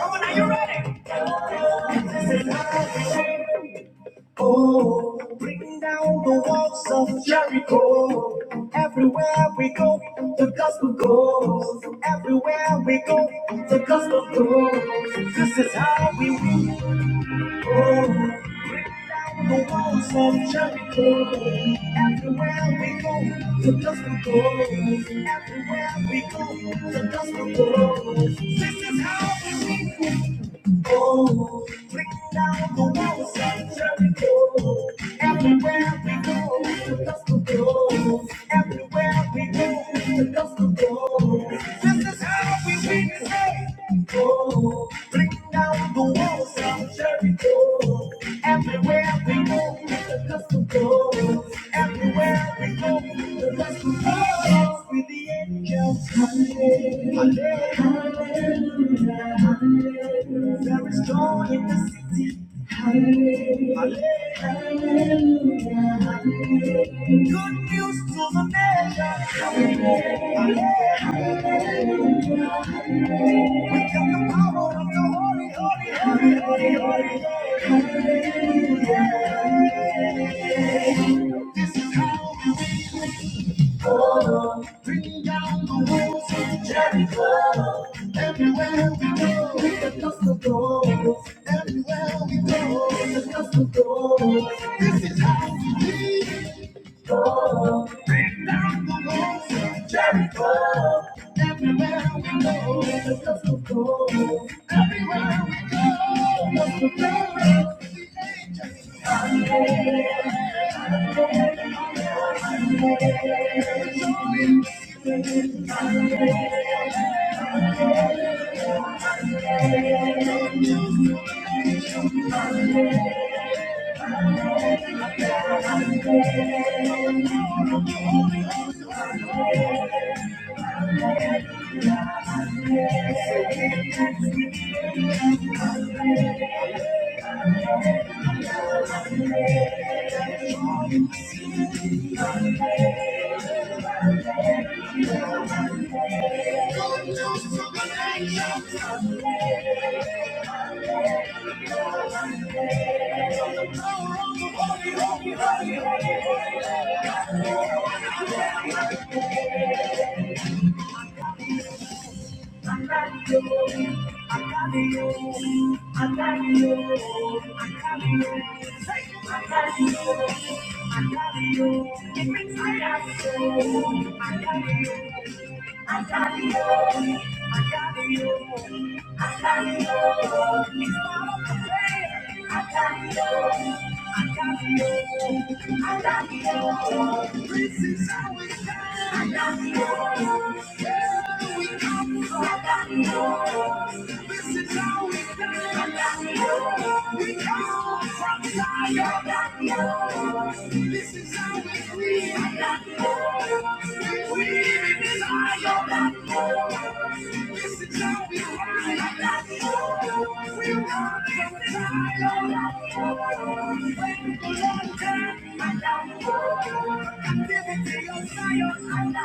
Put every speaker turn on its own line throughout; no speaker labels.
Come on, now you ready? Oh, bring down the walls of Jericho. Everywhere we go, the gospel goes. Everywhere we go, the gospel goes. This is how we win. Oh, bring down the walls of Jericho. Everywhere we go, the gospel goes. Everywhere we go, the gospel goes. This is how we win. Oh, bring down the walls of Jericho. Everywhere we go, the gospel goes. Everywhere we go, the gospel goes. This is how we win this day. Oh, bring down the walls of Jericho. Everywhere we go, the gospel goes. Everywhere we go, the gospel goes. With the angels hallelujah. Hallelujah, hallelujah. There is joy in the city. Hallelujah, hallelujah, hallelujah. Good news to the nation. Hallelujah, hallelujah, hallelujah. We got the power of the Holy, Holy, Holy, Holy, Holy. Hallelujah. This is how we win. Oh, bring down the walls of Jericho. Everywhere we go, with the dust of gold. Everywhere we go, with the dust of gold. This is how we live. Go down the walls of Jericho. Everywhere we go, with the dust of gold. Everywhere we go, with the dust of gold. It makes my eyes so. This is how we got. We come from Zion. This is how we live. We live in desire. This is how we ride. We run from Zion. When the Lord comes, captivity of Zion.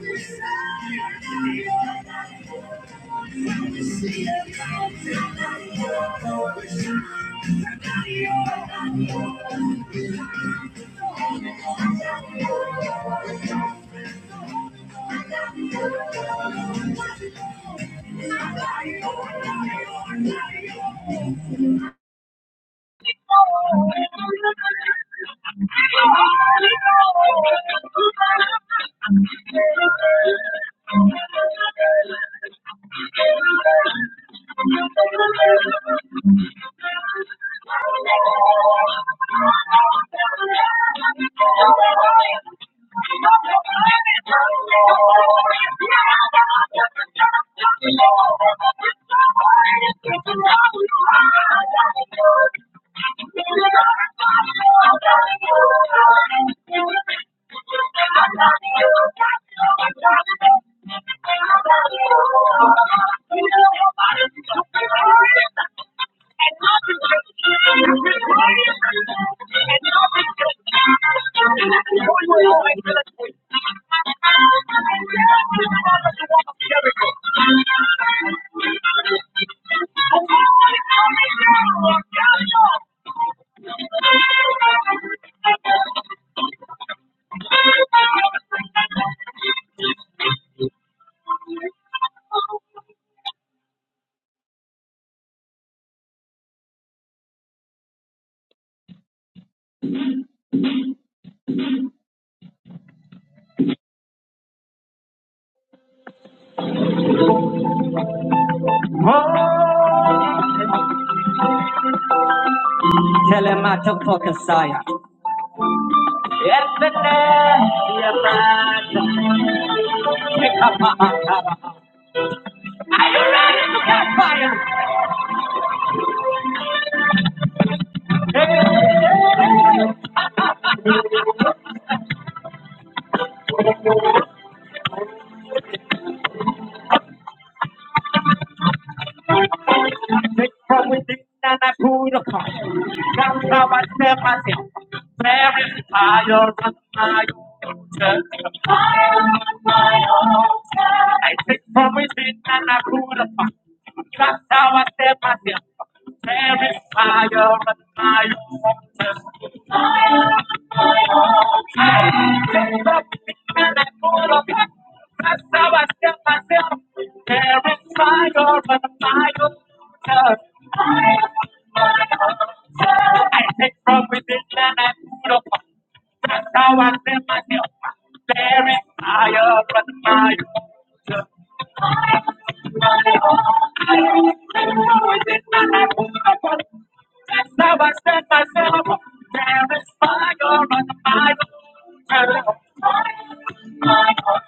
We set the mountain. Thank you. Thank you. Oh, tell him I took for Kasaya. Are you ready to catch fire? I take from within and I pull it apart. That's how I set myself. There is fire on my altar. Fire on my altar. I take from within and I pull it apart. That's how I set myself. There is fire on my altar. Fire on my altar. I take from within and I pull up. That's how I step myself. There is fire on my altar. Fire on my altar. I take from within and I put up. That's how I step myself. There is fire on my altar. Fire on my altar. I take from within and I put up. That's how I set myself. up. There is fire on the fire. There is fire. on the fire.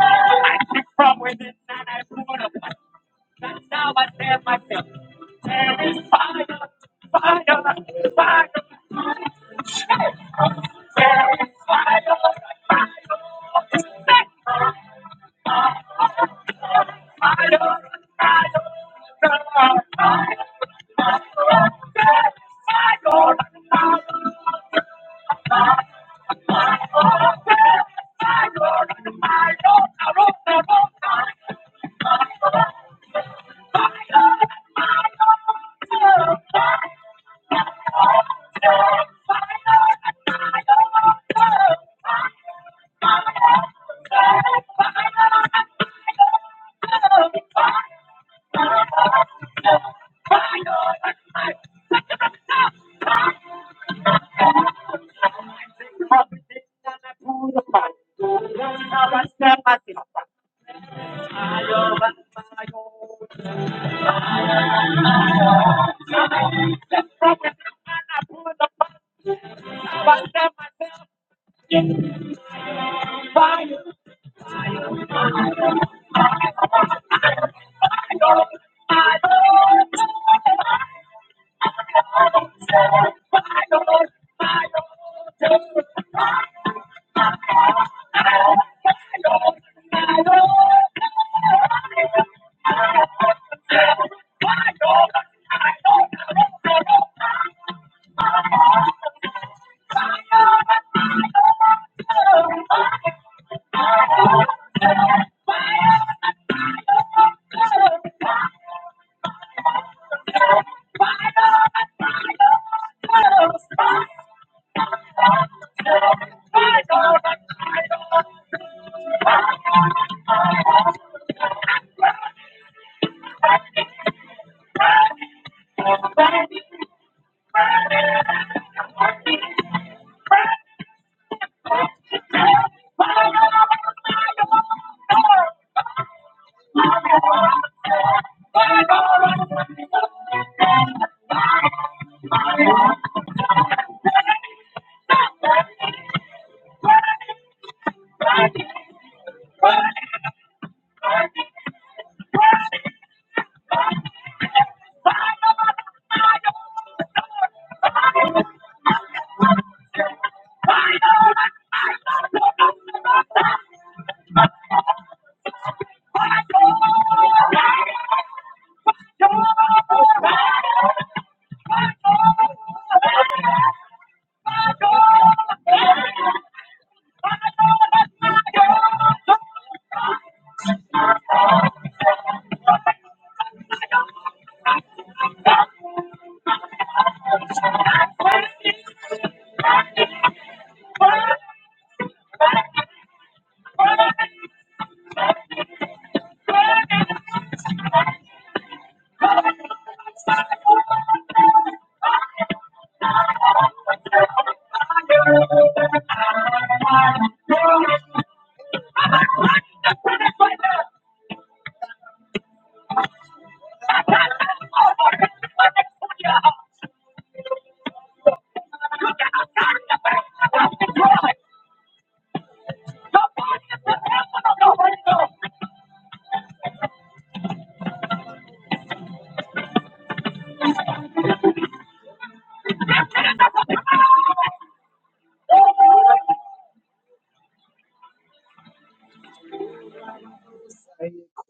I kick from within and I put up. That's how I set myself. There is fire, fire, fire. There is fire, fire. Fire!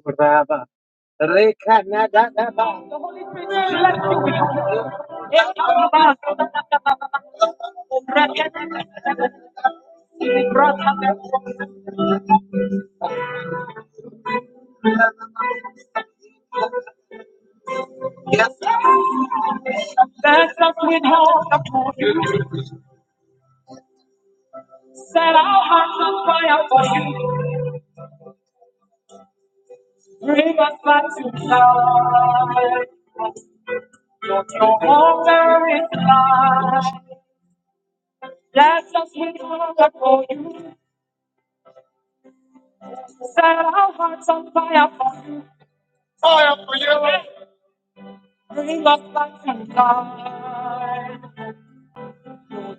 Kuraba. Reka na da da ba. He brought up Let us withhold upon you. Set our hearts on fire for you. Bring us back to life. Your altar is life. Let us withhold upon you. Set our hearts on fire for you. Fire for you. Bring us back to life.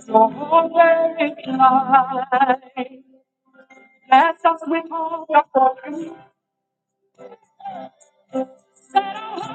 Your altar is life. Let us withhold upon you. Set our hearts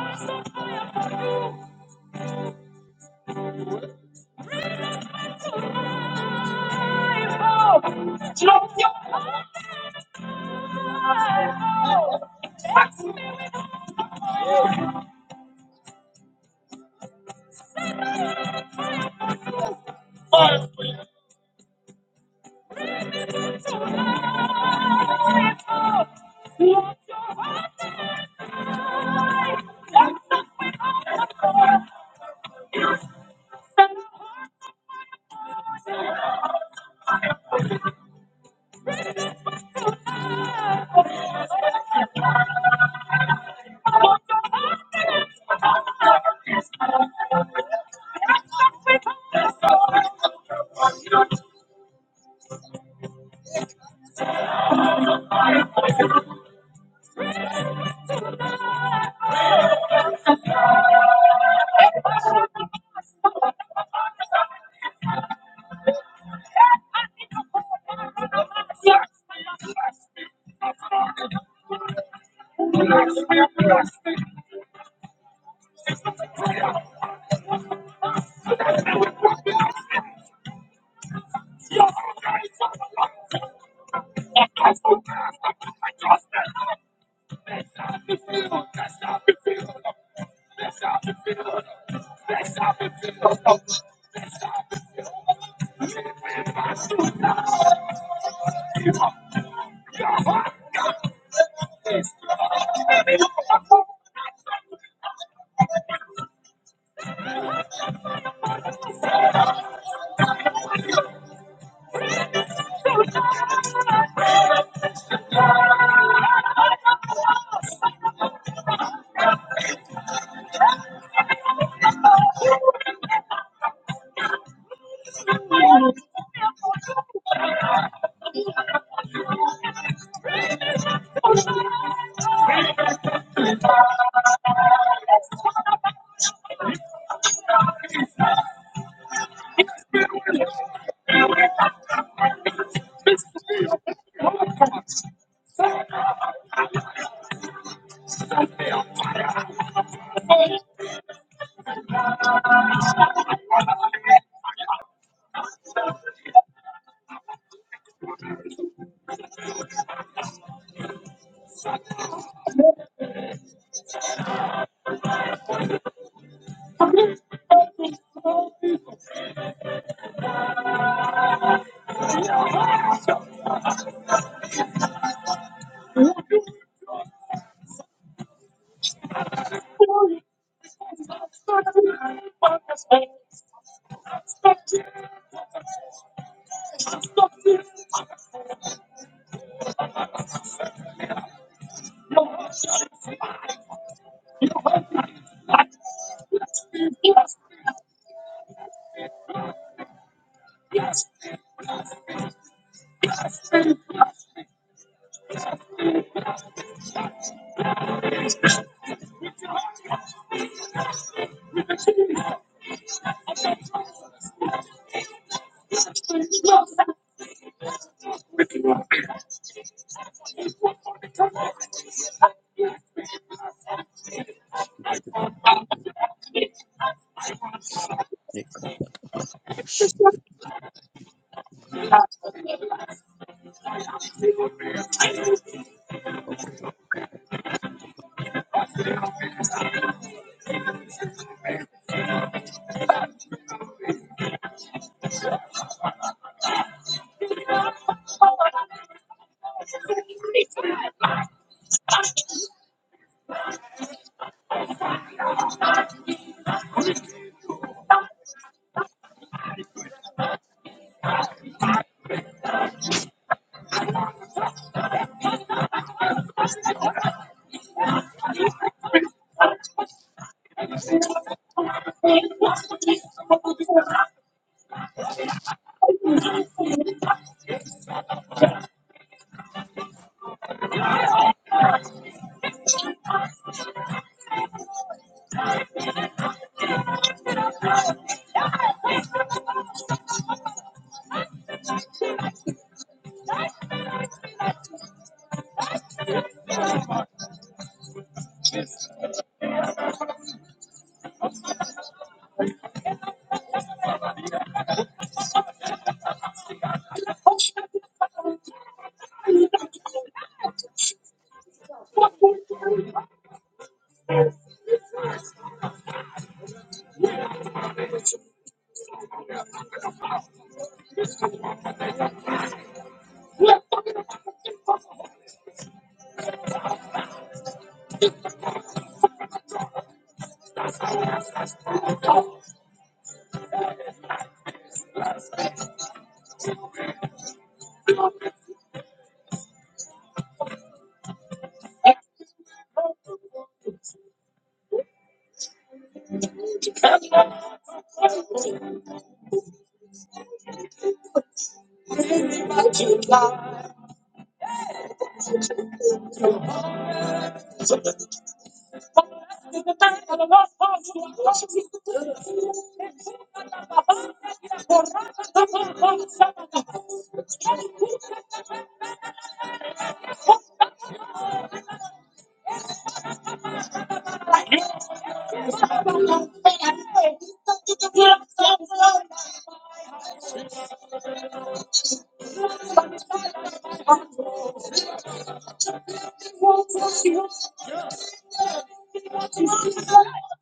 It's talking about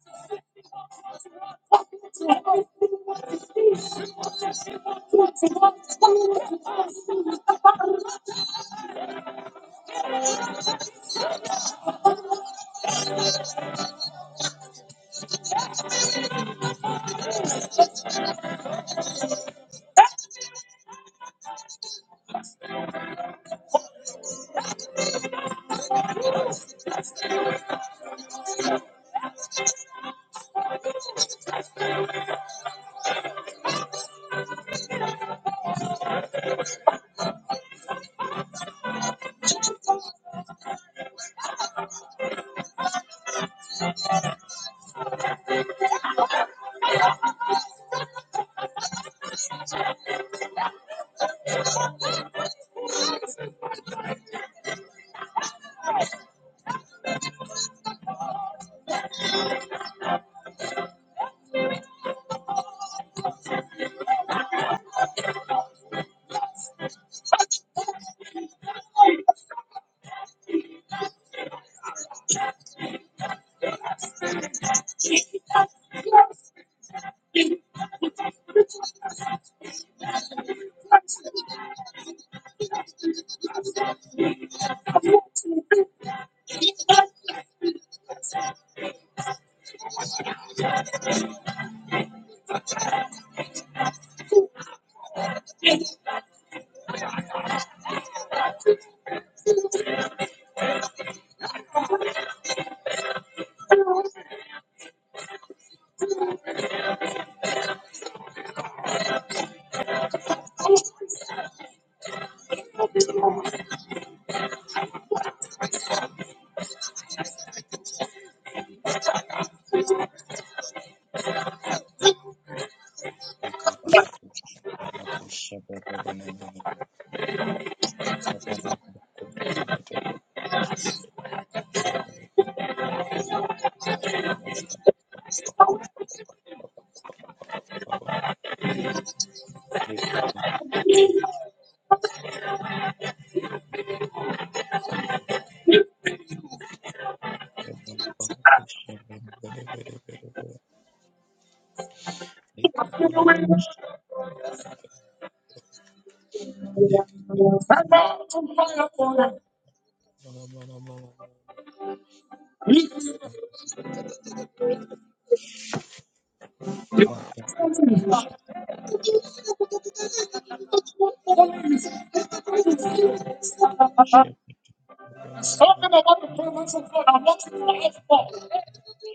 the presence of God. I want you to ask for it.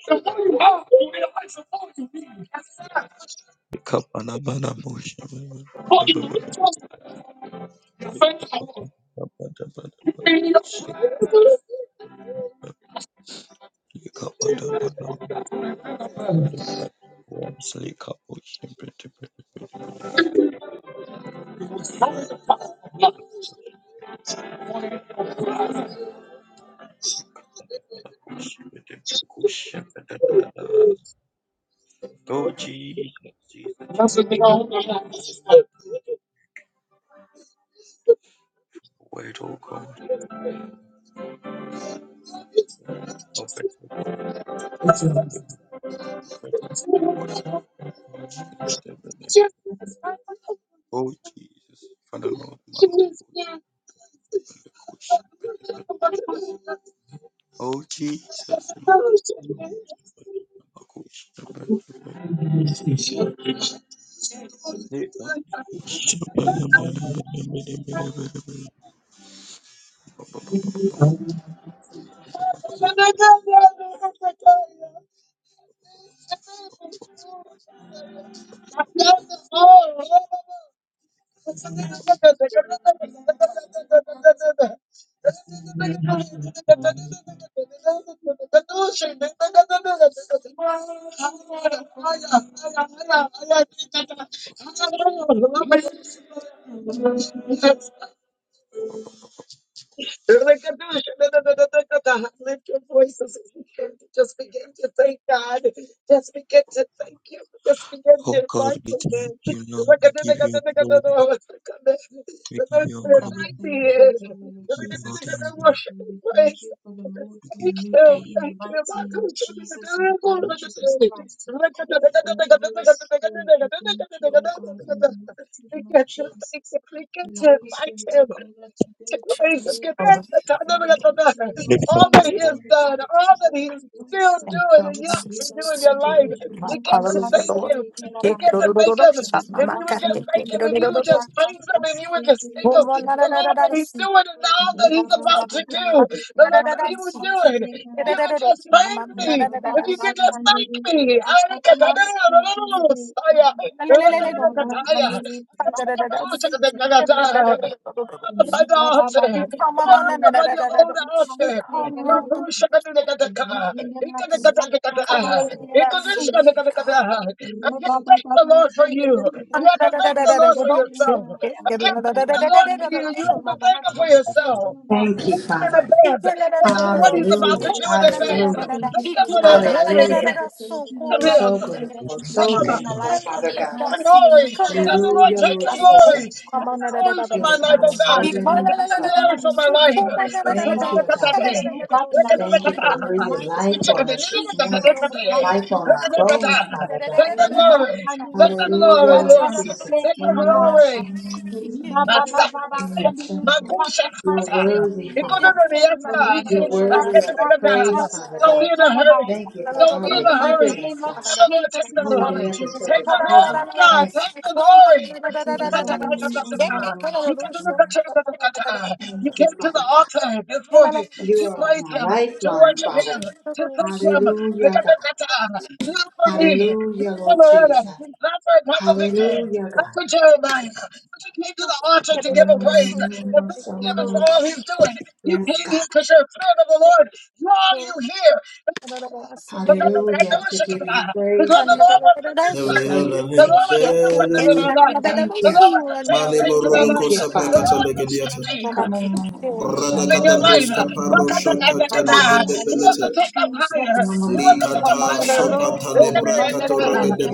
The one you have, you realize the one you need. But you reach us, you thank the Lord. In your presence. That's the thing I want to know. Thank you. Lift your voices if you can. Just begin to thank God. Just begin to thank Him. Just begin to invite Him. in. The Lord
Father, we
Invite me
thank you
in.
for the Lord Jesus for today's
Worship
day. We
and
thank
praise.
you for the Lord for a
Thank
new day
you.
in the
Thank you.
mighty
My
name of Jesus and the blood
God.
of Jesus Christ. Thank you, Holy Spirit. We thank you, O God, in the mighty
We
name of
get to thank
Jesus.
Him. We
May
get
the
to
Holy
invite
Spirit take
Him
over
to
today, Father
praise him. Give
Lord,
Oh,
thanks to God.
in
Never
the
let go back.
mighty name of
All that he
Jesus
has
and the
done,
blood of
all that
Jesus
he is still
Christ.
thank
doing and
you,
yet to do in your life.
Ribakadere
Lord.
We get to
Hallelujah,
thank
Lord.
him. We
Take it,
get
Lord,
brakatasekerabaya.
to
Lord, Lord,
thank
Lord.
him.
Shut my
If
mouth,
you would
God.
just
Take
thank
it,
him,
Lord,
if
Ribababakadere
you
Lord,
would
Lord, Lord, Lord.
just praise him, if you would just thank
Oh,
him
brakatasekerebe.
my, la, la,
for
la, la,
all
la, la,
that he's
see.
doing and all that he's
Ribababa
about to do.
Ah,
kandiri,
The
la, la,
Lord
la,
said
la,
he would
see.
do
Keep it,
it. If
Lord,
you
Brakatasikeaba
Lord,
could
Lord, Lord.
just
My, my,
praise
la, la,
me,
la, la,
if
la,
you
Rababa
could
see.
just thank
kandiri,
me.
Oh, my, la, la, la, la, see.
brakatasekeraba.
Oh, my, la, la, la, la, la, la.
Rabababakandere brakatasekeribe.
Ah,
Rabakandere
la, la, la, la, see. La, la,
brakatasekeribe.
la, la, la, la, la, la.
Ribabababakandere
upon the altar.
Oh, my,
Pour
my, la,
out
la, la,
upon
la,
your
la, la,
own
la.
altar.
Come, Lord,
brakatasekeraba.
Lord, Lord.
Makushakadakadaka.
Rikendera
Oh, la,
Ikadakadakadaka.
la, la, la, la,
brakatasekeribe.
see.
Ikadakadakadaka.
God.
I can't thank the Lord for you.
Rababababakandere
You
Mama,
have to thank the Lord for
brakatasekeraba.
yourself. I can't thank the Lord for you.
Rikendera
You have to thank Him for yourself.
brakatasekeraba.
Thank you,
Thank him in
Father.
advance. Thank him for
We
what
thank
he's
you,
about to
Hallelujah,
Holy
do in
Spirit.
advance.
We
hallelujah,
thank you
Thank him
for the
for
Lord.
his holiness.
hallelujah.
We thank you,
Him.
Lord, for
So
everything that
grateful,
you've done
so
upon our
thankful,
life
Father
in the
God.
the
mighty name of
glory. Tell the
Jesus,
Lord,
Hallelujah,
in the
take
Lord
the
blood of
Jesus.
glory.
Jesus
Take the
Christ.
glory for
You're
We
my
the
life,
God
oh
of
glorify
more
God.
your
than
name
Take
enough,
this
the
Father
glory
God.
for
morning,
my
Father
life.
Lord, as
Take
there's
the
Thank
God,
you, God.
glory.
there's no God
Take
like
the
Thank
you
you for
in the
breathing
mighty
life
name
on
of
us this
Jesus,
morning,
in the blood of
life on
Jesus
our
Christ.
bones,
Thank
Father God.
Riba kandere
Hallelujah,
glory,
Lord
rakata
Lord.
Jesus.
Take the
sekerabaya.
glory.
Riba baba baba
Masaya,
kandere
Makusha,
rakata
You're worthy,
sekerabaya.
Economy,
Father.
yes,
You're
Rikendera
worthy of the
rakata
praise, Father
Don't be
God.
in a
sekerabaya.
hurry.
Thank you for
Don't
how
be in
In
you're
the
a
mighty
keeping
hurry.
name
us,
of
God,
Come on, Lord,
Jesus,
take
in
the
the
all the
blood of
way
glory.
up
Jesus
until
Take
this
the
Christ,
present
glory, God.
time.
Take the glory.
we
Thank
purify your name, O God.
Akatabekata. You can do the Akatabekata. You came
you,
to the
Father God.
altar this morning
You
to
are
praise
my
Him, to
lifeline,
worship
Father.
Him, to thank Him.
Hallelujah, God.
Akatabekata. Not for me,
Hallelujah,
not for
Lord
Loretta,
Jesus.
not for Apostle Victor.
Hallelujah,
That's
God.
what Jeremiah. But you came to the altar to give a praise and thanksgiving for all he's doing. You
Yes,
came
God.
here because you're a friend of the Lord. Draw you here. Because of
you.
the
Hallelujah. To
worship of
give you praise,
Because the
Jesus.
Lord
Father.
wants to do
To
Every
tell
something.
you
other
The
name
thank
Lord wants
you.
to do
fade
something in
away.
our lives.
Thank
The
you.
Lord wants to change
Malebo
things in our
Thank
rodoko
lives.
you,
The
Father.
Lord
saprakata
wants to shift
legediata.
things
Thank you,
in your
God.
Radakata
life. He
broska
wants to
parosha kata
take us higher.
legede
He wants to
belete.
take us higher. Somebody
Hallelujah.
Likata sopata lebrakato rogede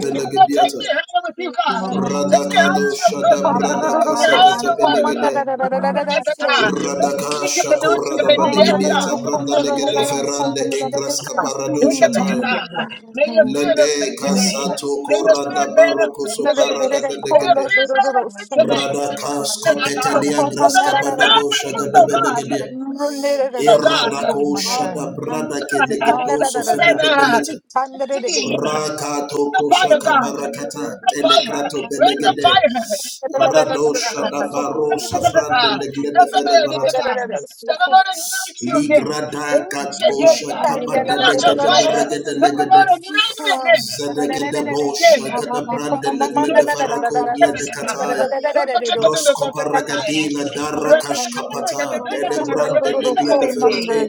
take
belegediata.
me higher with you, God. Take me higher
Radakado
in your
shada
presence. Take
bradaka
me higher
sakata belegede.
Jesus.
Radaka shako
in your
In
word.
the
Yes,
mighty
radabadegediata
name of
branda
Jesus,
legede
God.
in the blood
ferrande
of Jesus
ingras
Christ.
kaparado
Look at the
Thank
We
shataya.
thank
you,
guitar.
you
God.
for the
May your
Lord,
fear
thank the
Lede
ascend
Holy
today.
Thank you,
Spirit,
kasato
May your
in
fear
the
korada
mighty
baroko
name
manifest
of
today.
Jesus, in
soparagada
the
May
blood
your
of
legede.
fear
Jesus
manifest
Christ.
today.
Radakas
Glorify
The
your name this
guitar.
Run
kopetelia
morning,
To
O
the Lord
God.
God,
graskabadago
thank
If
you,
there is
oh
no
God.
God
shagadabenegedia.
like you, O
it,
Lord,
it, it,
Oh God.
it,
as you are
oh,
the
Iradako
God of Emmanuel, you
shadabrandake
are the
God.
God
negedoso
The
fenedebelete.
guitar
of
see
Yeshua.
Rakato
the
kosha
fire,
Riba
God.
kandere
kabarakata
The fire,
telegrato
rakata
raise the
benegede.
fire.
stekereba.
Rado Shada
Raba ba
baro shadabaro
ba ba
safrande leglede
kandere
ferebarata.
rakata
The
stekereba.
Lord ignite you again.
Ligrada
Ignite
Riba
you
katosha
again.
kandere
If you
kabada
lost your
legede
rakata
fire,
beregede
the
legede.
Lord
stekereba.
ignite you again.
Zedegede bosha gada brande leglede farako blede kataya. Roscoparagadila darakash kapata denebrand delegle de
Ignite you
ferrete
again.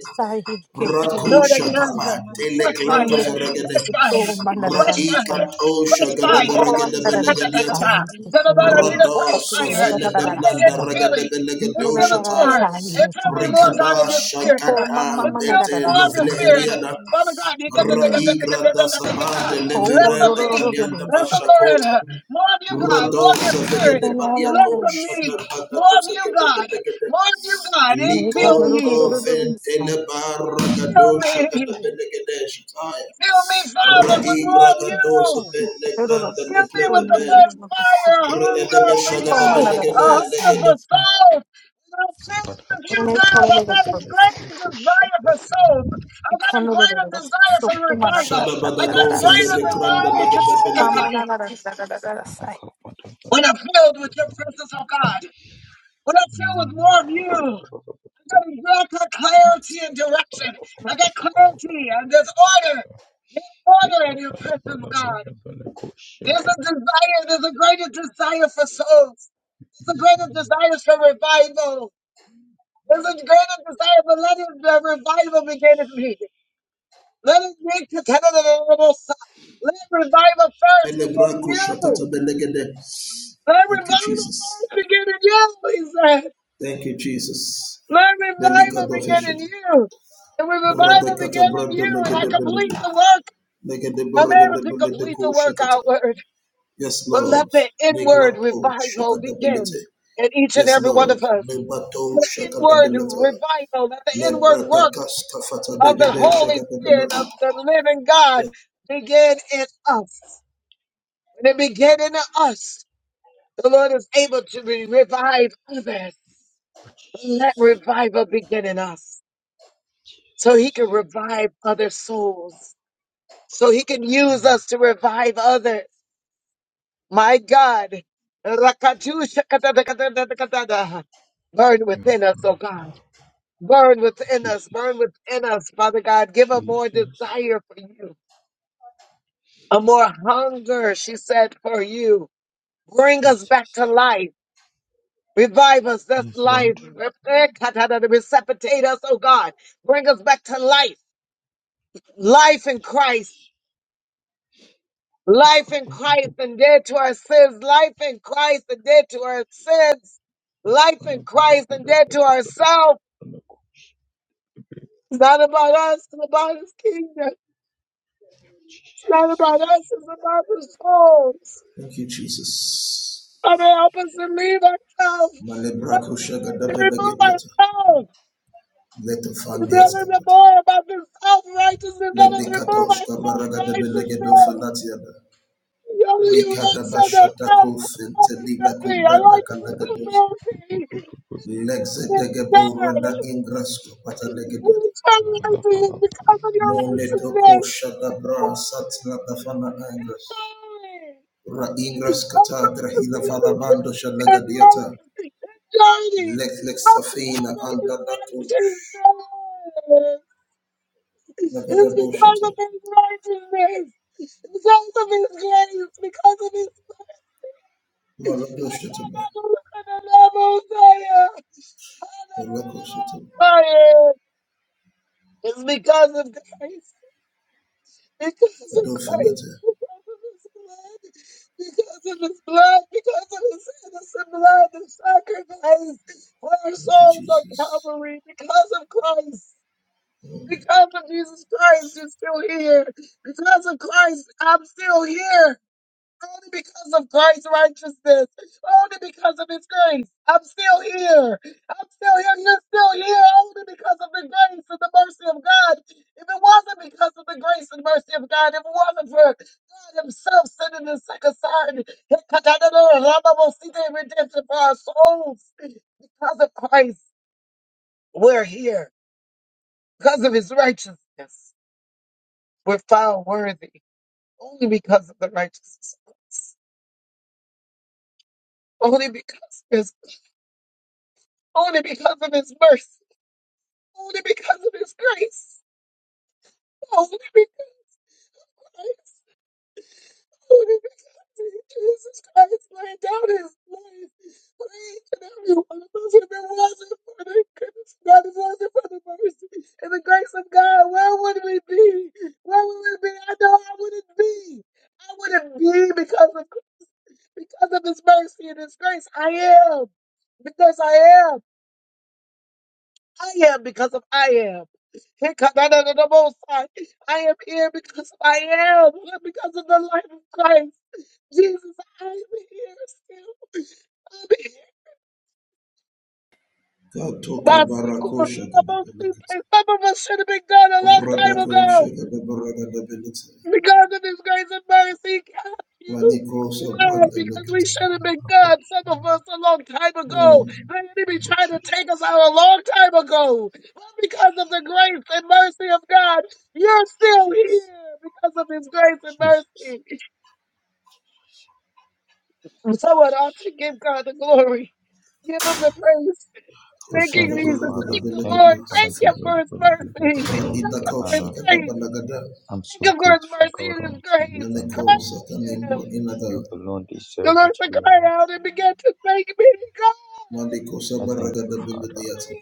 Lord,
rakusha
ignite her.
kapa
Fresh
deleclato
fire. Fresh
verregede
fire.
man, that,
Fresh
that, that,
fire.
raikato
Fresh
Thank
shagada
fire.
beregede belegadiata
Ta-ta-ta-ta-ta. Tell the Lord, I need a
rado
fresh fire.
sofene
I
de
need an
blanda regede
infilling.
belegedo
Infill me
shata
more. Infill me more, God, of
rikada
your spirit.
shakata
Infill me
bete
more of your
lovile
spirit.
heriada
Father God,
raigra da
ta-ta-ta-ta-ta-ta-ta-ta-ta-ta.
sabande
less of
leverende
me.
kalianda
Less of
bashakota
Lorena. More of you, God. More of your
Rodosa
spirit.
vegede
Less
baliato
of
shata
me.
bata
More of
kosa
you,
gede
God.
gede gede.
More of you, God. Infill
Ilikoto
me.
ventele
Infill
baragado shagada
me.
bele gede shataya.
Fill me, Father, with
Rai
more of you.
ragadosa bele grande le
Fill me
grede
with the
bele.
first fire, a
Rede
hunger
be
for you,
shagada bele
a
gede le
hunger
gede.
for souls. And I'm filled with you, God. I got a great desire for souls. I got a greater desire for revival.
Shada
I
bada
got a
fele
greater
de grande
desire
le
to
gede bele gede.
communicate.
Samanarasai.
When I'm filled with your presence, oh God, when I'm filled with more of you, I got a greater clarity and direction. I got clarity and there's order. There's order in your presence, oh God. There's a desire, there's a greater desire for souls. There's a greater desire for revival. There's a greater desire, but let it, the revival begin in me. Let it be contented in the little son. Let revival first
Bele
begin in
branco
you.
shakata bele gede.
Let
Thank you,
revival
Jesus.
first begin in you, he said.
Thank you, Jesus.
Let
Belika
revival begin in
dofeshit.
you. And when revival
Radekata
begin in
brando
you, and I
legede
complete
belede.
the work,
Legede
I'm able
brogede
to
belede
complete the
ko
work
shakata.
outward.
Yes,
But let
Lord.
the inward
Neglato
revival
shakata belete.
begin in each and
Yes,
every one
Lord.
of us.
Nebato
Let the
shakata
inward
belata.
revival, let the inward
Lebrata
work
kasta fata
of the
degede
Holy
shakata
Spirit of
belata.
the living God
Yes.
begin in us. When it begin in us, the Lord is able to re- revive others. Let revival begin in us so he can revive other souls, so he can use us to revive others. My God. Rakatushakatadakatadakatadaha. Burn within us, oh God. Burn within us. Burn within us, Father God. Give a more desire for you, a more hunger, she said, for you. Bring us back to life. Revive us. That's life. Resuscitate us, oh God. Bring us back to life. Life in Christ. Life in Christ and dead to our sins. Life in Christ and dead to our sins. Life in Christ and dead to ourselves. It's not about us. It's about His kingdom. It's not about us. It's about the souls.
Thank you, Jesus.
Father, help us to leave ourselves out
Malebrako
of the way,
shakata
to remove
belegediata.
ourselves.
Let the
To be
fandias
able to
kapata.
more about the self-righteousness. Let
Let the
us remove
katosh
our
kabaragada belegedo
self-righteousness.
falatiada.
You only you want to
Rikada
send
bashata
ourselves
ko fentelida kubrada kalagados. Lexedegeborada ingrasco patadegedia. Moleto kosha da bra satla da fana ingras. Ra ingras kata drahila fala bando shalagadiata. Lex lex safina anda datu. Nagada boshata.
because of His grace, because of His
Malagoshata ba. Malagoshata.
It's because of Christ, because of Christ,
Adofinata.
because of His blood, because of His blood, because of His innocent blood and sacrifice for our
Thank you,
souls on
Jesus.
Calvary, because of Christ. Because of Jesus Christ, you're still here. Because of Christ, I'm still here. Only because of Christ's righteousness. Only because of his grace. I'm still here. I'm still here. You're still here. Only because of the grace and the mercy of God. If it wasn't because of the grace and mercy of God, if it wasn't for God Himself sending His second son, redemption for our souls, because of Christ, we're here. Because of His righteousness, we're found worthy. Only because of the righteousness. of Christ. Only because. only because of his mercy, only because of his grace, only because, only because Jesus Christ laid down his life for each and every one of us. If it wasn't for the goodness of God, if it wasn't for the mercy and the grace of God, where would we be? Where would we be? I know I wouldn't be. I wouldn't be because of because of his mercy and his grace. I am because I am. I am because of I am. I am here because I am, because of the life of Christ. Jesus, I am here still.
God Katoka
My sequel,
barakosha
some of
gadabelekata.
us should have been gone a long time
Radakosha
ago.
gadabaragadabelikata.
Because of His grace and mercy, He you.
branda
Lord,
sabranda
because we
lekata.
should have been gone, some of us a long time ago. The enemy tried to take us out a long time ago. But because of the grace and mercy of God, you're still here because of His grace and mercy.
Shagagologo de Shadagologodobelagadi, Safra, Pradidako, Shagadabalagada, Meneko, Satanimbro, Inada, Maliko, Sabaragada, Biladiata,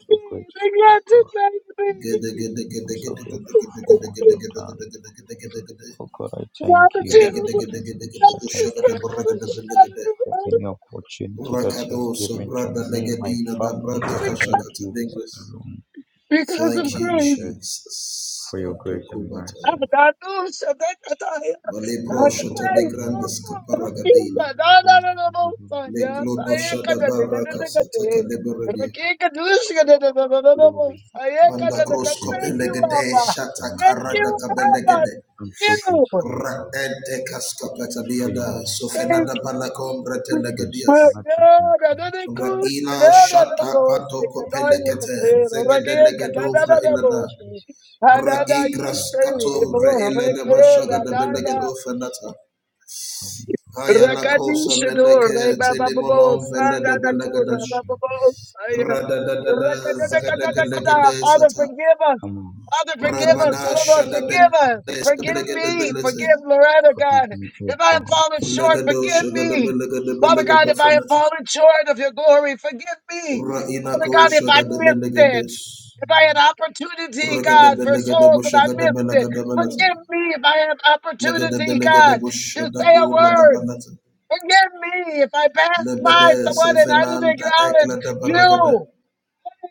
Gede, Gede, Gede, Gede, Gede, Gede, Gede, Gede, Gede, Gede, Gede, Gede, Gede, Gede, Gede, Gede, Gede, Gede, Ushagada, Baragada, Bilagade, Urakado, Sobrada, Legadina, Dabrata, Kashakata, Lingres. Thank you, Jesus. Adakubataya. Malebro, Shatalegranda, Scaparagadina. Leklodo shada baraka sataka liberedia. Manda grosko pelegede
Father.
for
shata
my
Thank
karada
you,
family.
Father.
kabelegede.
I'm so
Thank you.
grateful, God,
Raete kaskapeta
for your
biada
mercy,
Thank
sofenada balakom
you.
for your
My
bretelegedias.
supernatural
God, another
encounters
good,
Raila
another the
shata
most,
patoko
in my
Kataya
life.
pelegete
Katero,
zegede
Rakan
legedo
I
fra
say
Katana
thank
ilada.
you,
Most,
Jesus. I
Hadada,
say
you
thank
Raigras
you,
say,
kato vre
Adonai.
Ebo,
ilada bashaga
Thank
de
you, Prince
Rakan,
of
belegedo
Peace.
fenata.
Help me, O God.
Ayala cosa
Rakadishador,
meleke
Help me, O
Rebababo,
telimonon
God.
velede
Sadadakur,
belegadash.
Rababo,
Help me,
Saya.
Have
help me, O God.
Rakadakadakada. Father, forgive us.
Come on.
Father, forgive us. Tell the Lord, forgive us. Forgive me. Forgive Loretta,
Forgive
God.
me, O
If I have
God.
fallen short, forgive me. Father God, if I have fallen short of your glory, forgive me. Father God, if I missed it. If I had opportunity, God, for souls and I missed it, forgive me if I had opportunity, God, to say a word. Forgive me if I passed by someone and I didn't acknowledge you. I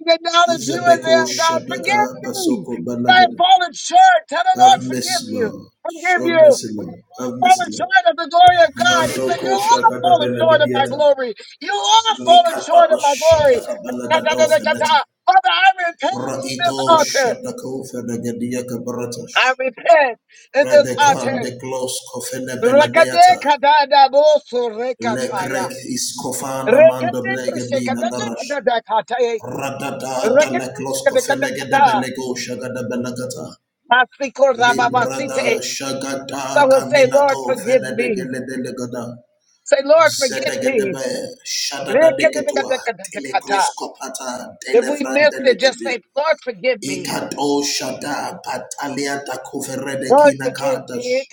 didn't acknowledge you as them. God, forgive me. If I have fallen short, tell the Lord,
mercy,
forgive you.
Lord.
Forgive
Show
you.
mercy,
We
Lord.
have
Have
all
mercy,
fallen
Lord.
short of the glory of God. He
Mando
said, you
ko
all have
shagada
fallen short of my
belegadiata.
glory. You all have fallen
Lika
short
apa
of my glory.
shataka belegado
Ta-ta-ta-ta-ta-ta.
feneta.
Father, I repent on this
Raito
altar.
shatako fenegadia
I
kabaratash.
repent in this altar.
Redekan de klos kofene beledeata.
Rakadekadadabosurekataya.
Lekrek is kofana
Someone
mando blegadina darash. Radada da leklos kofene gede belego shagada belegata. Librada shagada
say, Lord,
kaminato
forgive
fene de
me.
gele
Say, Lord, forgive me.
Zedegedebe, shadadadeketua, telekroskopata,
If we missed it, just
televrandelekedia.
say, Lord, forgive me.
Ikato shada pataliata da kuverede
Lord,
kina
forgive me.
kadash.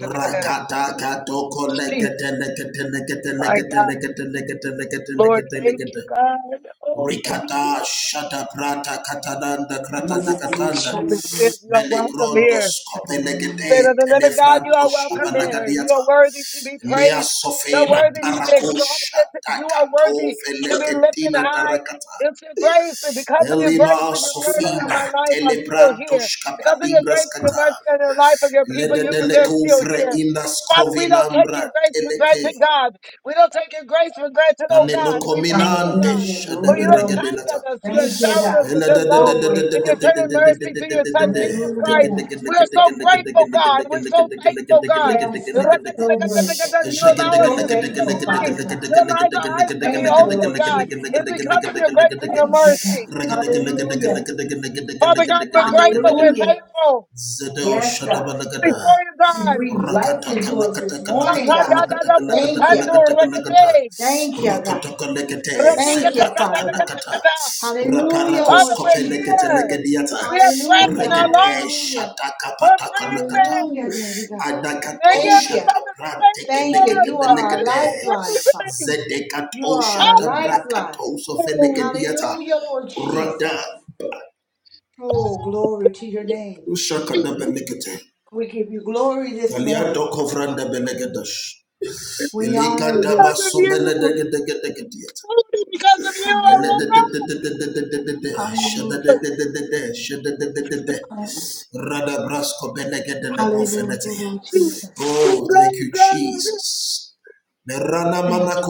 Rakata kato
Jesus,
kolegete lekete lekete
my
lekete
God.
lekete lekete lekete
Lord,
lekete
thank
lekete.
you, God. Oh, thank you.
Rikata shada prata katananda krata da katanda.
Holy
Jesus.
Spirit, you are welcome
Melegrondo
here.
skope legete
Spirit of the living God, you
telefranto
are welcome here. You are
shabalagadiata.
worthy to be
Lea
praised. You're
Sofena
worthy to be
Parakosh
exalted. You are
Atakato
worthy to be lifted
Veleketina
high.
Darakata
It's your grace, and because of your grace
Elima
and your mercy on
Sofina
my life, I'm still here.
Telebrantos
Because of your
kapadingras
grace and your
Kata
mercy on the life of your people,
Lede
you they're still
Delecouvre
here.
Indas
Father, we don't take
Covinambra
your grace for
Teleke
granted, God. We don't take your grace for granted, oh God. We thank you,
Anenocominante
God,
Hallelujah. No,
for you
we
have
don't.
shined on
Shadaberegadelata
us. You have
Thank you,
showered
God.
us with your
Elede
love
So
and
grateful.
your tender mercy through your Son, Jesus
Hallelujah,
Christ.
God.
We're so grateful, God. We're so thankful, God.
Yes,
You
God. So grateful.
Zedel
allow us to
So
see the
thankful,
morning.
Father God.
You allow our eyes to be
Thank you,
open,
Lord
God.
Jesus.
It's because of your grace and your
Hallelujah.
mercy. Father God, we're grateful. We're
Hallelujah.
thankful.
Yes, God.
Shadabanagada
Before you,
You
God.
breathe life
Rakata
into us this
Kanakata
morning,
Kanakata
God.
Kanakata Kanakata
Thank you.
Kanakata Kanakata
Thank you, God.
Rakata Kanakate
Thank you,
Zeprata
Father God.
Kanakata
Hallelujah,
Raparakos
Father,
Lord
we're
Kope
Jesus.
Legate
here.
Legadiata
We have breath
Hallelujah.
in our
Regate
lungs.
Hallelujah.
Shata
We're
Kapata
Hallelujah,
breathing.
Daddy God.
They give
Thank
us
you.
Adakatoshata
something to thank you
Thank
for
you. You are
because
our
we're
brantekeleketebelekete.
still
lifeline, Father.
breathing.
You are our
Oh,
Zedekatoshata
lifeline.
brakatosofenekediata.
Hallelujah, Lord Jesus.
Rada
Oh, glory to your name.
ushakadabelekete.
We give you glory this morning.
Galiadokovrandabelegadash.
We honor
because
you.
of you.
Ilikadabasomeledegedegedegedeata.
Only because of you I will go.
Hallelujah.
Eledededededededede.
Hallelujah.
Shadadedededede. Shadadededede.
Hallelujah, Hallelujah,
Radabraskobelegedelegofelete.
Lord Jesus.
Oh, thank
Oh,
you,
God.
Jesus. Merana
Thank
mana
you.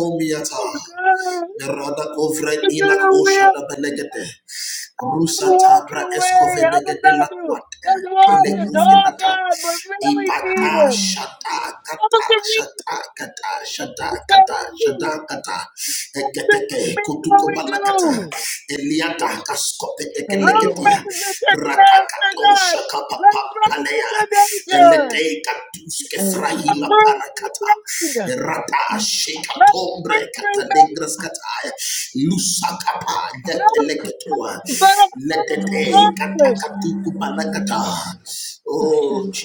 Oh, God.
Narada kovre
To do
inak
your will.
oshada belegete.
I'm to
Rusa
walk
tabra
away.
escove de
I'm
gedela
about to
quate
just walk and
Hallelujah.
talk,
telecufenata
God, but really mean
ipata
it.
Hallelujah.
shata
I'm about
kata
to really
shata
mean
kata
it. What
shata
we say.
kata shata
I'm
kata
about to really
eketeke
mean what
kutuko
we
balakata
do.
eliata kaskope
Let
Thank you,
us
tekeleketia
Lord.
represent your character,
ratakato
God.
shaka
Let
papa
us represent
palea
your nature.
elete katuske
Let
Thank you,
us
frahila
Lord.
fruit
parakata
be made.
rata shika
Let us
tombre
fruit
kata
be made.
negras kata Oh Jesus,
Never better promise to
Thank
promise.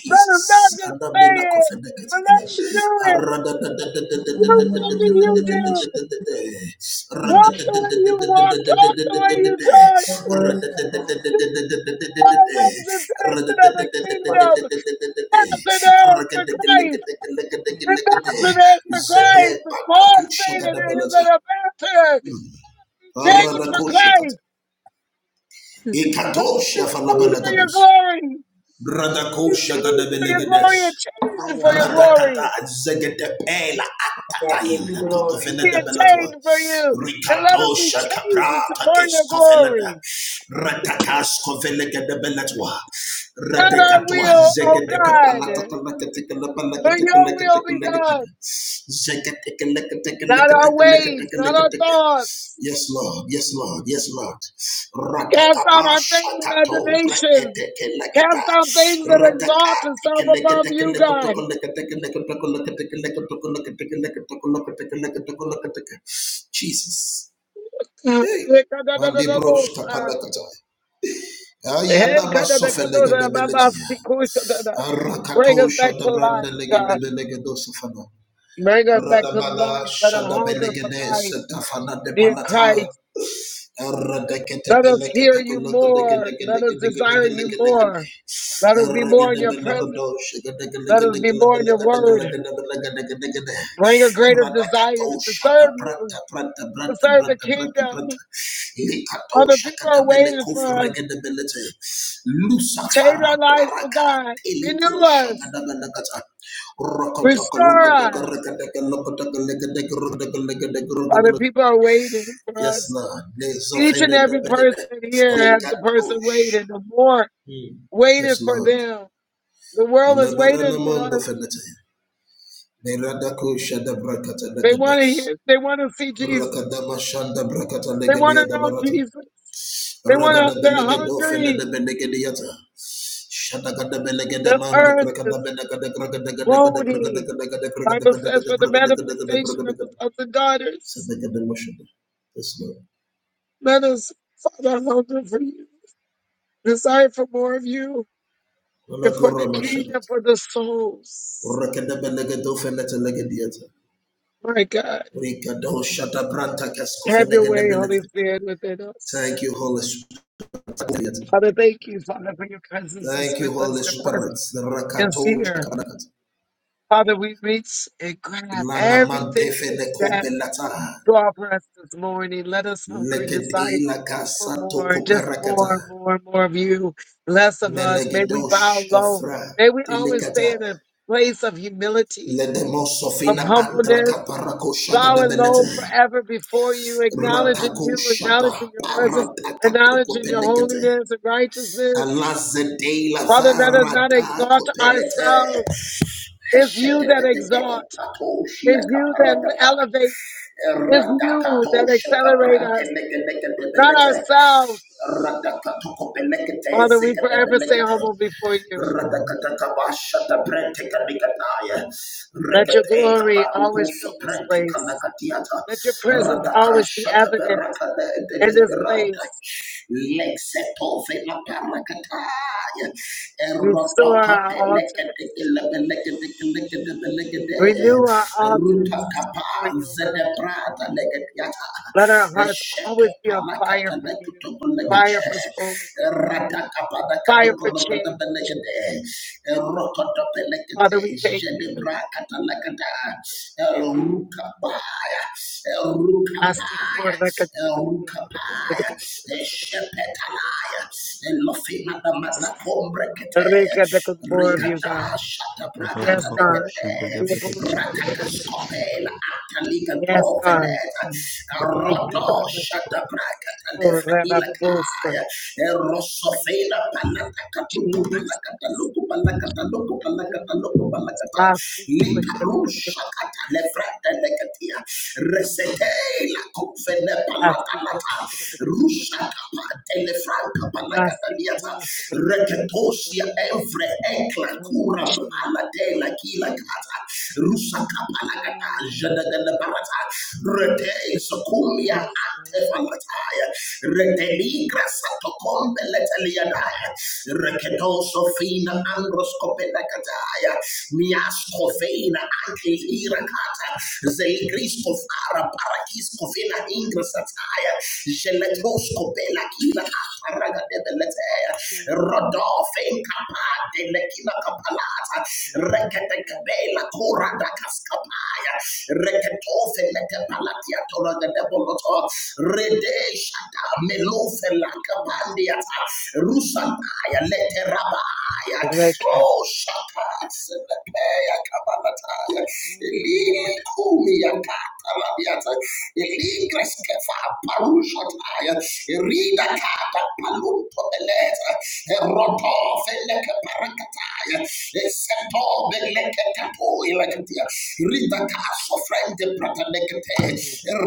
Better not
I
just
don't
say
mean to
it, but let us
offend
do it. You know what you did. Walk
you.
the way you walk, talk the way you talk.
The word of God.
Be a representation of the
Word of
kingdom. Ambassadors for Christ. Ambassadors for Christ. The small stated it is an
you.
ambassador. Change for
Paradakosha kat.
Christ. Let us be
Ikatosha
trained
God.
for your
falabalagados.
glory. be
Radakosha
changed for your glory and
gadabelegedes.
I
changed for
that
your
tell you
glory.
Radakata zegede pela
that give
atatain.
you glory.
Let
Kotofene de
us be
belatwa.
changed for you and let us be
Rikatosha
changed
kaprata
for your
keskofelada.
glory.
Ratakas kofelege de belatwa.
Not our
Radekatwa
will, O
zegede
God, but your will be
kapalatakalaketekalapalaketekalakatekalakatek.
done. Not our ways, not our
Zegetekalakatekalakatekalakatekalakatek.
thoughts.
Yes, Lord. Yes, Lord. Yes, Lord.
Cast out
Rakatapa
our vain
shakato
imaginations.
breketeke lekata.
Cast out things that exalt
Rakaka.
itself above you, God.
Jesus. Hey. Malibros kapalakata. Ayanama sofelegedebility.
Bring
Rakato
us back to life,
shadabranda
God.
legedebelegedo sofana.
Bring us back to
Radabada
life. Let her hunger for
shadabelegede
life,
setafana de
dear
palataya.
Christ.
Lusafara
Let us hear you more. Let us desire you more. Let us be more in your presence. Let us be more in your word. Bring a greater desire to serve you, to serve the kingdom. Other people are waiting for us. Change our lives, oh
paraka
God. Renew
teliko
us.
shagadabalakata rokodoko
Restore
lokodoko
us.
rokodoko lokodoko lekodoko rokodoko
Other
lekodoko
people are waiting for
Yes,
us.
Lord. Yes,
Each and every person here
Lord.
has a person waiting, the more
Yes,
waiting for
Lord.
them. The world is waiting for
Malabaranamondo
us.
fenete. Meradako shada brakata
They want to
legebes.
hear. They want to see Jesus.
Rakadama shanda brakata
They want
legedia
to
da
know
barato.
Jesus. They want
Ragada
to. They're
belegedo fenede
hungry.
belegediata. Shadagada belegede
The
the
earth is
krakada belegede krakada gada gada krakada
groaning.
gada gada krakada
Bible
gada
says,
gada
"For the
krakada gada gada
manifestation
krakada
of the
gada.
sons and daughters,
Sadagada mashada. Yes, Lord.
let us, Father, hunger for you, desire for more of you, and for
Malakura
the
mashada.
kingdom, for the souls."
Rakada belegedo fenete legediata.
My God,
Rigado shata branta kasko
have your way, Holy
fenegedebility.
Spirit, within
Thank
us.
you, Holy Spirit.
Father, thank you, Father, for your presence is
Thank you,
with
Holy
us. Your
Spirit.
presence is
Rakato
here.
shakabarakat.
Father, we reach and grab
Lana
everything
mandefe
that
ne
you have
kopelata.
draw for us this morning. Let us hunger and desire
Lekede la
for
kasato
more, just
koperakata.
more, more, more of you, less of us. May we bow
Melegedosh
low.
efra.
May we always
Delikata.
stay in a place of humility, of
Ledemosofina andra
humbleness,
kaparako shagada
bowing low
belete.
forever before you, acknowledging
Ratako
you,
shata.
acknowledging your presence,
Paratakato
acknowledging your
kopelekete.
holiness and righteousness.
Alazadela
Father, let us not
varada
exalt
copelete.
ourselves. It's you that
Heshetetekete
exalt.
patosha
It's you that
caparagata.
elevate. It's you
Radakato
that accelerate
shakabrante
us,
legelegete
not
belete.
ourselves.
Radakato copelete
Father, we forever stay
zekabelegete.
humble before you.
Radakatakabashata Brenteka Nikataya,
Let your
Rekateka
glory always
Parukusa
fill this
Brenteka
place.
Nakatiata,
Let your presence always be
Radakashaka
evident
Beraka de
in this
Radakatakabashatabrentekanikataya. Rekatekaparukusabrentekamakatiata. Radakashakaberakadebeleperada.
place.
Lexetofelakarakataya.
Restore our altars.
Erotokopelekadekelekelekelekelekele.
Renew our altars before you, O God.
Rutakapazedebradalekatiata.
Let our hearts always be on fire for you, fire
Eshekepalakatalekutobelekate.
for soul, fire for change.
Ratakapadakadokodokodobelegede.
Father,
Rokotopelegede.
we thank you.
Jedebrakatalakada. Rukabaya. Rukabaya. Rukabaya. Shepetalaya.
Jesus.
Lofinatamanakombrekete.
Rika that could more of you,
Rikata
God. Yes, God.
shatabrakatalegede.
We worship you.
Ratakaskopela. Ataliga
Yes, God.
doveneta.
Thank you,
Rodo
Father.
shata braka
Oh,
tanefra
Rabbi Babosa.
ilakaya. Erosofena
Jesus.
palaka taluku
Jesus.
palaka taluku palaka taluku palaka taluku
Mm.
palaka ta.
Mercy, push.
Likarusha katanefra telekatia. Resete la kufene palaka
Mercy, push.
lata. Rusha kapa telefra kapalaka
Mercy,
taniata.
push.
Reketosia evre enkla
Thank you,
kura
Jesus.
palate kila kata. Rusa kapalaka
Mm.
Jadagala Barata, Rete Sokumia
Yes, God.
Antefalataya, Reteligra Satocombe Leteliadaya, Reketo
Jesus.
Sofina Androscopena Cataya, Miascofena Anke Irakata, Zeligrisco Fara Parakisco Fena Ingra Sataya, Geletoscopela Kila Ataraga de Beletea,
Jesus.
Rodolfin Capa de Lekina Capalata,
Mercy,
Rekete
push.
Cabela Cura Reketofe leke palatia tora de deboloto. Rede shata melofe laka
Jesus.
pandiata. Rusantaya leke rabaya.
Rika.
Oh shata selepeya kabalataya.
Mm.
Ili kumi yakata labiata. Ili greskeva parushataya. Irida paluto beleza, roto feleke parakataya, seto beleke tapo ilakatia, rida kaso frente prata nekete,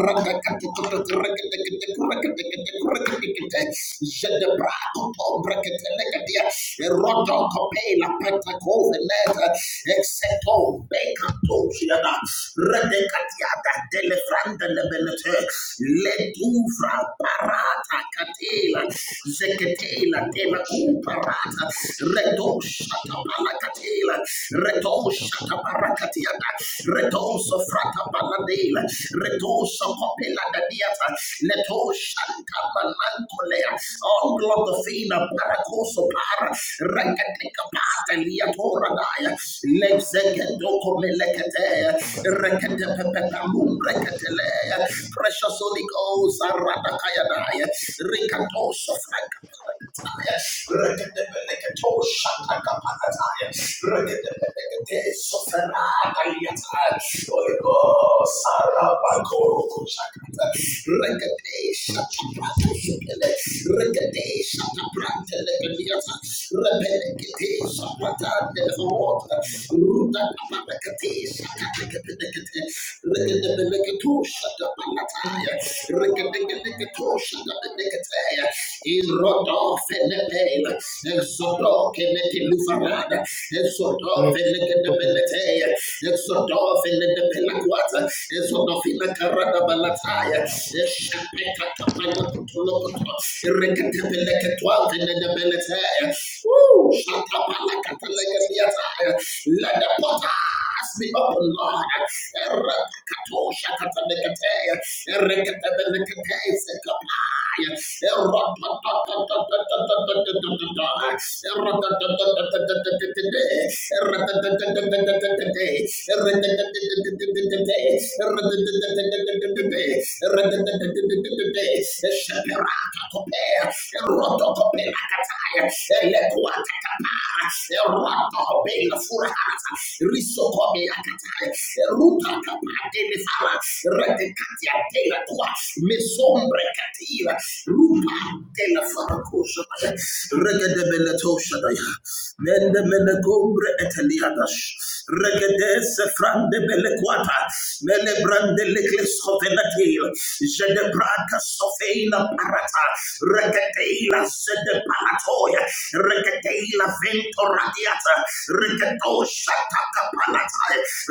rada kati kutu rekete kete kurekete kete kurekete kete, jede brato to brekete nekatia, roto kopela pata kove neta, seto bekato shiana, rede katia da delefranda lebelete, letu fra para Rata Katela, Zekatela, Tela Kuparata, Redo Shata Palakatela, Redo Shata Parakatiana, Redo Sofrata Paladela, Redo Sopopela Dadiata, Leto Shata. Kamanankolea. Oh, Globofina, Paracoso Para, Recatica Pata, Liatora Daya, Lexegedoco Melecate, Recatepepepalum Recatelea, Precious Holy Ghost, Aratakaya Daya, Ricatoso Franca.
Mm.
Rekete Irodo Fenepel, Exodo Kenetilufarada,
Yes,
Exodo
I could have
Fenekedebeletea, Exodo Fenepelaquata, Exodo Finacarada Balataya, Eshapeka Kapanakutulokoto, Rekatepeleketuan Fenebeletea, Woo! Shatabalakatelekendiataya, Let the potters be open, Lord. Erekatosha Katanekatea, Erekatebelekete, Sekapa. Ruta Ruta me sombra cattiva, rupa della faracosha, regadebella tosha, mende mele combre eteliadash, regades frande belle quata, mele brande le clescovenatil, je de braca sofeina parata, regadeila se de palatoia, regadeila vento radiata, regatosha tacapalata,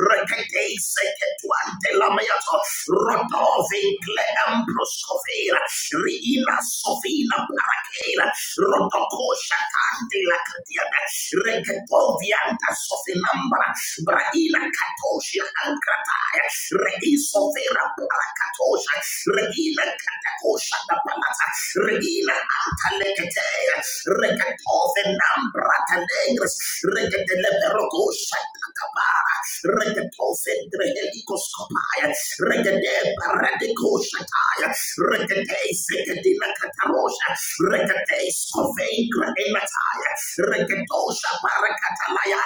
regadei se che tuante la meato, Rodove cle ambroscovera, riina sovina paracela, rodocoscia tante la catiana, regetovianta sofinambra, braina catosia ancrataya, reisovera paracatosia, reina catacosia da palata, reina antalecatea, regatove nambra talegres, regateleverocoscia tacabara, regatove Drehelico. Koskopaya, Regade Paradiko Shataya, Regade Sekadina Katarosha, Regade Skovengra Emataya, Regadosha Parakatalaya,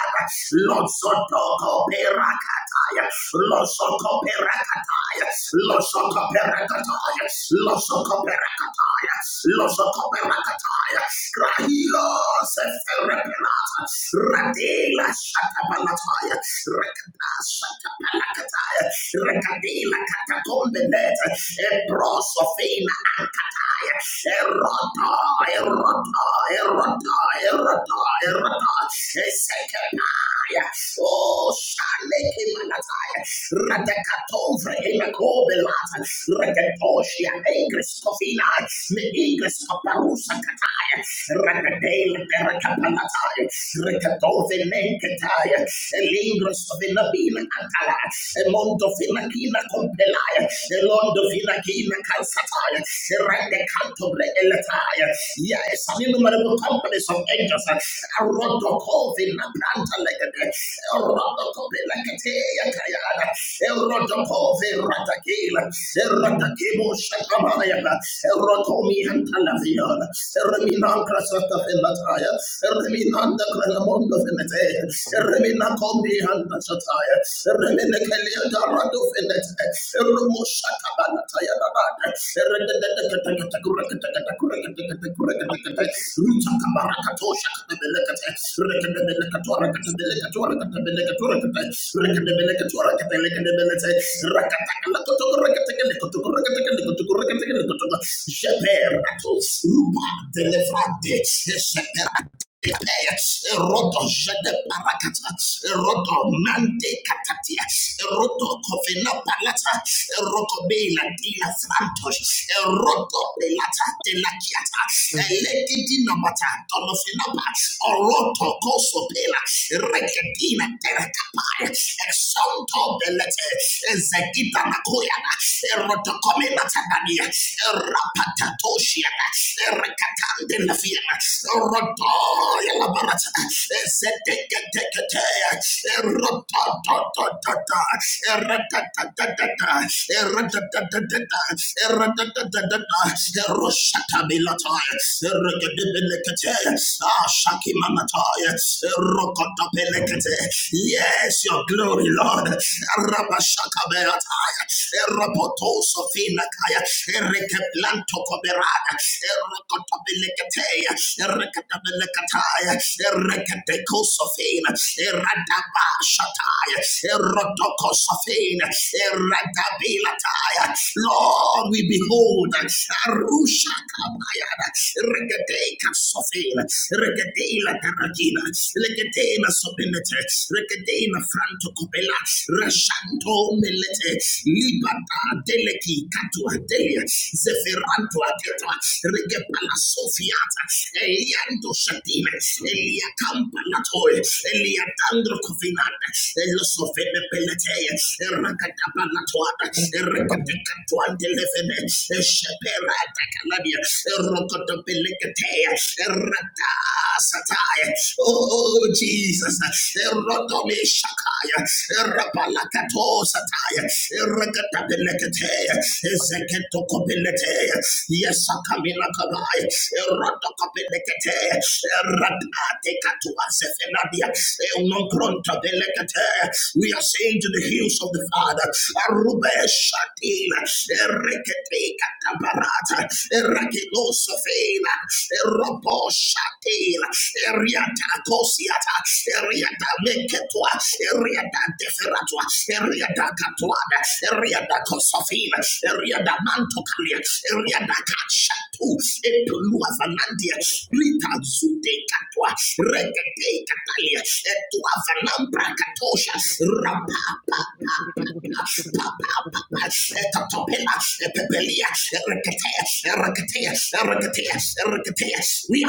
Losotoko Perakataya, Losoko Perakataya, Losoko Perakataya, Losoko Perakataya, Losoko Perakataya, Krahilo Seferepelata, Radela Shatabalataya, Rekadash Rekadila katakombe net. Ebrosofina ay. Erota, erota, erota, erota, erota. Esekepaya. Oh, shaleki manataya. Radekatovre imakobelata. Reketoshia ingres kofina. Me ingres kaparusa. Rakadele perakapalataya. Rekadove menketaya. Elingros vinabina antala. Emondo vinakina compelaya. Elondo vinakina calcataya. Rende canto Yes, innumerable companies of angels. Arodo branta legade. Rodokope Lakatea Kayana, Erodokove Ratakela,
done to
Eratakebo Shakamayana, Erotomi and Talaviana, Ereminan Krasata Velataya, Ereminan the Granamond of Venetea,
both
Ereminakombi and Shataya, Ereminakalia Darado Venete, Eromo Ruba
of yes and mm,
deliverante, Erodo jede parakata, erodo mante katatia, erodo kovena palata, erodo bela dina frantos, erodo belata dela kiata, eleki dina bata, donofina ba, orodo koso bela, rekedina terekapaya, exonto belete, ezegita nakoyana, erodo komena tadania, Rakatoshiana, Rakatande la Fiana, Rotoya la Baratana, Seteketeketea, Rototototota, Ratatatata, Ratatatata, Ratatatata, Roshatabilata, Rakatabilikate, Ashakimanata, Rokotopelekate. Yes, your glory, Lord. Rabashakabeata, Lataya, Eropoto Sofina Kaya, Erekeplanto Coberada, Erocotabelecatea, Erecatabelecatia, Erecateco Sofina, Eradaba Shataya, Erotoco Sofina, Eradabilataya. Lord, we behold Arusha Kabayada, Regadeca Sofina, Regadela Taragina, Legadela melete, rekedena franto copela, rashanto melete, libata deleki katua delia, zeferanto aketa, regepala sofiata, eliando shatine, elia campa latoe, elia dandro covinata, elo sofene peletea, erracatapa latoata, erracatacatuante levene, esheperata calabia, errocotopelecatea, Ratasataya. Oh, oh, Jesus. Erodomi Shakaya. Erapalakato Sataya. Erekatabilikatea. Ezeketokopilitea. Yes, Akamila Kabaya. Erodokopilikatea. Eratatikatua Zefeladia. Eunonkrontabilikatea. We are saying to the hills of the Father, Arube Shatina, Erekate. Rebecca Caparata, Eragino Sofela, Erobo Shatela, Eriata Cosiata, Eriata Meketua, Eriata Deferatua, Eriata Catuada, Eriata Cosofela, Eriata Mantocalia, Eriata Cachatu, Epulua Vanandia, Rita Zude Catua, Regate Catalia, Etua Vanambra Catosha, Rapa we are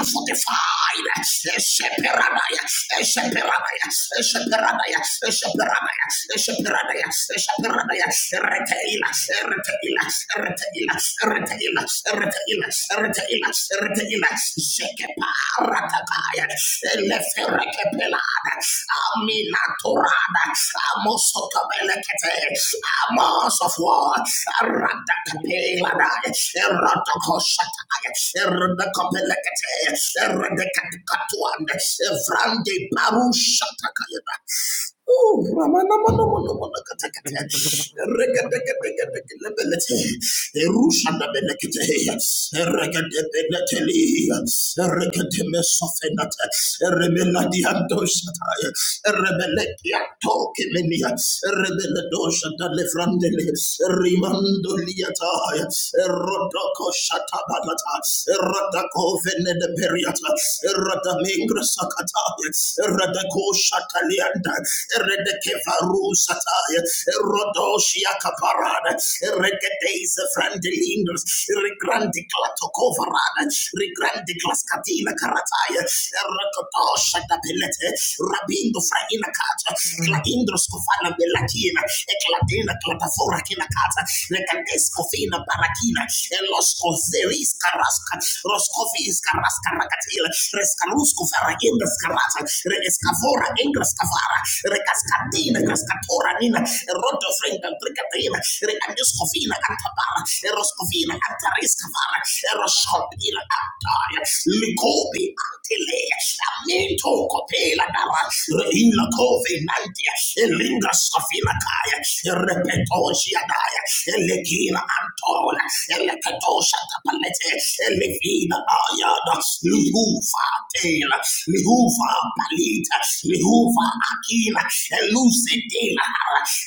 fortified. Sheperanaya, Sheperanaya, Sheperanaya, Sheperanaya, Sheperanaya, Sheperanaya, Retaila, Retaila, Retaila, Retaila, Retaila, Retaila, Retaila, Shekeparataya, Leferekepelada, Amina Torada, Amosokaba. Arms of war. Aradakapelada. Eradakoshataya. Eradakapelakate. Eradakatuanda. Evrande parushatakayada. Oh, Ramanamanamanamanamanakatakate. Eregadegedegedegedebelete. Erushandabelekete. Eregedebelekeli. Eregedemesofenate. Erebeladiandoshataya. Erebelekiatokemeni. Lilia, Rebeledosha da Lefrandele, Rimando Liata, Rodoko Shatabalata, Radako Venede Periata, Radamingra Sakata, Radako Shatalianda, Redekevaru Sataya, Rodoshia Caparada, Regedes Frandelinders, Regrandi Clatocovarada, Regrandi Clascatina Carataya, Rakotosha da Pelete, Rabindo Fraina Claindros Kofana Belakina, Eclatena Clatafora Kinakata, Lecadesco Fina Barakina, Elosco Zeris Carasca, Roscovis Carasca Racatila, Rescarusco Fara Indras Carata, Rescavora Ingras Cavara, Recascatina Cascatora Nina, Roto Frenda Tricatina, Recanduscofina Cantabara, Eroscovina Cantaris Cavara, Eroscopina Cantaya, Licobi Antilea, Amento Copela Dara, Reina Co. Sovelandia, Elinga Sofinataya, Repetosiadaya, Elegina Antola, Elecatosha Tapalete, Elevina Ayada, Lihufa Tela, Lihufa Palita, Lihufa Akina, Elucetela,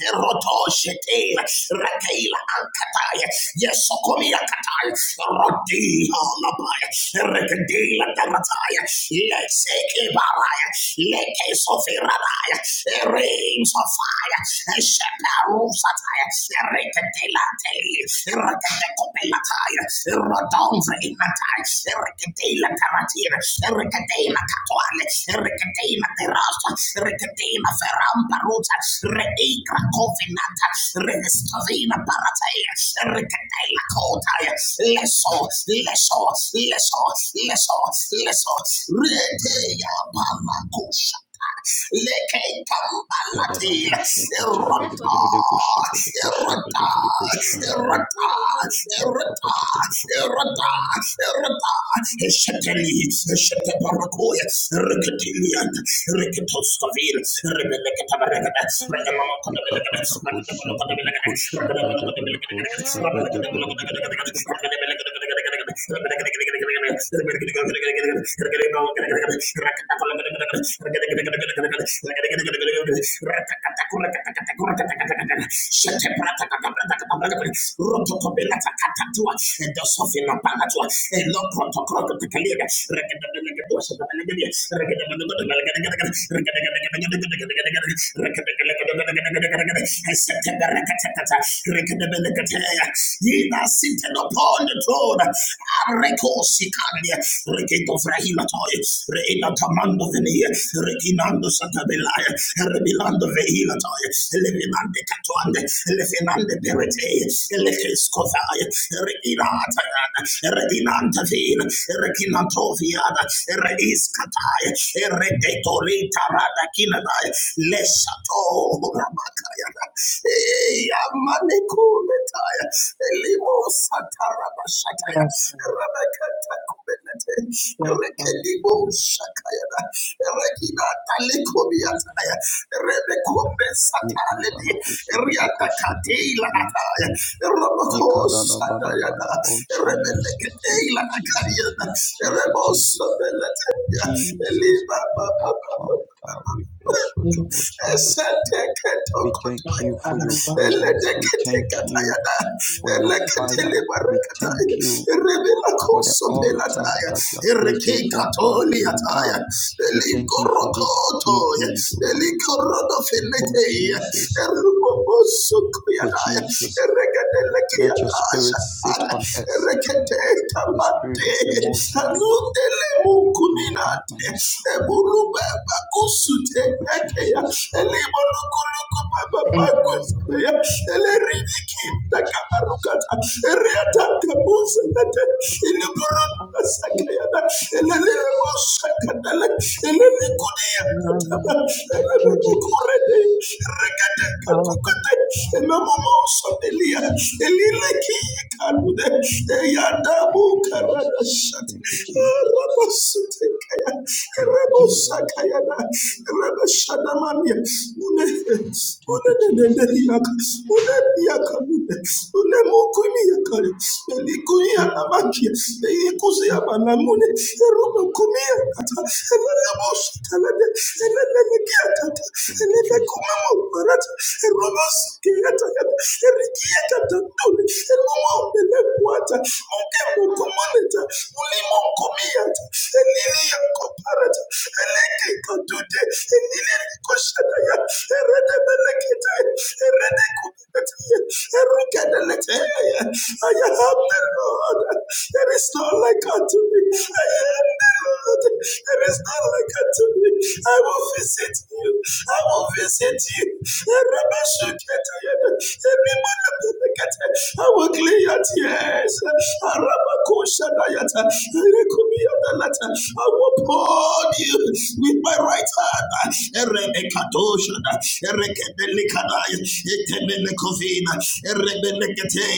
Erotoshetela, Rakela Ankataya, Yesokomia Kataya, Rodila Labaya, Rekadela Tamataya, Lexeke Baraya, Leke Sofi. Rabaya, Rings of fire, Sheparusataya, Rikatelate, Rikatekopelatai, Rodonvre Imatai, Rikatela Taratina, Rikatela Catuale, Rikatela Terrasta, Rikatela Ferramparuta, Reigra Covinata, Riniscovina Paratai, Rikatela Cotaya, Leso, Leso, Leso, Leso, Leso, Retea Pamacush. Lekekamalati, Erota, Erota, Erota, Erota, Erota, Erota, Esheteli, Eshetebarakoya, Riketilian, Riketoskavil, Rebelekatabarekata,
You come on, I
Regamamakotabelegata,
go shiver, I go shiver, I go shiver,
Regamamakotabelegata,
I go shiver, I go shiver.
Rotokobelatakatua, and the Sofina Palatua, he that sitteth upon the throne, Arekosikalia, Reketo Frahilatoi, Reina Tamando Venia, Rekinando Santabelaya, Rebilando Veilatoi, Lefinande Catuande, Lefinande Perete, Lefinscovai, Reginatayan, Reginantavin, Reginantovian, Reiscatai, Redetorita Radakinadai, Lesato Ramakayana, Yamanekuletaya, Limosataramashakaya,
yes and
Rabakatakubenete,
yes and
Rekelimo Shakayana, Reginata
yes
Lecomiataya, Rebekombe sataledi, riakakateila ataya, rabakosatayada, rebeleketeila akariada, rebosabeleteya, elibababababa,
and yes and no
eseteketokotaya.
Father we worship you.
Eledeketekatayada.
Yes, and we
Eleketelebarakataya. Erebelakosopelataya.
thank you
Erekekatoliataya. Elikorokotoya. Elikorodofileteya. Erubobosokoyadaya. Ereketelekiadashataya.
thank
Ereketekamate.
you, Jesus.
Anundelemukuninate.
Yes,
Eburubeba
I
kusute. Ekeya, Elimonukuluku
thank you.
Bababakus,
Lord. Thank you,
Elerinikim, Takamarukata, Eriata
for the
Kabus,
Lord. Glory to God, to
Iliburu
God, and
Sakaya, Elelemos Sakadala,
to God, to
Elenikudia,
God, to
Elebekure, Rekete
God, Father, to you, to God. Amen. Amen. Father,
kukete. Enomomo sabelia. Elileki kalude. Eyadamu karada shat. Rabasute kaya.
in
Rabosa kaya na. Rabashadamania. Mune. Mune ne yaka. Mune yaka mune. Mune mukumi yaka. Elikuni yana magia. Eyikuzi yana namune. Erome kumia kata. Elele bosa kalade. I am
Thank you, Jesus.
the Lord. There is no like unto me. I am the Lord. God. There is none like unto me. I will visit you. I will visit you. Rabashuketayana. Ebimanabelekete. I will clear your tears. Arabakushanayata. Erekumiyadalata. I will pour you with my right hand. Erebekatoshana. Erekebelikadaya. Etebelekovina. Erebelekete.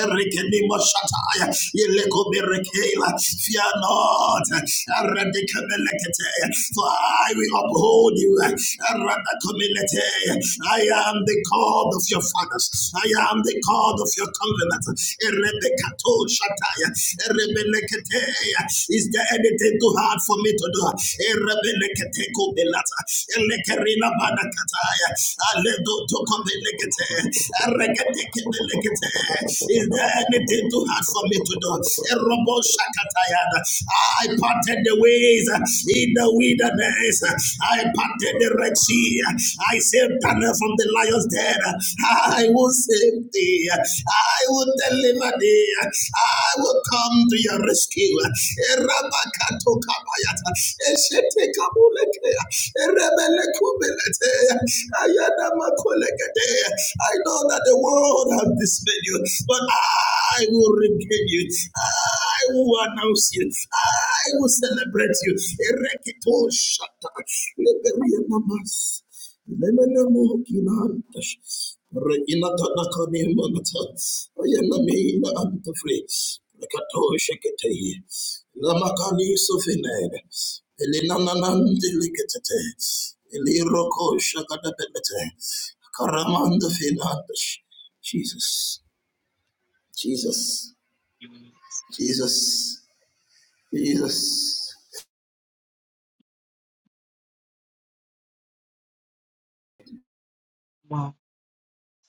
Erekenimoshataya. Elekoberekela. Fear not. Aradikamelekete. For I will uphold you. Aradakamelete. I am the God of your fathers. I am the God of your covenant. Erebekato shataya. Erebelekete. Is there anything too hard for me to do? Erebelekete kobelata. Elekerina banakataya. Aledo tokobelekete. Erekete kebelekete. Is there anything too hard for me to do? Erobo Shakatayana. I parted the ways in the wilderness. I parted the Red Sea. I saved Daniel from the lion's den. I will save thee. I will deliver thee. I will come to your rescue. Erabakato kabayata. Eshete kabuleke. Erebele kubelete. Ayana makolekete. I know that the world has dismayed you, but I I will regain you. I will announce you. I will celebrate you. Ereketo shata. Leberia namas. Lemene mo kinantash. Reina tanaka ne manata. Ayana me ina antafre. Lekato sheketeye. Lamakani sofined. Elinananandi liketete. Eliroko shakadabelete. Karamanda finantash. Jesus. Jesus. Jesus, Jesus.
my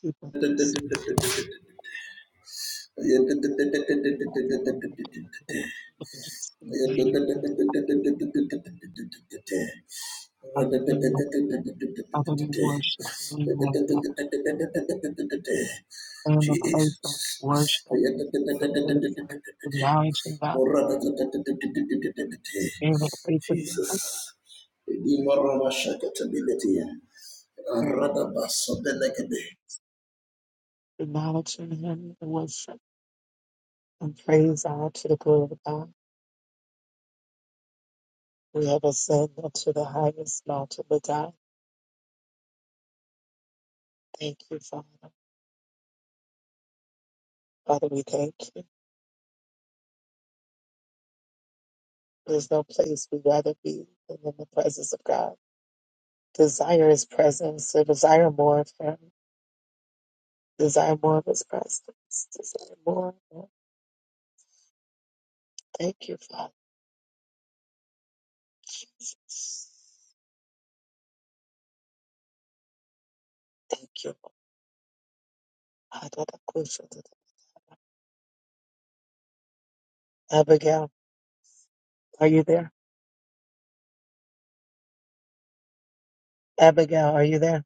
people.
Jesus.
Hallelujah. Hallelujah. Worship. Hallelujah. In the place of worship, the place of acknowledging God, in the place of His
Jesus. Imarama shakatability. Aradabasa
presence,
benekede.
acknowledging Him in worship and praise God to the glory of God. We have ascended to the highest mountain of God. Thank you, Father. Father, we thank you. There's no place we'd rather be than in the presence of God. Desire His presence, to desire more of Him. Desire more of his presence. Desire more. Lord. Thank you, Father. Thank you. Lord. Abigail, are you there? Abigail, are you there?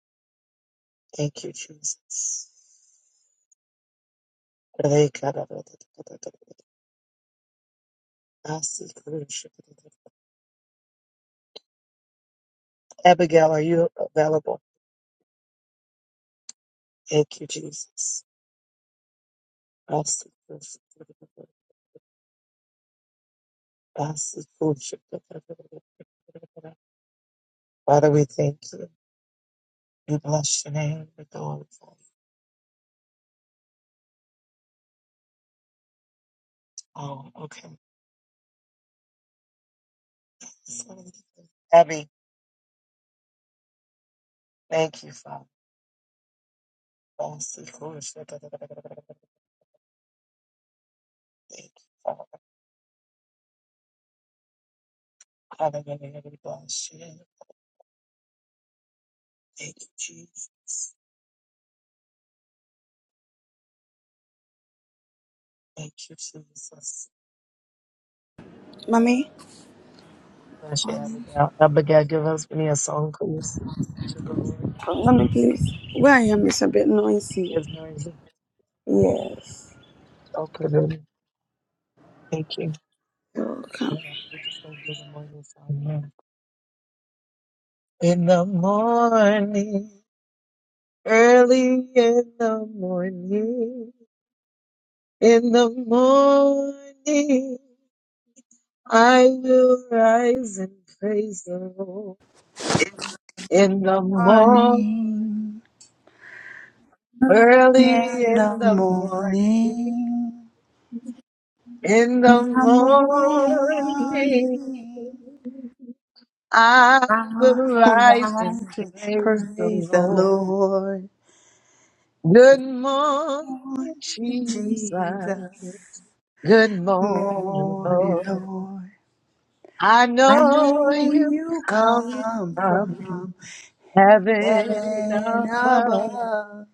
Thank you, Jesus. Abigail, are you available? Thank you, Jesus. Father, we thank you. We bless your name. We glorify you. Oh, okay. Abby. Thank you, Father. Bless you, Lord. Thank you, Father. Hallelujah. We bless you. Thank you, Jesus. Thank you, Jesus.
Mommy,
Bless you,
morning.
Abigail. Abigail, give us me a song, please. To the Lord.
Mommy, please. Where I am is a bit
His
noisy.
noise is
Yes.
so pretty. Thank you.
Welcome.
Yeah, we just don't do the morning song. Yeah. In the morning, early in the morning, in the morning. I will rise and praise the Lord in the morning,
Morning,
early
yellow
in the morning,
morning.
in
In
the
the
morning.
morning,
I will
I
rise and
rise and
praise the
praise the
Lord.
Lord.
Good morning,
Morning,
Jesus.
Jesus,
Good morning,
morning,
Lord.
Lord.
I
I
know
know
you
you
come
come
from
from
heaven
heaven
above.
above.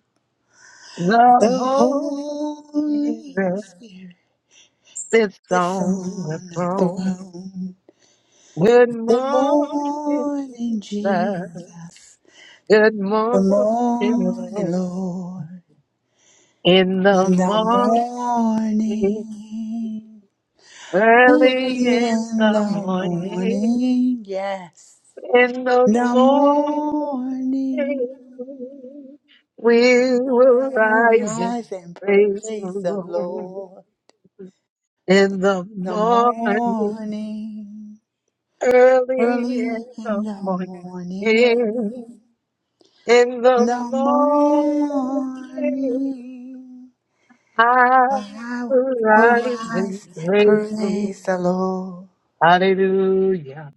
The
The
Holy
Holy
Spirit
Spirit
sits
is
on the
on the
throne.
throne.
Good
Good
morning,
morning,
Jesus.
Jesus.
Good
Good
morning,
morning,
Lord.
Lord.
In the
in the
morning,
morning,
early
early
in
in
the
the
morning,
morning, yes,
in the
the
morning,
morning,
we will
I will
rise and
rise and
praise the
praise the
Lord.
Lord.
In the
The
morning,
morning,
early
early
in
in
the
the
morning.
morning,
In, in the
the
morning,
morning,
I
I will
arise and
rise and
praise you.
praise the Lord.
Hallelujah.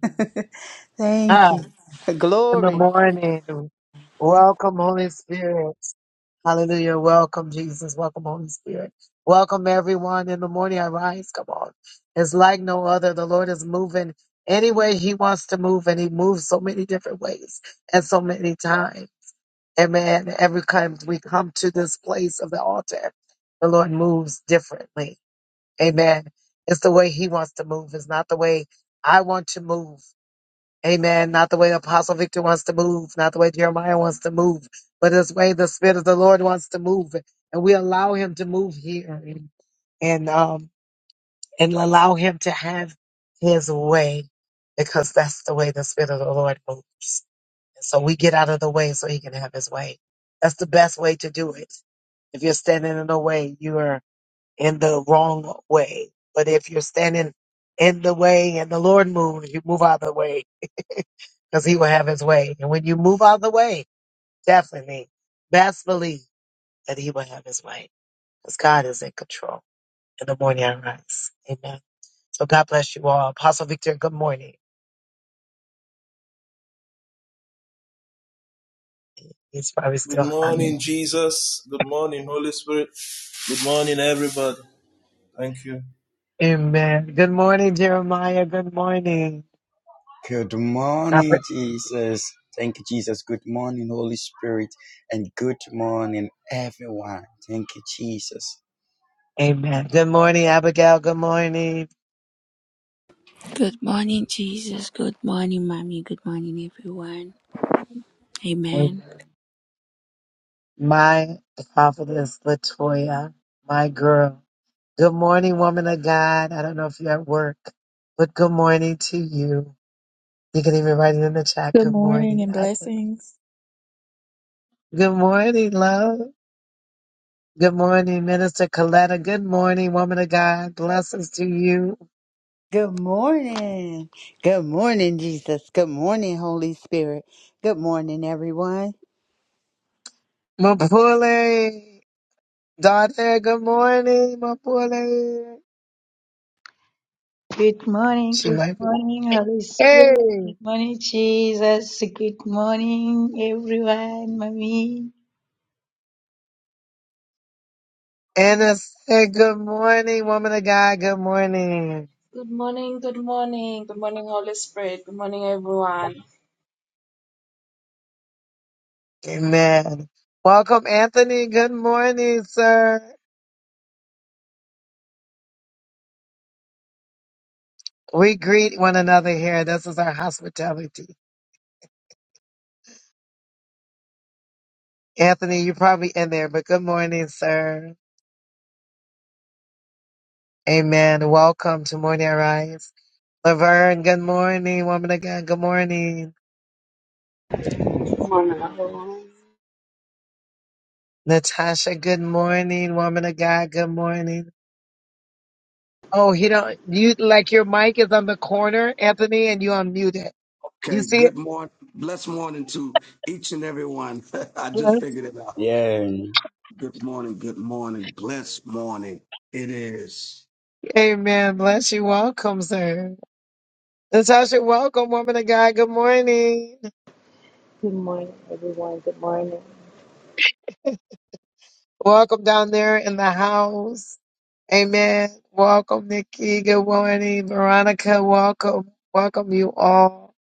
Thank
Ah,
you.
in the
Glory.
morning, welcome Holy Spirit. Hallelujah. Welcome Jesus. Welcome Holy Spirit. Welcome everyone. In the morning, I rise. Come on. It's like no other. The Lord is moving any way He wants to move, and He moves so many different ways and so many times. Amen. Every time we come to this place of the altar, the Lord moves differently. Amen. It's the way He wants to move. It's not the way I want to move. Amen. Not the way Apostle Victor wants to move. Not the way Jeremiah wants to move. But it's the way the Spirit of the Lord wants to move. And we allow Him to move here and um and allow Him to have His way because that's the way the Spirit of the Lord moves. So we get out of the way so he can have his way. That's the best way to do it. If you're standing in the way, you are in the wrong way. But if you're standing in the way and the Lord moves, you move out of the way because he will have his way. And when you move out of the way, definitely, best believe that he will have his way because God is in control. In the morning I rise. Amen. So God bless you all. Apostle Victor, good morning. He's probably
Good
still hungry.
morning, Jesus. Good morning, Holy Spirit. Good morning, everybody. Thank you.
Amen. Good morning, Jeremiah. Good morning.
Good morning,
Robert.
Jesus. Thank you, Jesus. Good morning, Holy Spirit. And good morning, everyone. Thank you, Jesus.
Amen. Good morning, Abigail. Good morning.
Good morning.
Amen. My prophetess, Latoya, my girl. Good morning, woman of God. I don't know if you're at work, but good morning to you. You can even write it in the chat.
Good
Good
morning
morning.
and
I-
blessings.
Good morning, love. Good morning, Minister Coletta. Good morning, woman of God. Blessings to you.
Good morning. Good morning, Jesus. Good morning, Holy Spirit. Good morning, everyone.
Mapule, daughter, good morning, Mapule.
Good morning,
She
good
might be.
morning, Holy Spirit. Good morning, Jesus. Good morning, everyone, Mommy.
Anna said, Good morning, woman of God. Good morning.
Good morning, good morning, good morning, Holy Spirit, good morning, everyone.
Amen. Welcome, Anthony. Good morning, sir. We greet one another here. This is our hospitality. Anthony, you're probably in there, but good morning, sir. Amen. Welcome to Morning Arise. Laverne, good morning, woman of God. Good morning.
Come on now,
Natasha, good morning, woman of God. Good morning. Oh, he don't, you, like your mic is on the corner, Anthony, and you unmute it. You
Okay,
see it?
good morning. Blessed morning to each and every one. I just
Yeah.
figured it out.
Yeah.
Good morning, good morning, blessed morning. It is
Amen. Bless you. Welcome, sir. Natasha, welcome, woman of God. Good morning.
Good morning, everyone. Good morning.
Welcome down there in the house. Amen. Welcome, Nikki. Good morning. Veronica, welcome. Welcome you all.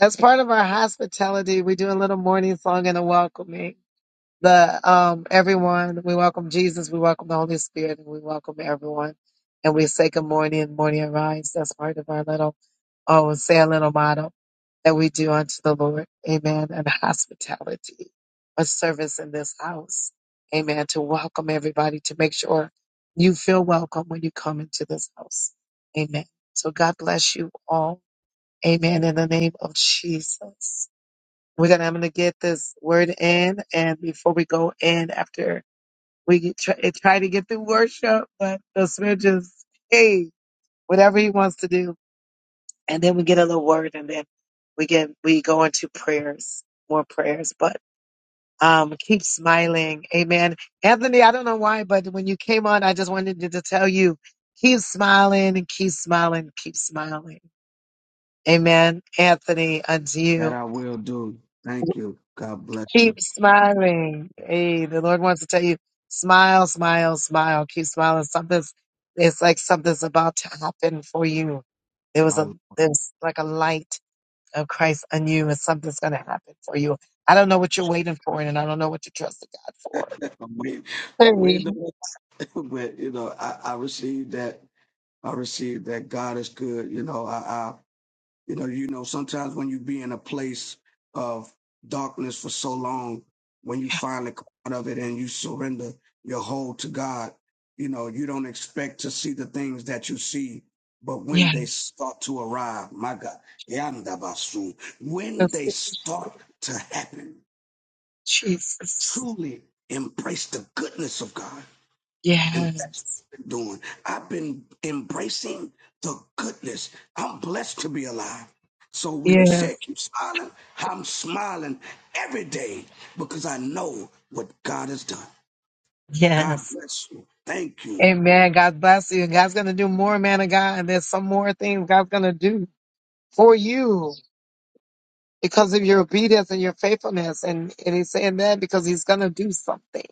As part of our hospitality, we do a little morning song and a welcoming. The um everyone, we welcome Jesus, we welcome the Holy Spirit, and we welcome everyone. And we say good morning, morning arise. That's part of our little oh say a little motto. that we do unto the Lord. Amen. And hospitality, a service in this house. Amen. To welcome everybody, to make sure you feel welcome when you come into this house. Amen. So God bless you all. Amen. In the name of Jesus. We're gonna, I'm gonna get this word in, and before we go in, after we get, try, try to get through worship, but the Spirit just, hey, whatever He wants to do, and then we get a little word and then we get we go into prayers more prayers but um keep smiling amen anthony i don't know why but when you came on i just wanted to, to tell you keep smiling and keep smiling keep smiling amen anthony unto
that
you
I will do. Thank you. God bless you.
keep smiling hey the lord wants to tell you smile smile smile keep smiling something's it's like something's about to happen for you there was a
I'm
there's like a light of Christ on you and something's going to happen for you. I don't know what you're waiting for and I don't know what you're trusting God for.
I'm waiting, I'm
Sorry.
waiting on it, but you know, I, I received that. I received that. God is good. You know, I, you know you know sometimes when you be in a place of darkness for so long when you finally come out of it and you surrender your whole to god you know you don't expect to see the things that you see but when
Yeah.
they start to arrive my god yandabasu, when
that's-
they start to happen
Jesus.
truly embrace the goodness of god
Yeah.
and that's what I've been doing. I've been embracing the goodness. I'm blessed to be alive. So when you say
Yes.
keep smiling, I'm smiling every day because I know what God has done. God
Yes.
bless you. Thank you.
Amen. God bless you. God's going to do more, man of God. And there's some more things God's going to do for you because of your obedience and your faithfulness. And, and he's saying that because he's going to do something.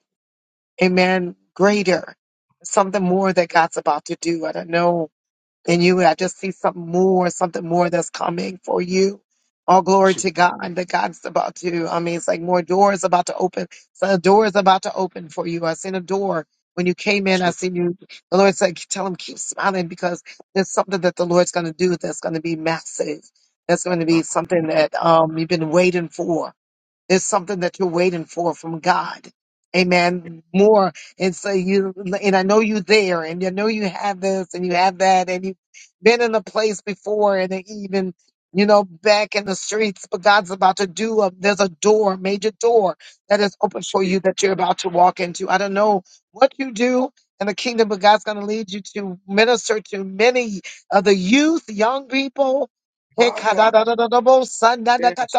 Amen. Greater. Something more that God's about to do. I don't know And you, I just see something more, something more that's coming for you. All glory
Che-
to God that God's about to, I mean, it's like more doors about to open. So a door is about to open for you. I seen a door. When you came in, I
che-
seen you. The Lord said, tell him, keep smiling because there's something that the Lord's going to do that's going to be massive. That's going to
ah,
be something that um, you've been waiting for. There's something that you're waiting for from God. Amen. More. And so you, and I know you're there and I know you have this and you have that and you've been in a place before and even, you know, back in the streets, but God's about to do a, there's a door, a major door that is open for
che-
you that you're about to walk into. I don't know what you do in the kingdom, but God's going to lead you to minister to many of the youth, young people.
ah, God. Yes,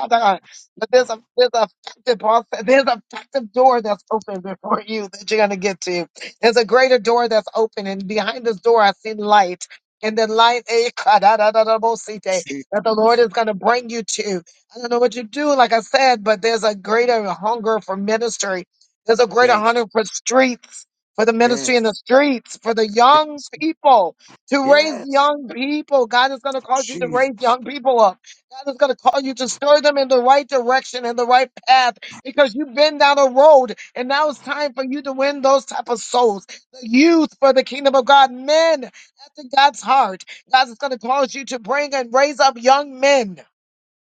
But there's a there's a effective process- there's a effective door that's open before you that you're gonna get to. There's a greater door that's open, and behind this door I see light. And the light eh, kadadadadabosite,
che-
that the Lord is gonna bring you to. I don't know what you do, like I said, but there's a greater hunger for ministry. There's a greater
yes,
hunger for streets, for the ministry in the
yes,
streets, for the young
yes,
people, to raise
yes,
young people. God is gonna cause you to raise
Jesus.
young people up. God is going to call you to stir them in the right direction and the right path because you've been down a road and now it's time for you to win those type of souls. The youth for the kingdom of God, men after God's heart. God is going to cause you to bring and raise up young men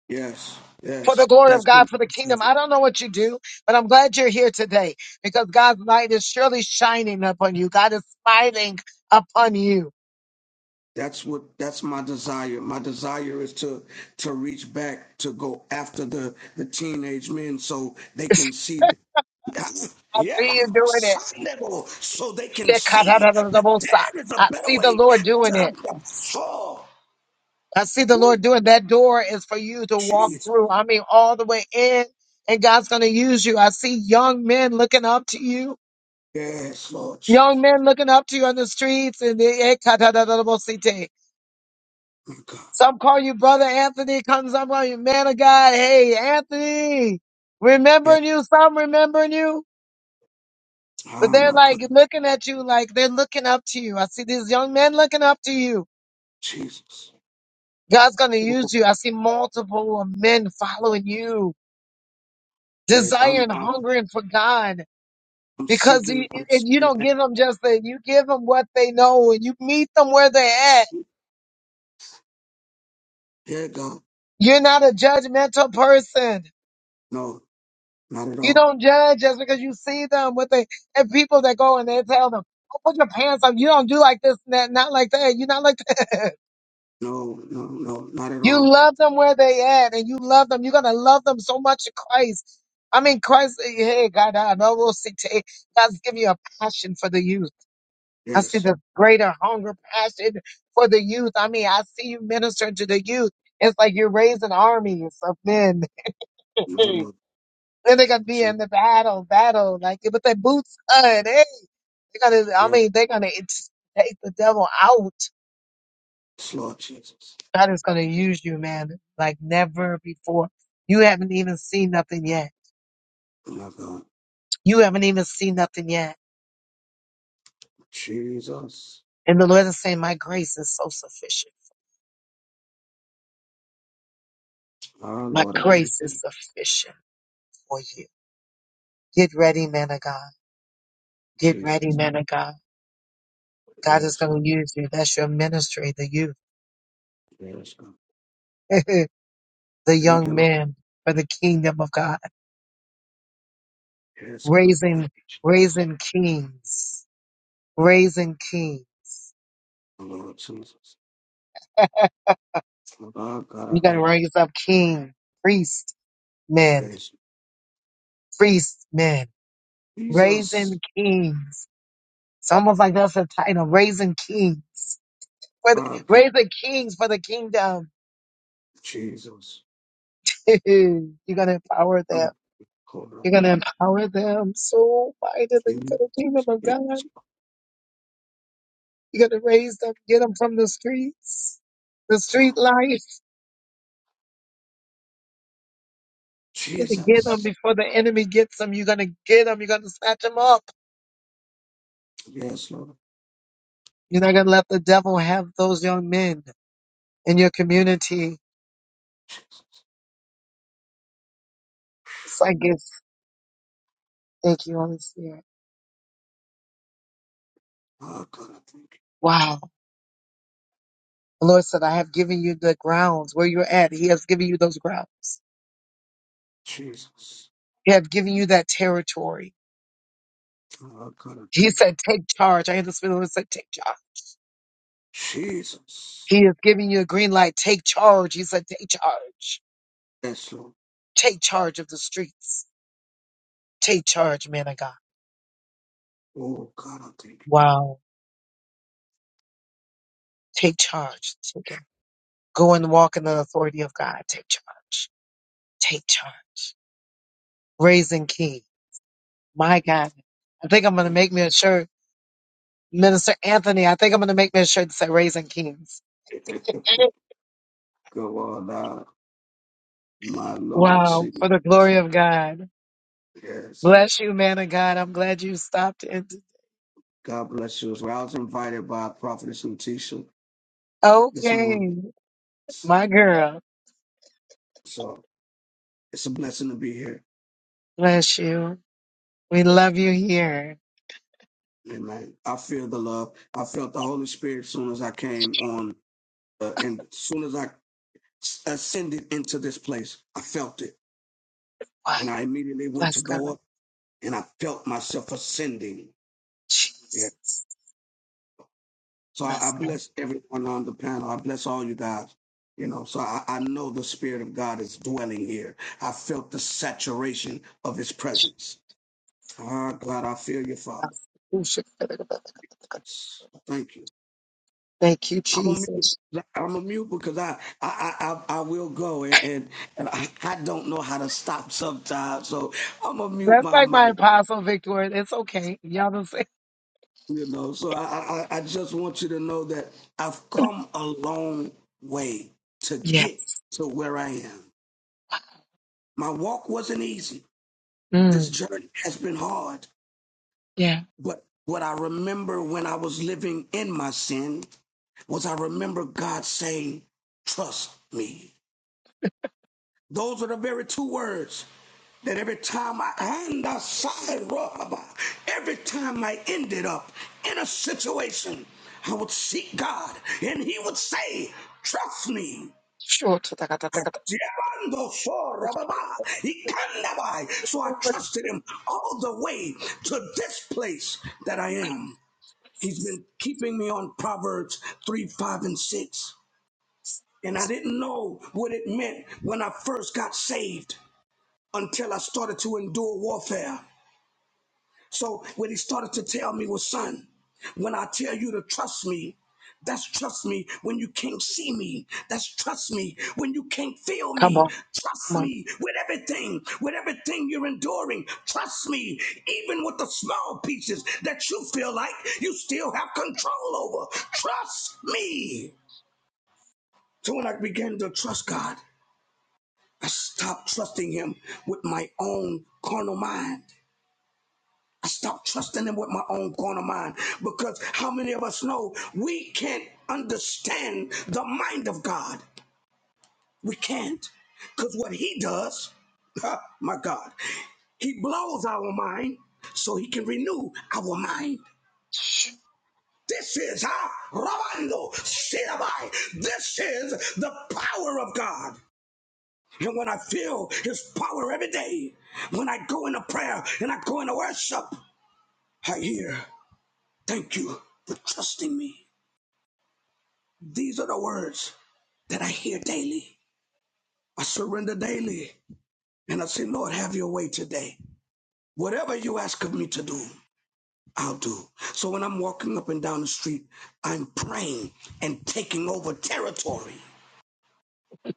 Yes,
for
yes.
the glory of
That's been.
God, for the kingdom. I don't know what you do, but I'm glad you're here today because God's light is surely shining upon you. God is smiling upon you.
That's what that's my desire. My desire is to to reach back to go after the the teenage men so they can see
I
yeah, my
see you doing it.
son, devil, so they can see that there is a
I
better
see the
way
Lord
to
doing it.
to fall.
I see the
Ooh,
Lord doing that door is for you to walk
jeez.
through. I mean, all the way in, and God's going to use you. I see young men looking up to you,
Yes, Lord.
young men looking up to you on the streets. And the
My God.
some call you brother Anthony. Comes some call you man of God. Hey, Anthony,
Yes.
remembering you. Some remembering you,
Oh
but they're
my God.
like looking at you, like they're looking up to you. I see these young men looking up to you.
Jesus.
God's going to
Ooh,
use you. I see multiple men following you.
Yes, I'm
desiring,
I'm
hungering for God.
I'm
Because you-
seeking I'm
if you
seeking
don't
that.
give them just that, you give them what they know and you meet them where they're at.
Yeah, God.
You're not a judgmental person.
No, not at
You
all.
don't judge just because you see them with the and people that go and they tell them, oh, put your pants on." You don't do like this and that, not like that. You're not like that.
No, no, no, not at
You
all.
love them where they at and you love them. You're going to love them so much in Christ. I mean, Christ, hey, God, I know we'll see. God's giving you a passion for the youth. I see
Yes,
the greater hunger, passion for the youth. I mean, I see you ministering to the youth. It's like you're raising armies of men.
my Lord.
Then they're gonna be
Je-
in the battle, battle, like with their boots on. Hey, they're gonna. I
Yes,
mean, they're gonna ex- take the devil out.
Lord Jesus.
God is gonna use you, man, like never before. You haven't even seen nothing yet.
Oh My God.
You haven't even seen nothing yet.
Jesus.
And the Lord is saying, "My grace is so sufficient.
Our
My
Lord, I thank
grace is
you.
sufficient for you." Get ready, man of God. Get ready,
Jesus.
man of God. God is
Yes,
going
Lord.
to use you. That's your ministry, the
Yes, God.
youth, the
Thank you,
young
Lord.
men for the kingdom of God,
Yes, God. Thank
raising,
you, Je-
raising kings, raising kings.
my Lord Jesus. My God, God, I
You're going to
thank you.
raise up king, priest men,
Yes,
priest men,
Jesus.
raising kings. It's almost like that's the title, raising kings, for the,
Our God.
raising kings for the kingdom.
Jesus.
You're going to empower
I'm
them.
calling
You're going to
about
empower them so
you.
mightily for the kingdom of
Yes,
God. You're going to raise them, get them from the streets, the street
Lord.
life. You're going to get them
Jesus.
before the enemy gets them. You're going to get them. You're going to snatch them up.
Yes, Lord.
You're not going to let the devil have those young men in your community. It's like it's, thank you, Holy Spirit.
Our God, I thank
Wow. The Lord said, I have given you the grounds where you're at. He has given you those grounds.
you. Jesus.
He has given you that territory.
Our God, I
He
thank you.
said, take charge. I hear the Spirit of the Lord said, take charge. He
Jesus.
is giving you a green light. Take charge. He said, take charge.
Yes, Lord.
Take charge of the streets Take charge, man of God.
Oh, God, I thank
Wow. Take charge. Take it. Go and walk in the authority of God. Take charge. Take charge. Raising King. My God. I think I'm going to make me a shirt. Minister Anthony, I think I'm going to make me a shirt that says Raising Kings.
you. Go on now, my Lord.
Wow.
City.
For the glory of God.
Yes.
Bless you, man of God. I'm glad you stopped it.
God bless you. Well, I was invited by Prophetess Letitia this
Okay.
morning.
My girl.
So it's a blessing to be here.
Bless you. We love you here.
Amen. I feel the love. I felt the Holy Spirit as soon as I came on, uh, and as soon as I ascended into this place, I felt it.
Wow.
And I immediately went to
Bless
go
God.
up, and I felt myself ascending. Yeah.
Jesus.
So I, I
Bless
bless everyone on the panel. I bless all you guys. You know, so I, I know the Spirit of God is dwelling here. I felt the saturation of His presence. Ah, God, I feel you, Father.
God.
Yes, Thank you.
Thank you,
I'm a
Jesus.
mute. I'm a mute because I I I, I will go and and, and I, I don't know how to stop sometimes. So I'm a mute
That's
my
like my
mic.
apostle, Victor. It's okay. Y'all don't say.
You know, so I, I I just want you to know that I've come a long way to
Yes.
get to where I am. My walk wasn't easy. This
Mm,
journey has been hard.
yeah.
But what I remember when I was living in my sin was I remember God saying, Trust me. Those are the very two words that every time I and I every time I ended up in a situation, I would seek God and He would say, Trust me. Adiabando for Rababa, Ikandabai. So I trusted him all the way to this place that I am. He's been keeping me on Proverbs 3, 5, and 6. And I didn't know what it meant when I first got saved until I started to endure warfare. So when he started to tell me, well, son, when I tell you to trust me, that's trust me when you can't see me. That's trust me when you can't feel
Come
me.
on.
Trust me with everything, with everything you're enduring. Trust me, even with the small pieces that you feel like you still have control over. Trust me. So when I began to trust God, I stopped trusting Him with my own carnal mind. I stopped trusting him with my own corner mind because how many of us know we can't understand the mind of God? We can't. Because what he does, my God, he blows our mind so he can renew our mind. This is ah, Rabando Sirabai. This is the power of God. And when I feel his power every day, when I go into prayer and I go into worship, I hear. Thank you for trusting me. These are the words that I hear daily. I surrender daily and I say, Lord, have your way today. Whatever you ask of me to do, I'll do. So when I'm walking up and down the street, I'm praying and taking over territory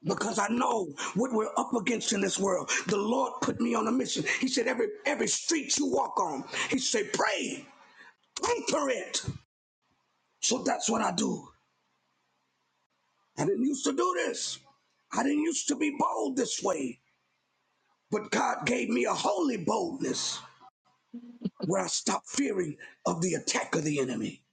because I know what we're up against in this world. The Lord put me on a mission. He said, every, every street you walk on, he said, pray, conquer it. So that's what I do. I didn't used to do this. I didn't used to be bold this way. But God gave me a holy boldness where I stopped fearing of the attack of the enemy.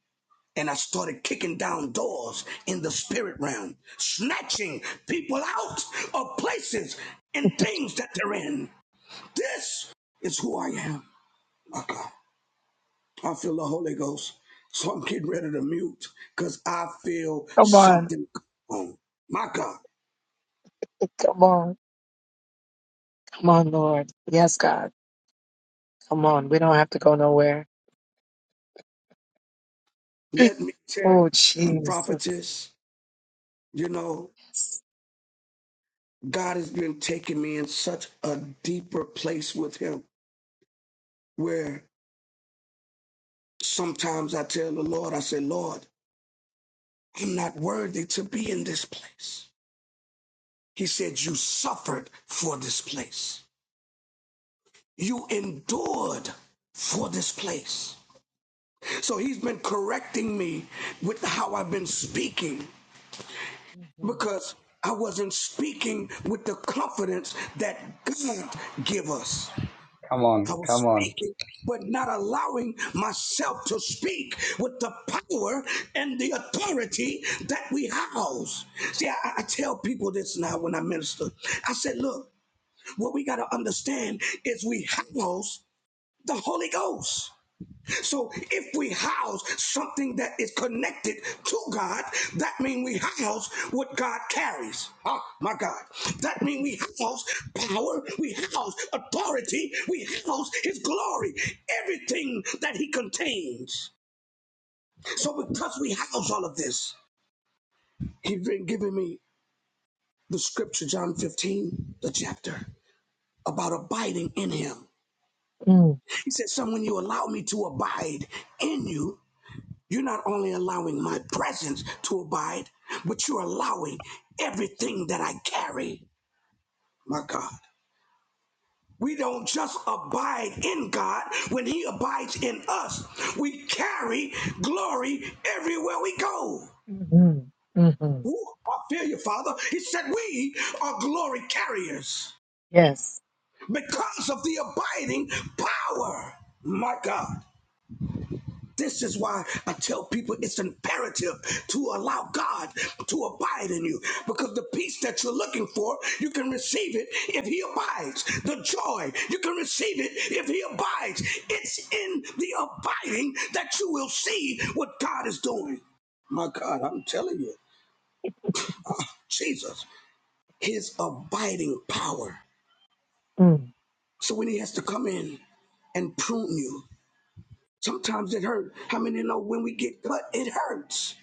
And I started kicking down doors in the spirit realm, snatching people out of places and things that they're in. This is who I am. My God, I feel the Holy Ghost. So I'm getting ready to mute because I feel something. on. My God.
Come on. Come on, Lord. Yes, God. Come on. We don't have to go nowhere.
Let me tell you,
Oh,
some
Jesus.
prophetess, you know, God has been taking me in such a deeper place with Him where sometimes I tell the Lord, I say, Lord, I'm not worthy to be in this place. He said, You suffered for this place, you endured for this place. So He's been correcting me with how I've been speaking because I wasn't speaking with the confidence that God give us.
Come
I
on, come
was
on.
speaking, but not allowing myself to speak with the power and the authority that we house. See, I, I tell people this now when I minister. I said, look, what we got to understand is we house the Holy Ghost. So if we house something that is connected to God, that means we house what God carries. Oh my God. That means we house power, we house authority, we house his glory, everything that he contains. So because we house all of this, he's been giving me the scripture, John 15, the chapter, about abiding in him. He said, Son, when you allow me to abide in you, You're not only allowing my presence to abide, but you're allowing everything that I carry, my God. We don't just abide in God when He abides in us. We carry glory everywhere we go. Ooh, I feel you, Father. He said we are glory carriers because of the abiding power, my God. This is why I tell people it's imperative to allow God to abide in you because the peace that you're looking for, you can receive it if He abides. The joy, you can receive it if He abides. It's in the abiding that you will see what God is doing. My God, I'm telling you, Jesus, His abiding power. So when He has to come in and prune you, sometimes it hurts. How many know when we get cut, it hurts?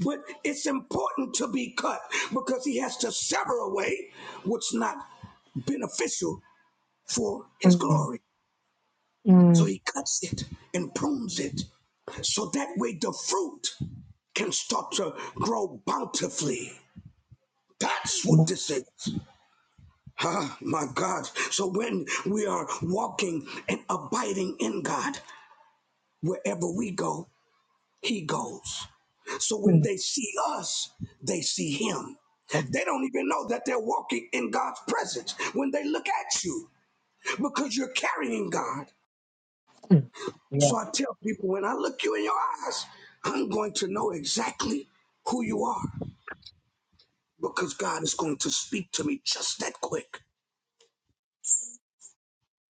But it's important to be cut because he has to sever away what's not beneficial for his glory. So he cuts it and prunes it. So that way the fruit can start to grow bountifully. That's what this is. Ah, my God. So when we are walking and abiding in God, wherever we go, he goes. So when they see us, they see him. They don't even know that they're walking in God's presence when they look at you because you're carrying God. So I tell people when I look you in your eyes, I'm going to know exactly who you are because God is going to speak to me just that quick.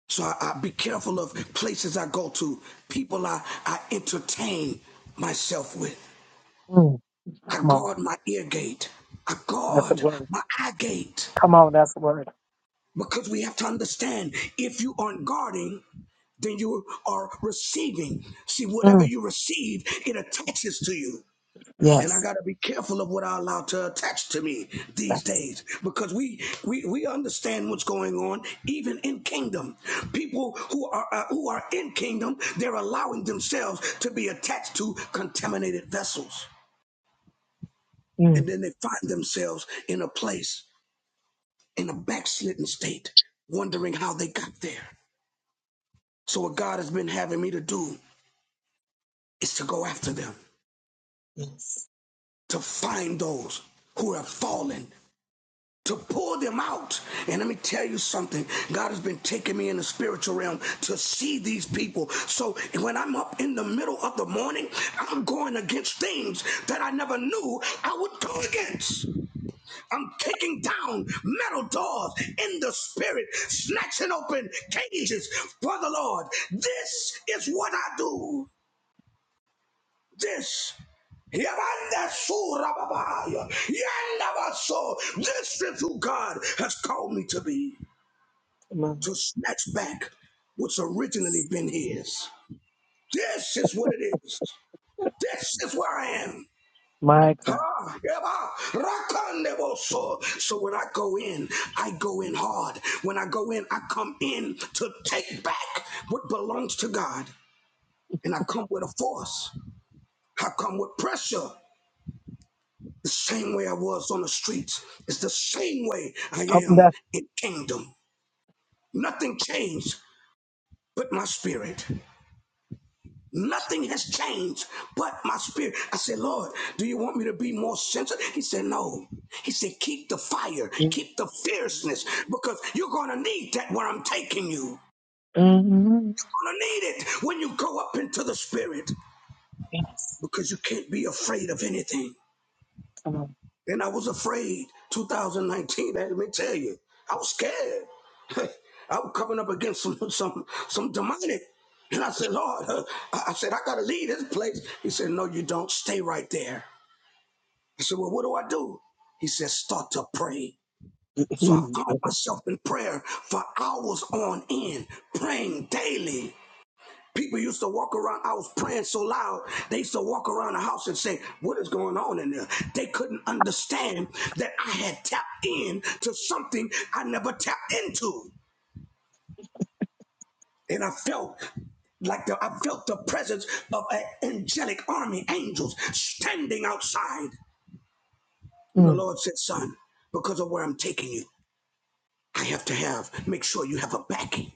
So I, I be careful of places I go to, people I, I entertain myself with. I guard my ear gate. I guard my eye gate. Because we have to understand if you aren't guarding, then you are receiving. See, whatever you receive, it attaches to you. And I gotta be careful of what I allow to attach to me these days. Because we we, we understand what's going on, even in kingdom. People who are uh, who are in kingdom, they're allowing themselves to be attached to contaminated vessels. And then they find themselves in a place in a backslidden state, wondering how they got there. So what God has been having me to do is to go after them, to find those who have fallen, to pull them out. And let me tell you something. God has been taking me in the spiritual realm to see these people. So when I'm up in the middle of the morning, I'm going against things that I never knew I would go against. I'm kicking down metal doors in the spirit, snatching open cages for the Lord. This is what I do. This Yabanda Sura Yandabaso, this is who God has called me to be, to snatch back what's originally been his. This is what it is. This is where I am. Huh? Yaba, Rakandeboso. So when I go in, I go in hard. When I go in, I come in to take back what belongs to God. And I come with a force. I come with pressure. The same way I was on the streets is the same way I am in kingdom. Nothing changed but my spirit. Nothing has changed but my spirit. I said, Lord, do you want me to be more sensitive? He said, No. He said, Keep the fire, keep the fierceness, because you're going to need that where I'm taking you. You're going to need it when you go up into the spirit, because you can't be afraid of anything. And I was afraid. 2019, let me tell you, I was scared. I was coming up against some some some demonic. And I said, Lord, uh, I I said, I gotta leave this place. He said, No, you don't. Stay right there. I said, Well, what do I do? He said, Start to pray. So I found myself in prayer for hours on end, praying daily. People used to walk around. I was praying so loud. They used to walk around the house and say, "What is going on in there?" They couldn't understand that I had tapped in to something I never tapped into, and I felt like the, I felt the presence of an angelic army, angels standing outside. And the Lord said, "Son, because of where I'm taking you." I have to have, make sure you have a backing.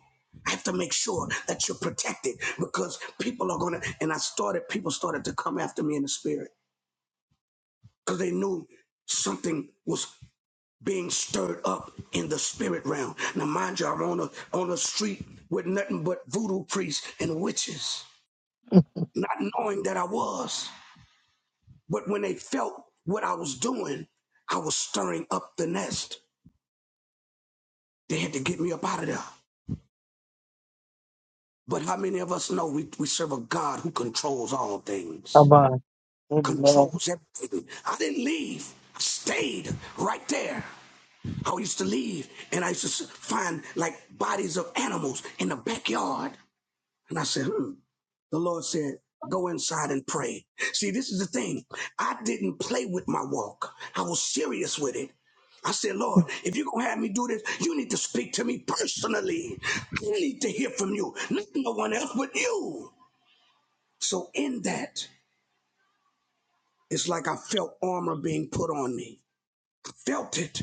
I have to make sure that you're protected because people are going to, and I started, people started to come after me in the spirit because they knew something was being stirred up in the spirit realm. Now, mind you, I'm on a, on a street with nothing but voodoo priests and witches, not knowing that I was. But when they felt what I was doing, I was stirring up the nest. They had to get me up out of there. But how many of us know we, we serve a God who controls all things, controls everything? I didn't leave, I stayed right there. I used to leave and I used to s- find like bodies of animals in the backyard. And I said, hmm, the Lord said, go inside and pray. See, this is the thing. I didn't play with my walk. I was serious with it. I said, Lord, if you're going to have me do this, you need to speak to me personally. I need to hear from you. Not no one else but you. So in that, it's like I felt armor being put on me. Felt it.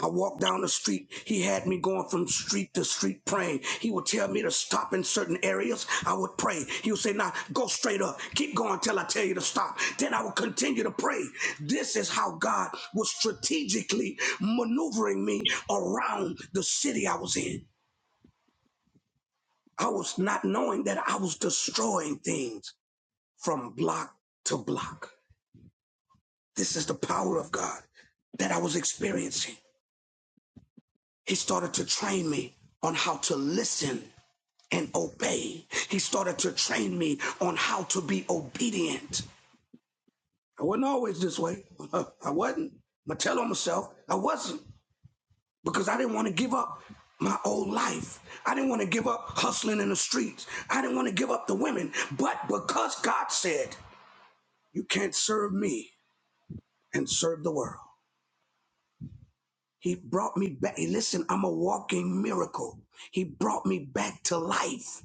I walked down the street. He had me going from street to street praying. He would tell me to stop in certain areas. I would pray. He would say, Now go straight up. Keep going till I tell you to stop. Then I would continue to pray. This is how God was strategically maneuvering me around the city I was in. I was not knowing that I was destroying things from block to block. This is the power of God that I was experiencing. He started to train me on how to listen and obey. He started to train me on how to be obedient. I wasn't always this way. I wasn't. I tell on myself I wasn't because I didn't want to give up my old life. I didn't want to give up hustling in the streets. I didn't want to give up the women. But because God said, you can't serve me and serve the world. He brought me back. Listen, I'm a walking miracle. He brought me back to life.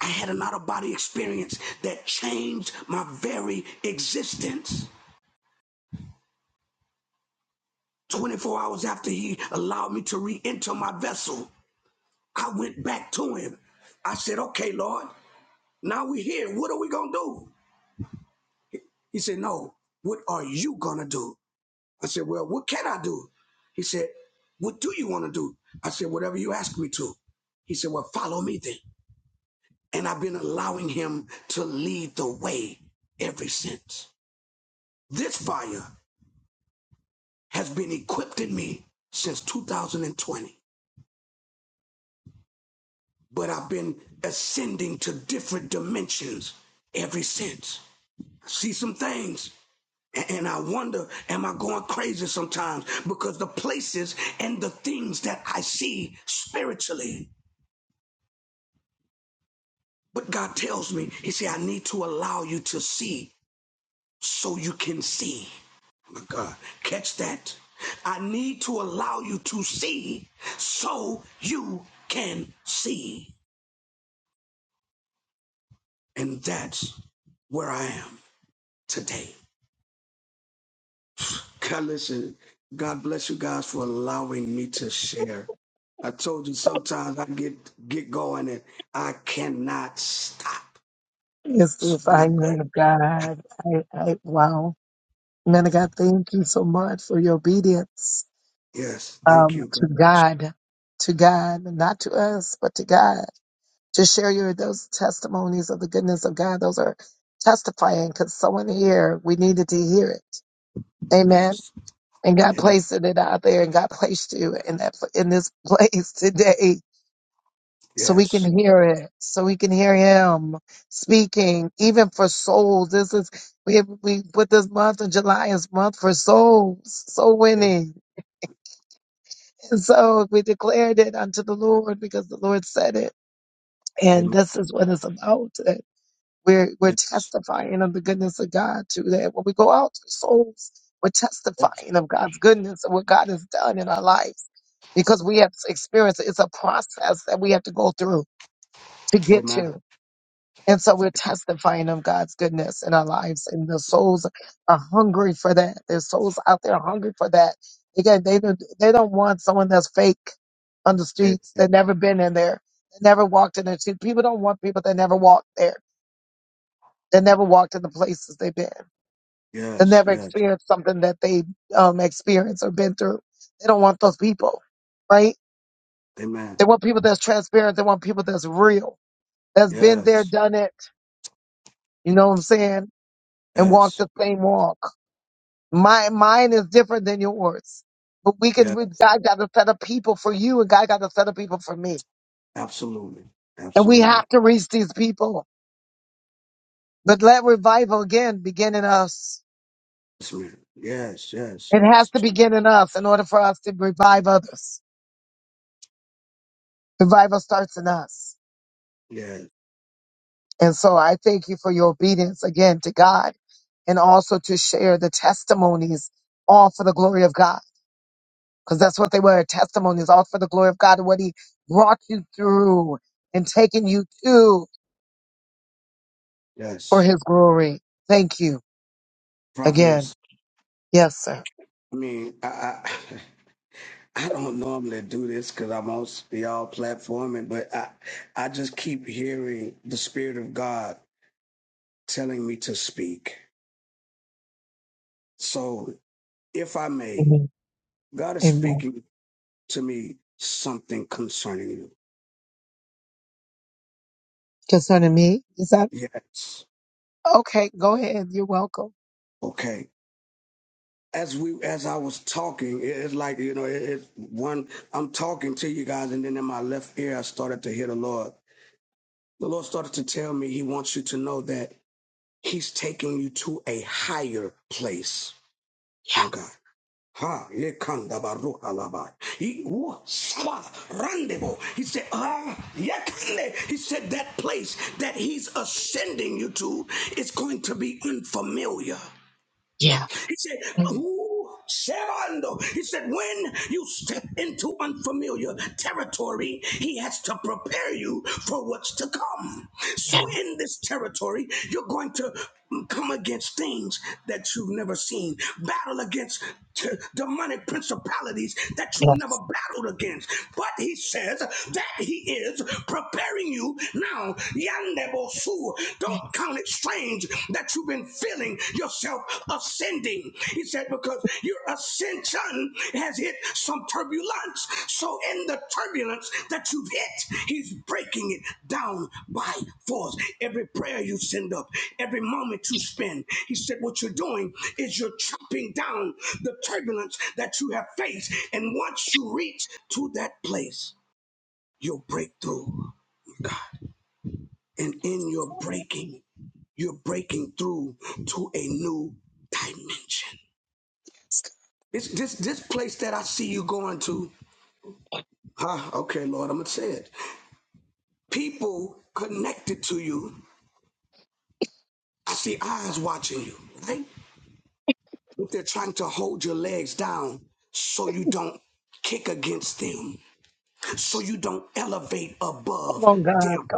I had an out of body experience that changed my very existence. 24 hours after he allowed me to re enter my vessel, I went back to him. I said, Okay, Lord, now we're here. What are we going to do? He said, No, what are you going to do? I said, Well, what can I do? He said, What do you want to do? I said, Whatever you ask me to. He said, Well, follow me then. And I've been allowing him to lead the way ever since. This fire has been equipped in me since 2020, but I've been ascending to different dimensions ever since. I see some things a- and I wonder, am I going crazy sometimes? Because the places and the things that I see spiritually. But God tells me, He said, I need to allow you to see so you can see. My God, catch that. I need to allow you to see so you can see. And that's where I am today. God, listen, God bless you guys for allowing me to share. I told you sometimes I get get going and I cannot stop. So when I go, yes, thank you, God. Yes, amen. Yes, yes, amen. Yes, yes, amen. Amen. Yes, yes, amen. Yes,
You know what I'm saying? And walk
yes,
the same walk. My mine is different than yours. We can.
yeah,
we- God got a set of people for you, and God got a set of people for me.
absolutely,
We
absolutely.
have to reach these people. But let revival again be in us.
Yes, ma'am. yes, yes,
It has
yes,
to for us to revive others. Us.
yes, yes. Prophetess, I mean, I, I, I don't normally do this because I'm on y'all platforming, but I, I just keep hearing the Spirit of God telling me to speak. So, if I may, God is speaking to me something concerning you. Yes, okay. as we as I was talking, it's like you know, it, it one I'm talking to you guys, and then in my left ear, I started to hear the Lord. The Lord started to tell me He wants you to know that He's taking you to a higher place. My God. Ha, ye kanda baruha labai. He woo, swa, randebo. He said, ah, ye kande. He said that place that he's ascending you to is going to be unfamiliar. He said, Who Sherando? He said, When you step into unfamiliar territory, he has to prepare you for what's to come. So in this territory, you're going to come against things that you've never seen, battle against t- demonic principalities that you've never battled against. But he says that he is preparing you now. Yandebo don't count it strange that you've been feeling yourself ascending. He said, because your ascension has hit some turbulence. So, in the turbulence that you've hit, He's breaking it down by force. Every prayer you send up, every moment you spend, He said, what you're doing is you're chopping down the turbulence that you have faced. And once you reach to that place, you'll break through. And in your breaking, you're breaking through to a new dimension. This this this place that I see you going to, huh? Okay, Lord, I'm gonna say it. People connected to you. I see eyes watching you, right? If they're trying to hold your legs down so you don't kick against them, so you don't elevate above them.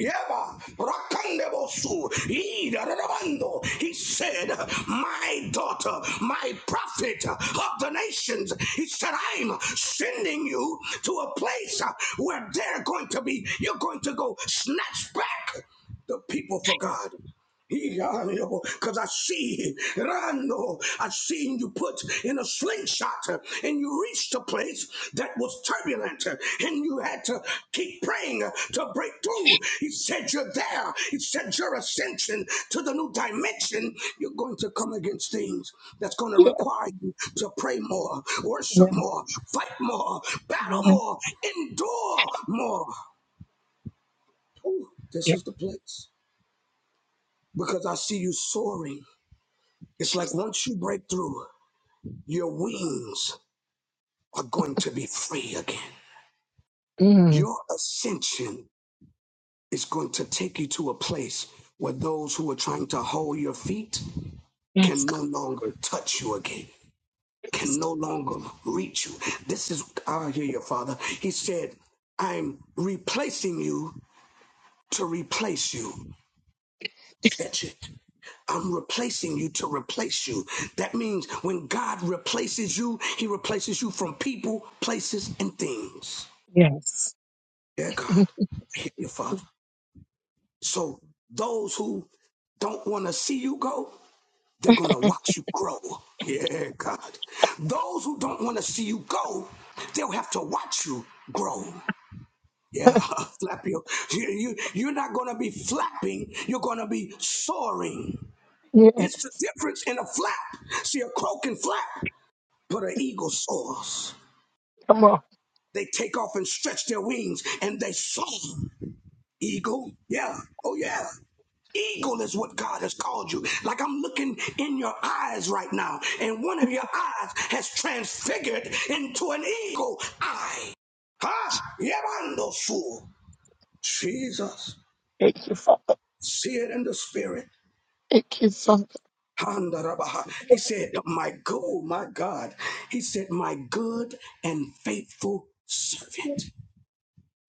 Yeba, rakandebosu, idarabando. He said, My daughter, my prophet of the nations, he said, I'm sending you to a place where they're going to be, you're going to go snatch back the people for God. Because I see, Rando, I seen you put in a slingshot uh, and you reached a place that was turbulent uh, and you had to keep praying uh, to break through. He said, You're there. He said, Your ascension to the new dimension, you're going to come against things that's going to require you to pray more, worship more, fight more, battle more, endure more. Ooh, this is the place because I see you soaring. It's like once you break through, your wings are going to be free again. Your ascension is going to take you to a place where those who are trying to hold your feet can no longer touch you again, can no longer reach you. This is, I hear your father. He said, I'm replacing you to replace you. Catch it. I'm replacing you to replace you. That means when God replaces you, He replaces you from people, places, and things. Yeah, God. I hear you, Father. So those who don't want to see you go, they're going to watch you grow. Yeah, God. Those who don't want to see you go, they'll have to watch you grow. Yeah, flap your. You, you, you're not going to be flapping, you're going to be soaring. It's the difference in a flap. See, a crow can flap, but an eagle soars. They take off and stretch their wings and they soar. Eagle? Yeah. Oh, yeah. Eagle is what God has called you. Like I'm looking in your eyes right now, and one of your eyes has transfigured into an eagle eye. Huh? Yevando fool. Jesus. See it in the spirit. Handarabaha. He said, My good, my God. He said, My good and faithful servant.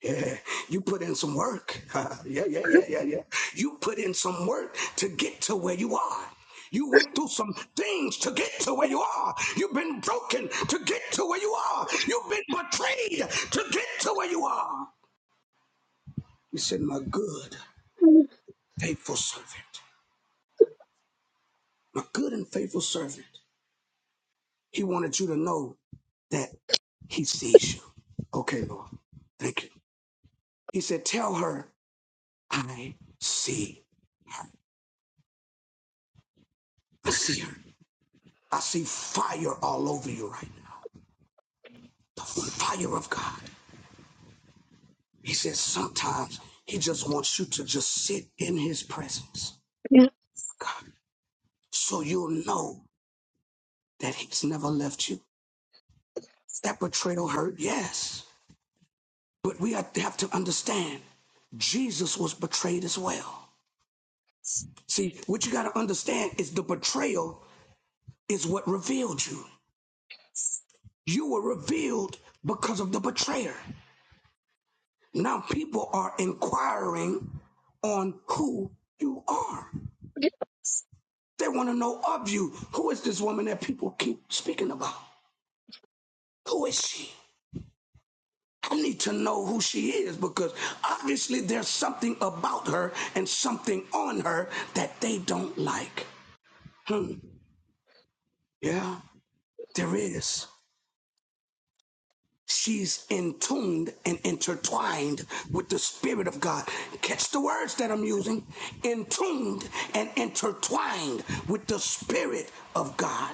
Yeah, you put in some work. yeah, yeah, yeah, yeah, yeah. You put in some work to get to where you are. You went through some things to get to where you are. You've been broken to get to where you are. You've been betrayed to get to where you are. He said, My good, faithful servant. My good and faithful servant. He wanted you to know that he sees you. Okay, Lord. Thank you. He said, Tell her I see. I see her. I see fire all over you right now. The fire of God. He says sometimes he just wants you to just sit in his presence, God, so you'll know that he's never left you. That betrayal hurt, yes. But we have have to understand Jesus was betrayed as well. See, what you got to understand is the betrayal is what revealed you. You were revealed because of the betrayer. Now people are inquiring on who you are. They want to know of you. Who is this woman that people keep speaking about? Who is she? I need to know who she is because obviously there's something about her and something on her that they don't like. Hmm. Yeah, there is. She's in and intertwined with the Spirit of God. Catch the words that I'm using. In and intertwined with the Spirit of God.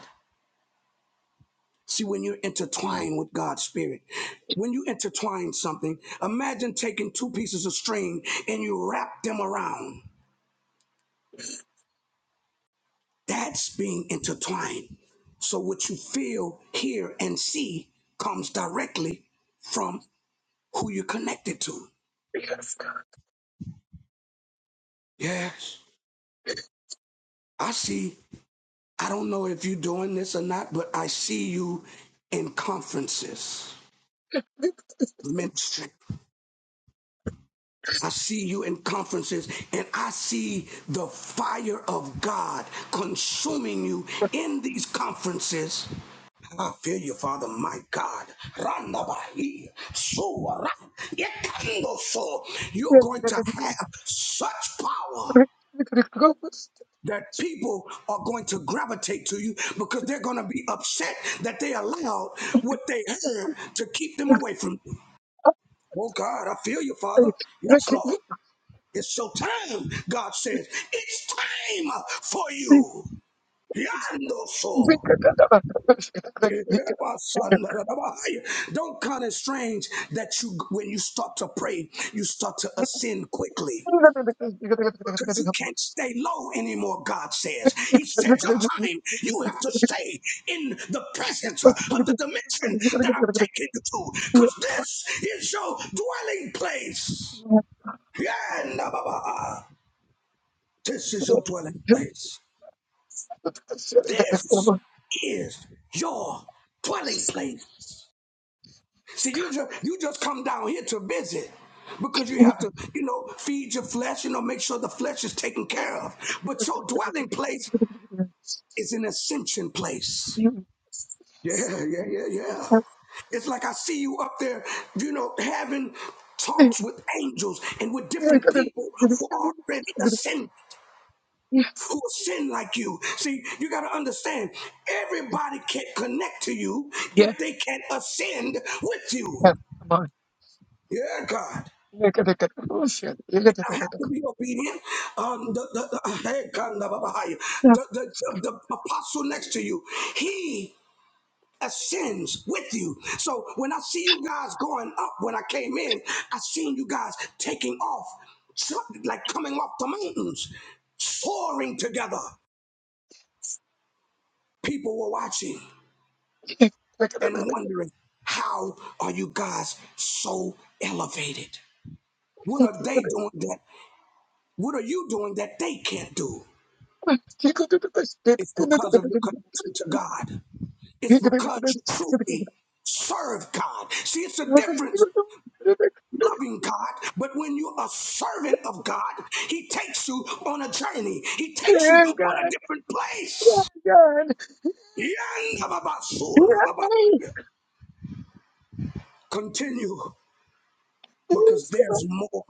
See, when you're intertwined with God's Spirit, when you intertwine something, imagine taking two pieces of string and you wrap them around. That's being intertwined. So what you feel, hear, and see comes directly from who you're connected to. Yes, I see. I don't know if you're doing this or not, but I see you in conferences, ministry. I see you in conferences, and I see the fire of God consuming you in these conferences. I feel you, Father, my God. Randabahi, suwara, yekandoso. You're going to have such power. that people are going to gravitate to you because they're going to be upset that they allowed what they heard to keep them away from you. Oh, God, I feel you, Father. Yes, Lord. It's so time, God says. It's time for you. Yando so. Don't count it strange that you, when you start to pray, you start to ascend quickly. Because you can't stay low anymore, God says. He said, Your time, you have to stay in the presence of the dimension that I'm taking you to. Because this is your dwelling place. Yeah, nah, bah, bah. This is your dwelling place. This is your dwelling place. See, you just you just come down here to visit because you have to, you know, feed your flesh, you know, make sure the flesh is taken care of. But your dwelling place is an ascension place. Yeah, yeah, yeah, yeah. It's like I see you up there, you know, having talks with angels and with different people who are already ascended, who ascend like you. See, you got to understand, everybody can't connect to you if they can't ascend with you. Yeah, God. I have to be obedient. Um, the, the, the, hey, God, the, the, the, the, the apostle next to you, he ascends with you. So when I see you guys going up, when I came in, I seen you guys taking off, so- like coming off the mountains, soaring together. People were watching and wondering, how are you guys so elevated? What are they doing that? What are you doing that they can't do? It's because of your connection to God. It's because you truly serve God. See, it's a difference loving God, but when you're a servant of God, He takes you on a journey, He takes you on a different place. Yandababasura, Continue because there's more.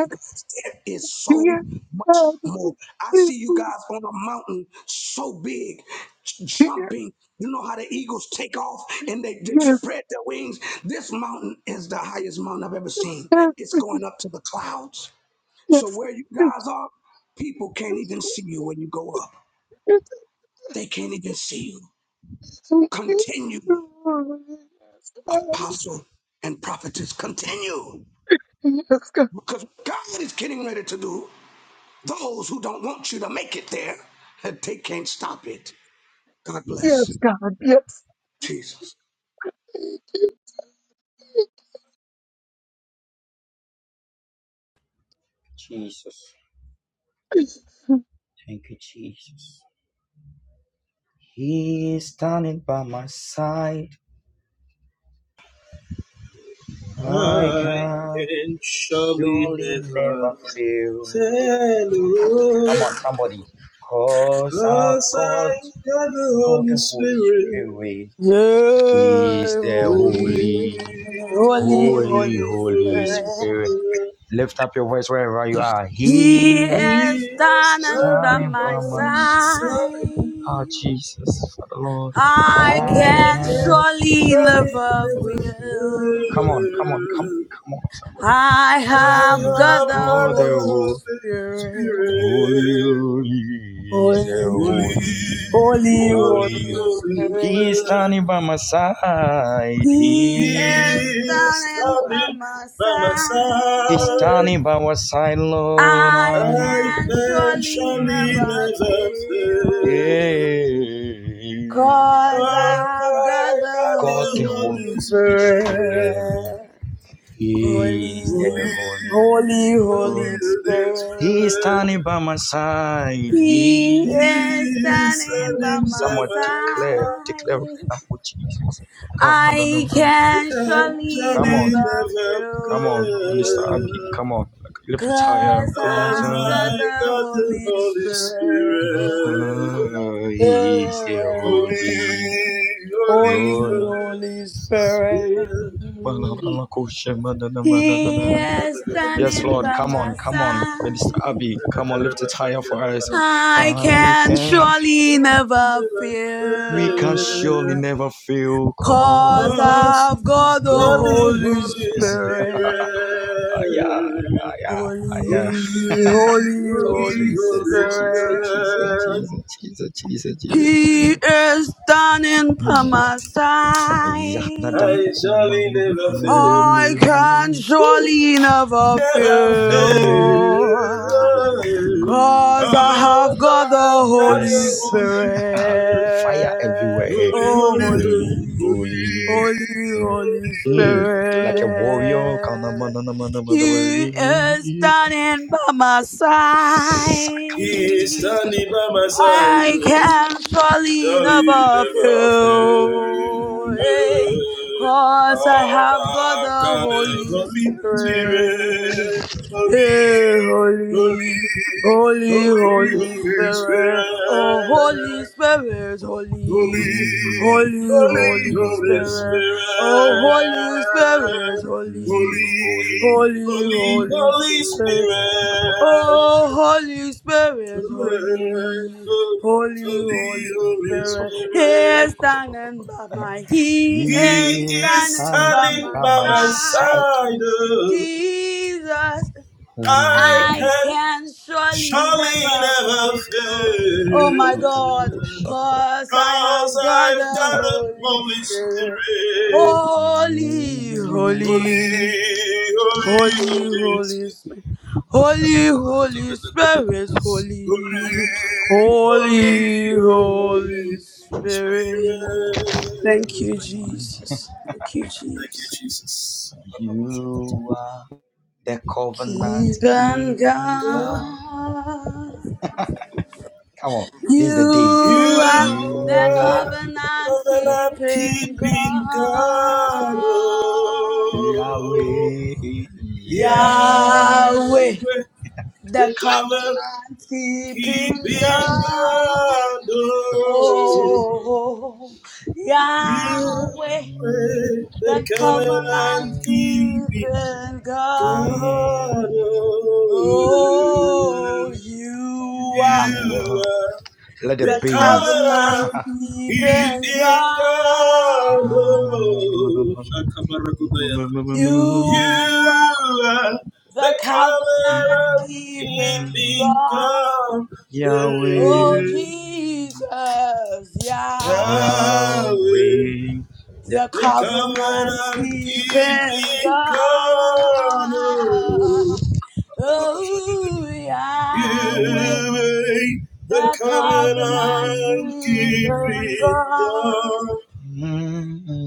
There is so much more. I see you guys on a mountain so big, jumping. You know how the eagles take off and they, they spread their wings? This mountain is the highest mountain I've ever seen. It's going up to the clouds. So where you guys are, people can't even see you when you go up. They can't even see you. Continue, apostle and prophetess, continue. Because God is getting ready to do, those who don't want you to make it there, they can't stop it. God bless. Jesus.
Jesus. Thank you, Jesus. He is standing by my side. I
I
can
can surely
surely
never
never fail.
fail,
Come
oh,
on, somebody. Cause I've
cause
got,
I got the
got
Holy
the Holy
Spirit.
Spirit.
Yay,
He's the
Holy,
holy,
Holy.
holy,
holy,
Holy,
holy
holy,
Holy
holy
friend.
Spirit.
Spirit.
Lift up your voice wherever you are.
He
He
is
He has
standing by
done
standing by
my
my
my
side.
sorry.
side.
Oh, Jesus, for the Lord,
I
I
I
can
can
can
surely
surely
never
feel
never
you.
fail.
Come on, come on, come,
fail.
come on, somebody.
I
I
have
Oh,
got
have
the
got
God, the
the
Holy
Holy
Spirit.
holy,
Spirit.
holy is the
Holy,
Holy,
holy,
holy,
holy,
holy.
holy
Holy
He is
spirit.
Spirit.
standing by my side.
He
He is
He
is
standing by
standing
my
by my
is
side.
standing
side.
by my side, Lord.
I
I
I
can
can
surely
surely
never
Mm,
never
fail.
fail.
Yeah,
Cause
As
I've
I
got the
got the
God the Holy
Holy
Holy
Spirit.
Spirit.
Spirit.
He is
Holy,
the
Holy,
Holy.
holy,
holy,
holy
Holy.
Holy
He is
spirit.
Spirit.
standing by my side.
He
He
He.
is
is
standing by
standing
my
by
Someone
my
declare,
side.
declare right
side.
now, oh Jesus. Come on,
I can surely
come on,
Angelina
never
never
come on,
feel.
Mr. Abby,
prayed,
come on. Lift it higher,
Cause
cause
as
I've got
um,
I
the
got the
Holy
Holy
Spirit.
Spirit.
he is the
Yeah,
Holy,
Holy,
Holy.
holy,
Holy,
Holy.
holy
Holy Spirit.
Spirit.
He is
Yes,
standing
Lord,
by
come
my
on, come on, Minister
side.
Abby, come on, lift it higher for us.
I
I
can
can,
surely never
we can surely
feel.
never feel called
Cause
Cause
I've
of
got the
God
God.
the
Holy
Holy
Ah,
Spirit.
yeah, ah,
Spirit.
yeah, ah,
Holy,
yeah.
Holy, holy,
Oh,
holy,
Holy
Jesus, Jesus,
holy
Spirit.
Jesus,
spirit.
Jesus, Jesus, Jesus, Jesus,
He
Jesus.
is standing by
Hmm.
my
Yeah, nadam
side.
I shall
pukumama.
never
I
fail.
can
Woo!
surely never
Never fail.
fail. Cause I
Oh
have got the
my God,
Yes.
Holy
the Holy Spirit.
Fire
Spirit.
everywhere.
Holy,
Oh,
Eh,
holy,
Holy,
holy, holy,
holy,
holy.
holy,
Mm.
holy,
Holy
Mm.
holy
Like a
spirit.
warrior. Kana
Spirit.
mana na mana mana
You are
mana.
standing by my
Saka.
He is
side.
standing by my side.
I
Oh.
can surely
Surely
never
never
fail.
fail.
Hey, cause I
Cause
have got
I've
the
got a
Holy
Holy
Spirit.
Spirit, Holy,
Hey,
Holy,
holy, holy,
Holy,
Holy
Holy
Spirit. Oh, Holy
Spirit,
Spirit,
Holy,
Holy,
holy, holy,
Holy,
holy,
Holy
holy,
Holy
Spirit.
holy.
Spirit,
Oh,
Spirit.
Holy Spirit,
Mm,
Holy,
holy,
Holy.
holy,
Holy,
Holy
Holy
Spirit.
Spirit,
Oh, Holy Spirit,
Holy,
holy, holy,
Holy,
holy
Holy
Spirit, He
Spirit.
is standing by my, He
He
is
He is
is
standing
stand
by
standing
my
by
by
my
my
side.
side.
side. oh,
Jesus,
I
I
can
can surely
surely
never
never
fail.
fail.
Oh my God, cause I
Cause
have got
I've
the
got a
Holy
Holy
Spirit.
Spirit.
Holy,
Holy,
holy.
holy,
Holy,
holy
Holy
Spirit.
Spirit,
Holy,
Holy,
holy,
Holy Spirit, Holy, Holy,
holy
Holy Spirit.
Spirit.
Thank you, Jesus. Thank you,
Thank you,
Jesus.
Jesus.
You are the covenant
Keep and
keeping
God.
God.
God.
Come on, this is the day.
You
You
are the
You
are
are
covenant
the
covenant
keeping
keeping
God.
God. Oh,
Yahweh.
Yahweh.
Yahweh.
Yahweh,
The
the covenant
covenant keeping
keeping
God.
God.
Oh,
Oh,
Jesus.
Oh,
you
Yahweh,
are the
the covenant
covenant keeping
keeping God.
You
God. Oh,
Oh, you are
you
are.
are.
Let the
The
the
bass.
covenant
color it is
keeping
in God.
God. You
You
are
are the
the covenant
color
keeping
it is
God.
God.
Yahweh,
Oh, Jesus, Yahweh,
Yahweh,
Yahweh, the
the
the
covenant.
covenant
covenant
keeping
keeping
God.
God. Oh, you
Oh, Yahweh,
are the
the covenant
covenant
keeping
keeping
God.
God.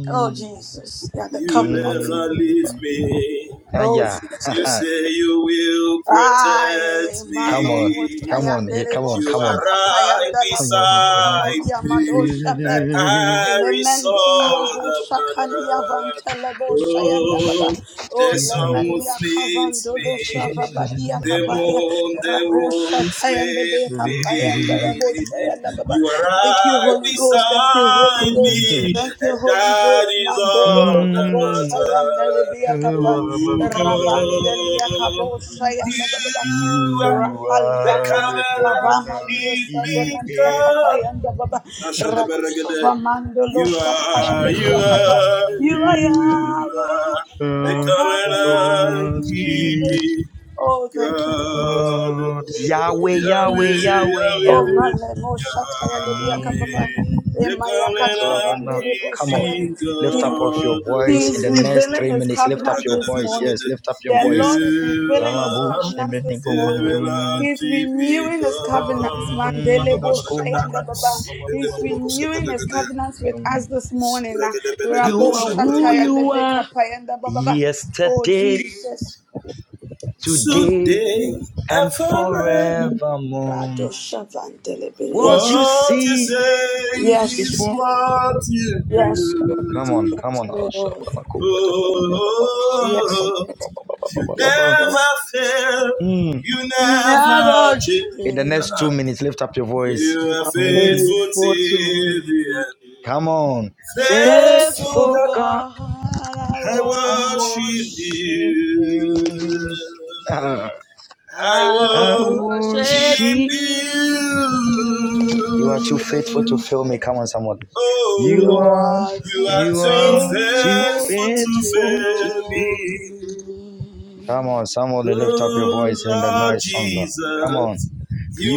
Oh, Jesus, yeah, the
You
covenant
never
keeping.
leave me.
Ah,
Oh,
yeah.
You
Jesus.
say you will
Ay,
protect
come
malo
on, come
me.
on, eh,
boşayandele
come on,
You
come
boşa
are
on.
right
Oh,
kapayandala
yeah, no,
boşaya
no,
beside
balia
me,
no,
madoşa
and
be.
I
Lemendeliyo
resolve the
boşa
that
kaniya vantele boşayanda baba.
Oh, the
O
no.
sun will
lemeliya
fleets me.
kavandolo şava balia
The
kabaya.
moon, the
Ravoşa
wounds
tayanda
made
be
me.
kapayanda la
Jesus.
boşayanda baba.
You are
Thank you
right
Holy Ghost, thank you Holy
beside
Ghost.
me,
Thank you,
and
Holy
that
Ghost.
is
Mandele de
all that
Kobo
Mm.
Shayandele
matters.
Biakapa.
Oh,
Ravandelia Kabo Shayandababa.
you are
You
the
Rapalia
are the
covenant
Kastavama Lio
covenant
keeping
Savemania
keeping.
God.
Kapayandababa.
Ashadabaragada.
Rakstava Mandolo
You are, you
Shatayandabiakapa.
are,
You are
you
Yahweh,
are
the
Uh, the
the
covenant
covenant
covenant keep.
keeper.
keeper.
Oh,
God,
thank you.
oh,
Uh, Yahweh, Yahweh,
Yahweh,
Jesus.
Yahweh,
Oh,
Yahweh.
Yahweh,
Male Moshataya Libiaka
Yahweh,
Papa,
Mm.
the
Emaya
The
Kashkavan,
covenant
covenant.
Baby
Come on.
Shaya,
keeping
Lift up
He
of your
God.
he
voice in
is
the next
oh.
revealing
three
his
minutes. Lift up
covenant
your
this
voice.
morning.
Yes,
Ragadabelagade.
lift up your
The
voice.
Lord is
You
revealing his
are
covenants this morning.
covenant
He's
keeping
renewing his covenants,
God.
Mhm.
Mandele Shaya, and
Rababashagada.
Baba. He's renewing his
Bedeborokosabalagada.
covenants with us this morning. ah.
Ragadabelagado
You
Rabo
are who
Shataya and
shabragada.
the
you are
Bekapaya and Baba. Oh,
yesterday,
Jesus.
today,
Today and
and
forever.
forevermore.
Rado Shavan Delebe.
What
Yes.
you
What you
see
say
is
Yes,
is
what?
what you
yes, Lord.
Come on,
do.
yes,
come on.
Lord. Yes,
Oh,
Lord.
you
Yes, Lord.
never fail,
Mm.
you never
Never
change.
In the next
change.
two minutes, lift up your
You
voice.
You
are
are
Mm-mm.
faithful
faithful
till
to
the
me.
end.
Come on.
Faithful
Faithful
Faithful
God,
God,
God, I
I
I
worship
worship
you.
worship
you.
you. Ah,
I
I
I
worship
worship
worship
you.
You are too faithful to
you.
fail me. Come on, somebody. You
You
Oh,
are
are,
you
Too
are
you
too
are too
faithful
faithful
to
to
faithful to
fail
fail.
fail
me.
Come on, somebody lift up your
Oh,
voice in the
Lord
nice song. Come on.
Jesus,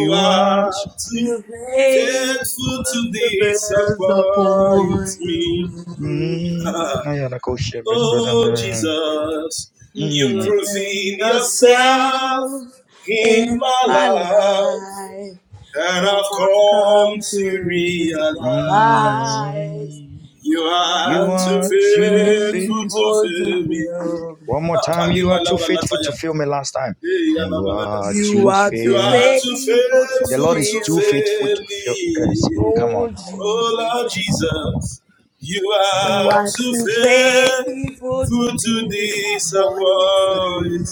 me.
are.
are
T-
too
The veil
faithful
of
to
the bears
disappoint
upon
me.
me.
mm,
Ah,
I had a question, but- but, um,
oh, Jesus,
You
you
mm,
proving
proclaim
yourself
yourself
in
in
my
my
life,
life,
and I've
and I've come
come to
to
realize.
realize
mm.
You
you
you
are
are
too
are
too
too
faithful
faithful.
to
faithful to
fail me.
fail
One more
me.
time. You are too faithful to fail me last time.
Hey,
You are
You
too
are
You
too
faithful.
are too
faithful to
The Lord
faithful
is
to
too
fail,
faithful
fail
to fail
me.
us. Come on.
oh
Oh Lord Jesus, you are
What
too
you faithful to
faithful to
disappoint.
disappoint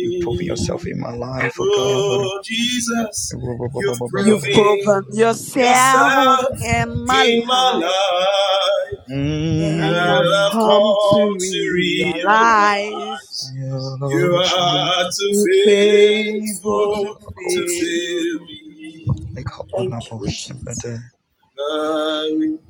you prove yourself in my life, oh God.
Oh Jesus, you've
You've
proven
proven yourself
yourself
in my
in my
life,
life. And
and I've
Mm.
I've
come to
come to
realize
realize you
you're
are
Yellow-shimmer-kabakakosh.
too
too faithful to
faithful to
fail.
fail me.
Thank you,
Ikabanabo-shimmer-de.
Jesus.
I will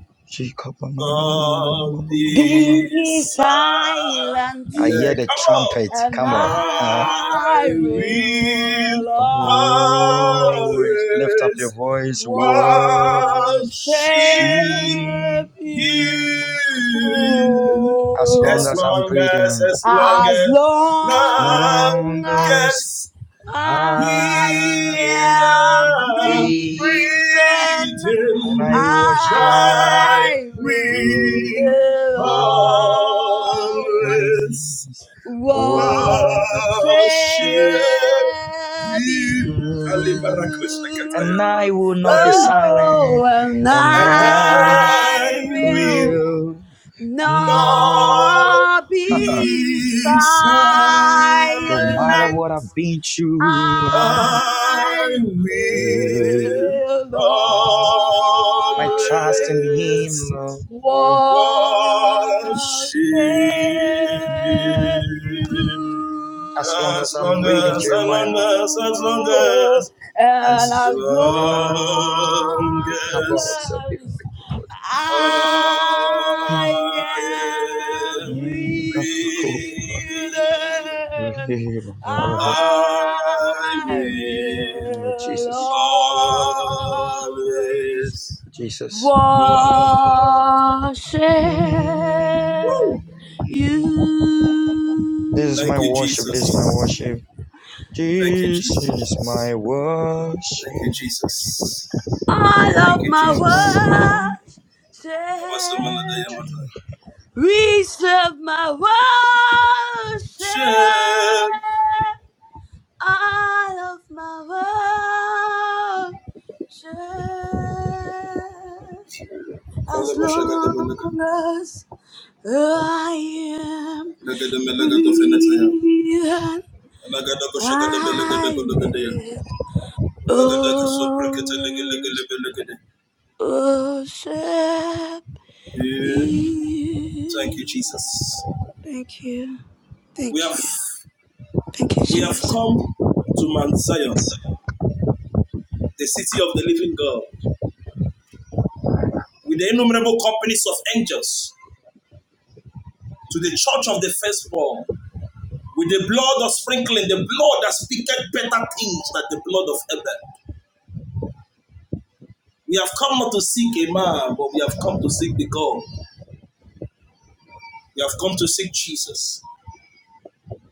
not
Shikabanamamamamamamamamamam.
be
Be silent,
I hear
silent.
the
Come on.
trumpet.
and
Come on. Huh?
I
I will
will
Oh,
always
lift up
always
your voice. Worship
worship
worship
you.
you
you
As
as
long as I'm
long as
breathing.
as long
as
as
As
long
long
long as
as
as
I
I
we
am
am
are
free
breathing.
and I
breathing
worship
thy
my
I
full
will
will always
always
praise, worship
what
worship
have
you
Him.
Kalibarakosakataya.
and
you?
I will not be
Hey,
silent,
Oh, and
and
and
I
I
I
will
will
will not,
Lord,
not be
be
no matter
silent.
silent.
what I've been through.
I
I
I
will
will
My trust in
always
Him,
always
worship
Lord.
worship you.
you.
Mm, As long as
As
I'm
long
reading
as, as
Jeremiah,
long as, as long as, as
And
as
as long
long
long
we
as
humble ourselves
as
before you, Lord.
I
I am
am
Mm, thank
breathing,
breathing.
you, Lord.
I
I
will
Oh,
will
Jesus,
always
always
Jesus.
walk.
worship
Woo!
you.
Mm. This is
Thank
my
you,
worship,
Jesus.
this is my worship.
Thank you,
This is
Jesus.
my
Thank you,
worship.
Jesus.
All
Thank
of
you,
my
Not my
Jesus.
worship.
worship,
Abasa malada yamata.
receive my worship.
Shem.
All of my worship,
Kale
as
basha gada belaga.
long as I am
Nagada to feneta ya.
breathing.
Nagada ko shagada belaga de ko lagada ya.
I will
Ragada ka sopra kete lege lege
always
lebe de.
worship
Yeah. Thank you,
you.
Jesus.
Thank you.
We
Thank you.
have
Thank you,
We have
Jesus.
come to Mount Zion, the city of the living God, with the innumerable companies of angels, to the church of the firstborn, with the blood of sprinkling, the blood that speaketh better things than the blood of Abel. We have come not to seek a man, but we have come to seek the God. We have come to seek Jesus,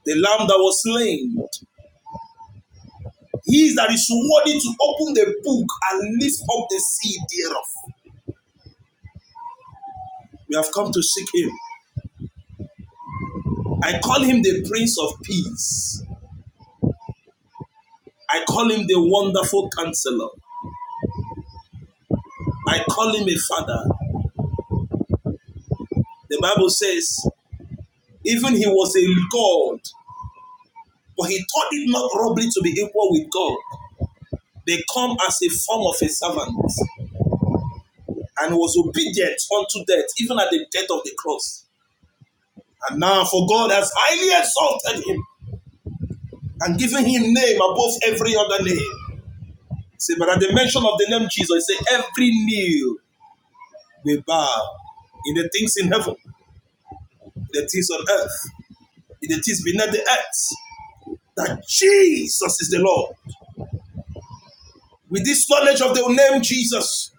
the Lamb that was slain. He is that is worthy to open the book and lift up the seal thereof. We have come to seek him. I call him the Prince of Peace. I call him the wonderful counselor. I call him a father. The Bible says, even he was a God, but he thought it not robbery to be equal with God. They come as a form of a servant and was obedient unto death, even at the death of the cross. And now, for God has highly exalted him and given him name above every other name. See, but at the mention of the name Jesus, say every knee will bow in the things in heaven, in the things on earth, in the things beneath the earth. that Jesus is the Lord. With this knowledge of the name Jesus,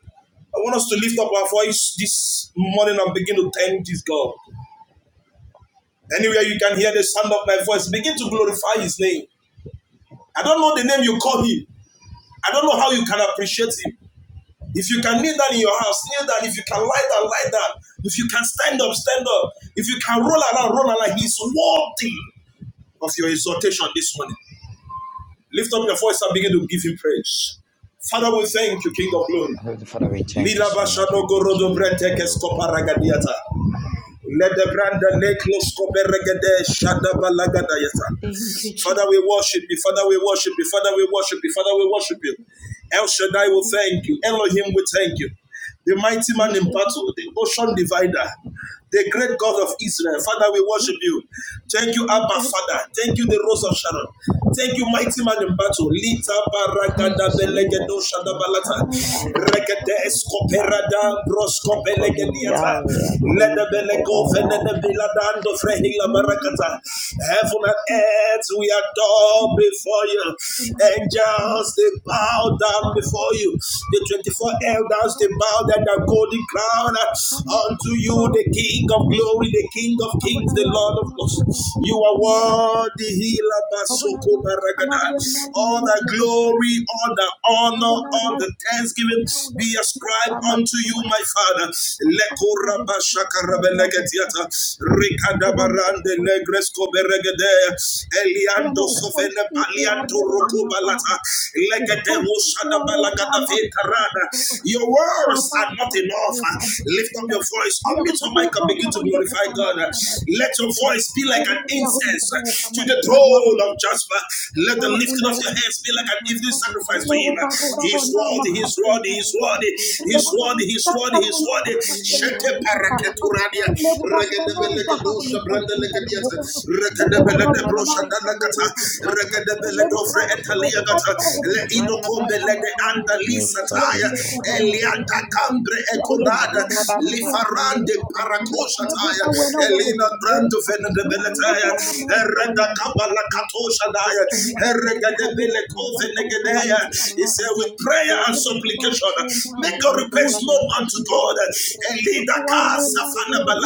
I want us to lift up our voice this morning and begin to thank this God. Anywhere you can hear the sound of my voice, begin to glorify his name. I don't know the name you call him. I don't know how you can appreciate him. If you can kneel down in your house, kneel down. If you can lie down, lie down. If you can stand up, stand up. If you can roll around, roll around. He's worthy of your exhortation this morning. Lift up your voice and begin to give him praise. Father, we thank you, King of glory.
Heavenly Father, we thank you
Lila
so much.
bashado
We bless
gorodo
your name for
bretekes
your
koparagadiata.
Thank you,
Father, we worship you. Father, we worship you. Father, we worship you. Father, we worship you. El Shaddai will thank you. Elohim will thank you. The mighty man in battle, the ocean divider, the great God of Israel. Father, we worship you. Thank you, Abba Father. Thank you, the Rose of Sharon. Thank you, mighty man in battle. Lita
Oh,
baragada belegedo
Jesus,
shadabalata.
Shatalakaya,
Regede
Rabbutikaya.
escoperada Rosko
I call you
Belegediata,
Yahweh, I call you
Ledebeleko
Jehovah Rapha.
Venediladando Frehila Barakata. Heaven and earth, we adore before you. Angels, they bow down before you. The 24 elders, they bow down their golden crown unto you, the King of glory, the King of kings, the Lord of lords. You are worthy, Hila Basoko Baragada. All the glory, all the honor, all the the thanksgiving be ascribed unto you, my Father. Eliando sovene palianto rokobalata, Legede oshadabalagada vetarada. Your words are not enough. Lift up your voice. Unmute your mic and begin to glorify God. Let your voice be like an incense to the throne of Jasper. Let the lifting of your head hands be like an evening sacrifice to him. He's worthy, he's worthy, he's worthy, he's worthy, he's worthy, he's worthy. Shete paraketuradia,
Krishna,
regedebelegedosha
Krishna,
brandelegediata, regedebeledebrocha
Rabababakandere
dalakata,
brakatastekereba.
etaliagata, leidokombelede
Rababababakandere
Lift up
andalisataya,
your
elianda
brakatastekerebaya.
cambre ecolada, lifarande
Ribabababakandere
paracoshataya,
brakatastekerebe.
elina brando
Ribabababakandere
venebeletea,
brakatastekereba. Rekindere
he said, with prayer and
brakatastekereba.
supplication, make your request known unto
Ribabababakandere
God. And lead the casa
brakatastekerebe.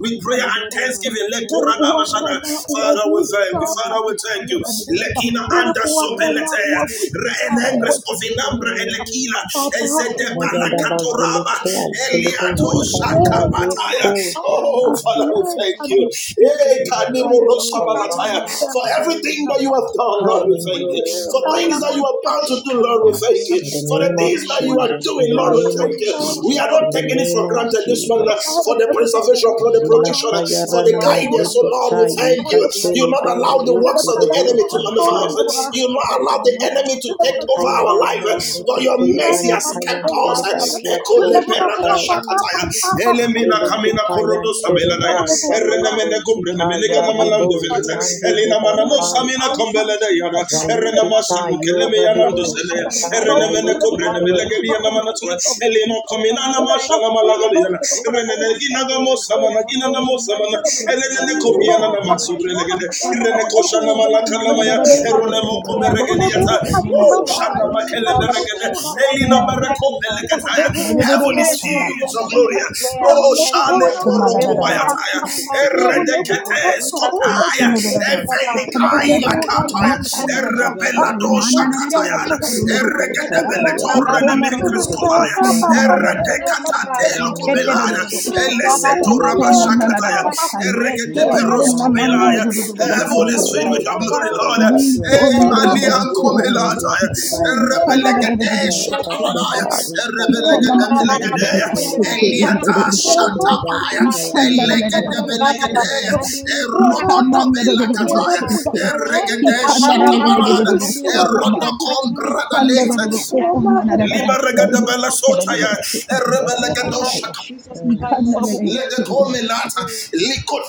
With prayer and thanksgiving, let go
Rababababakandere
ragabashana. Father, we thank you.
brakatastekerebe.
Father, we thank you.
We thank you,
Lekina
Holy
anda
Spirit. We thank
sopeletea.
you, O God.
Reenengres
In the
kovinambra
mighty name
elekila.
of Jesus,
Ezede
in the blood of Jesus
balakatoraba.
Kayadabazilike
Christ.
Eliato
Thank
antilibozikata
you, God.
shakabataya.
In
Oh,
Jesus'
yekoshata.
Father, we thank
mighty
thank
name.
you.
We
Eh,
You are a
glorify your
kanimoro
name
miracle
this
sabalataya.
morning,
worker.
For
Father
everything
Lord.
that you have done,
You
Lord,
Come
shall
we
and
never
thank you.
do
fail me,
For
O
miracles.
things that
God.
you are about to
You
do,
shall
Lord, we
never
thank
fail
yes.
you.
In
me,
the
For the
name
Father
of
things
Lord.
that you are
Jesus, in
As
doing,
the
the
Lord, we
name
thank
of
you.
Jesus,
We are
Father
Jesus,
not
in the
taking
Lord,
it
name
for
of
granted this morning uh,
Jesus.
for the
kept your
preservation, for the
promise
Zila
protection, uh,
in
for
the
the
Zilakayarana
mighty
guidance.
name
So,
of
Lord, we
mazeketa
Jesus,
thank
in
you.
the blood
You
of
will not
yikateliba
Jesus
allow the
Christ.
works of the enemy to
Father, I
yukurodosantia.
pray
manifest.
that
You will
you
not allow the
remember me.
enemy to take
Have
over our
mercy,
life.
Kayarabo
uh,
Father
But your
Lord.
Zeketiliban
mercy has
Do not
Kayan
kept us.
allow,
uh,
Tiliban
Father Lord
Ziako
Jesus, my
Shatai
enemy to
Ekoleperadashakataya.
take me
Elemina
down.
Zeliki
Kamina
Yes,
Payan
Korodo
Father Lord
Tiriba
Sabelagaya,
Jesus, you are my
Zaloko
Erenemene
God.
Gumbrene
Zika
I
Menegana
believe in
Yaribo
you,
Malando
Father
Veleta,
Ziande
Lord.
de
Elina Manamo
And
Bakai
Samina
without you, Lord
Combelede Yana,
Jesus, I am
Erenema
Zalikita
nothing.
Sanukeleme
In the
Yanando
Yoradibo
mighty
Selea,
name of
Satai
Jesus,
Erenemene
in the
Gumbrene
blood of
Yalikituya
Melegadi
Jesus Christ,
Yanamanatua, Elino
take over
Comina
my life,
Namashana
O God.
Malagaliana,
Take over,
Shandagadasakikirororoshama.
Holy
Renegina Gamosa
Spirit
Managina
in the
Namosa Mana,
mighty name of
Elene
Take
Jesus, in
Ikomorororosekikirororoshama.
Comiana
over
the blood of
God
Namatsubre
Jesus
Legade, Irene
Christ.
Koshana Malaka
Strengthen
Lamaya,
me,
Nikaya
Father
de
Eronemo
Lord, where I'm
Coberegadia,
lacking.
Eliata.
Bazikitiliban
Woo!
Strengthen
Shanda
Yakayarabo
Ikanadadadasokomanadadadakekirororoshekemanadadadasai.
me,
Makele
Father Lord
Beregede.
Jesus,
Elina
where I'm
Bereko
lacking.
Belekataya.
Let there be
Heaven is
strength, Father
filled with
Lord
your glory.
Jesus,
Rekenadadadadasekikirororoshandadadadadake.
where
Oh,
I'm lacking.
Shane
In
Poroko
Sakaya
the
de
mighty
Bayataya.
name
Okomadadadadadasai.
of
Bazikitiliban
Jesus,
Eredekete
Ye
Ribakata
Skopaya.
canada
Stake
Satai
So come
Rabaya,
Evenikai
Yekenerererere, shokomalarerere,
Lakataya.
Thank
Ribakade
sayikenererere,
Erebelado
Ribakata
shorimanererere,
Shakataya.
Stake Rabaya,
ekererere,
Eregede
shaya,
Beletore
yikomorororo,
Nemengris
Ribababakande
Kovaya.
Ribakata
sokomamamanarerere,
Stake
Eredekatate
Rabaya.
Lokobelaya.
sayikeketererere,
In
she,
the
Eleseto
yikomanarerere,
Ereketeperoskopelaya.
sayekeyomamanarerere,
Heaven is filled with your
sokogaya,
glory, Lord.
you.
yikonorororo,
Yakora
sobe,
bozia
Emaniankomelataya.
kataya rabozia
yikandarererere,
kataya chate
shandai,
Erebeleketeshatamanaya.
bari kante
Erebeleketebelegedea.
yikomamanarerere,
mazele bide
sokomandarerere,
zikute bide
sayi,
riba
Eliatashatabaya.
zikaya na
yikandarerere,
mazia
Eleketebelegedea.
shobanda. He commanded the
Erokodobelakataya.
shake. He commanded
Eregedeshatabarada.
the sohoma. He commanded
Erodokombradaleta.
the
Liba
onanada
mighty
say.
regada
He
name
bela
of
sota
commanded
ya,
the
Jesus. In the
onanada
blood of
say.
shaka.
Jesus
He
Christ,
commanded
we
the
Let
thank
the
you,
key.
Holy
comelata
Spirit.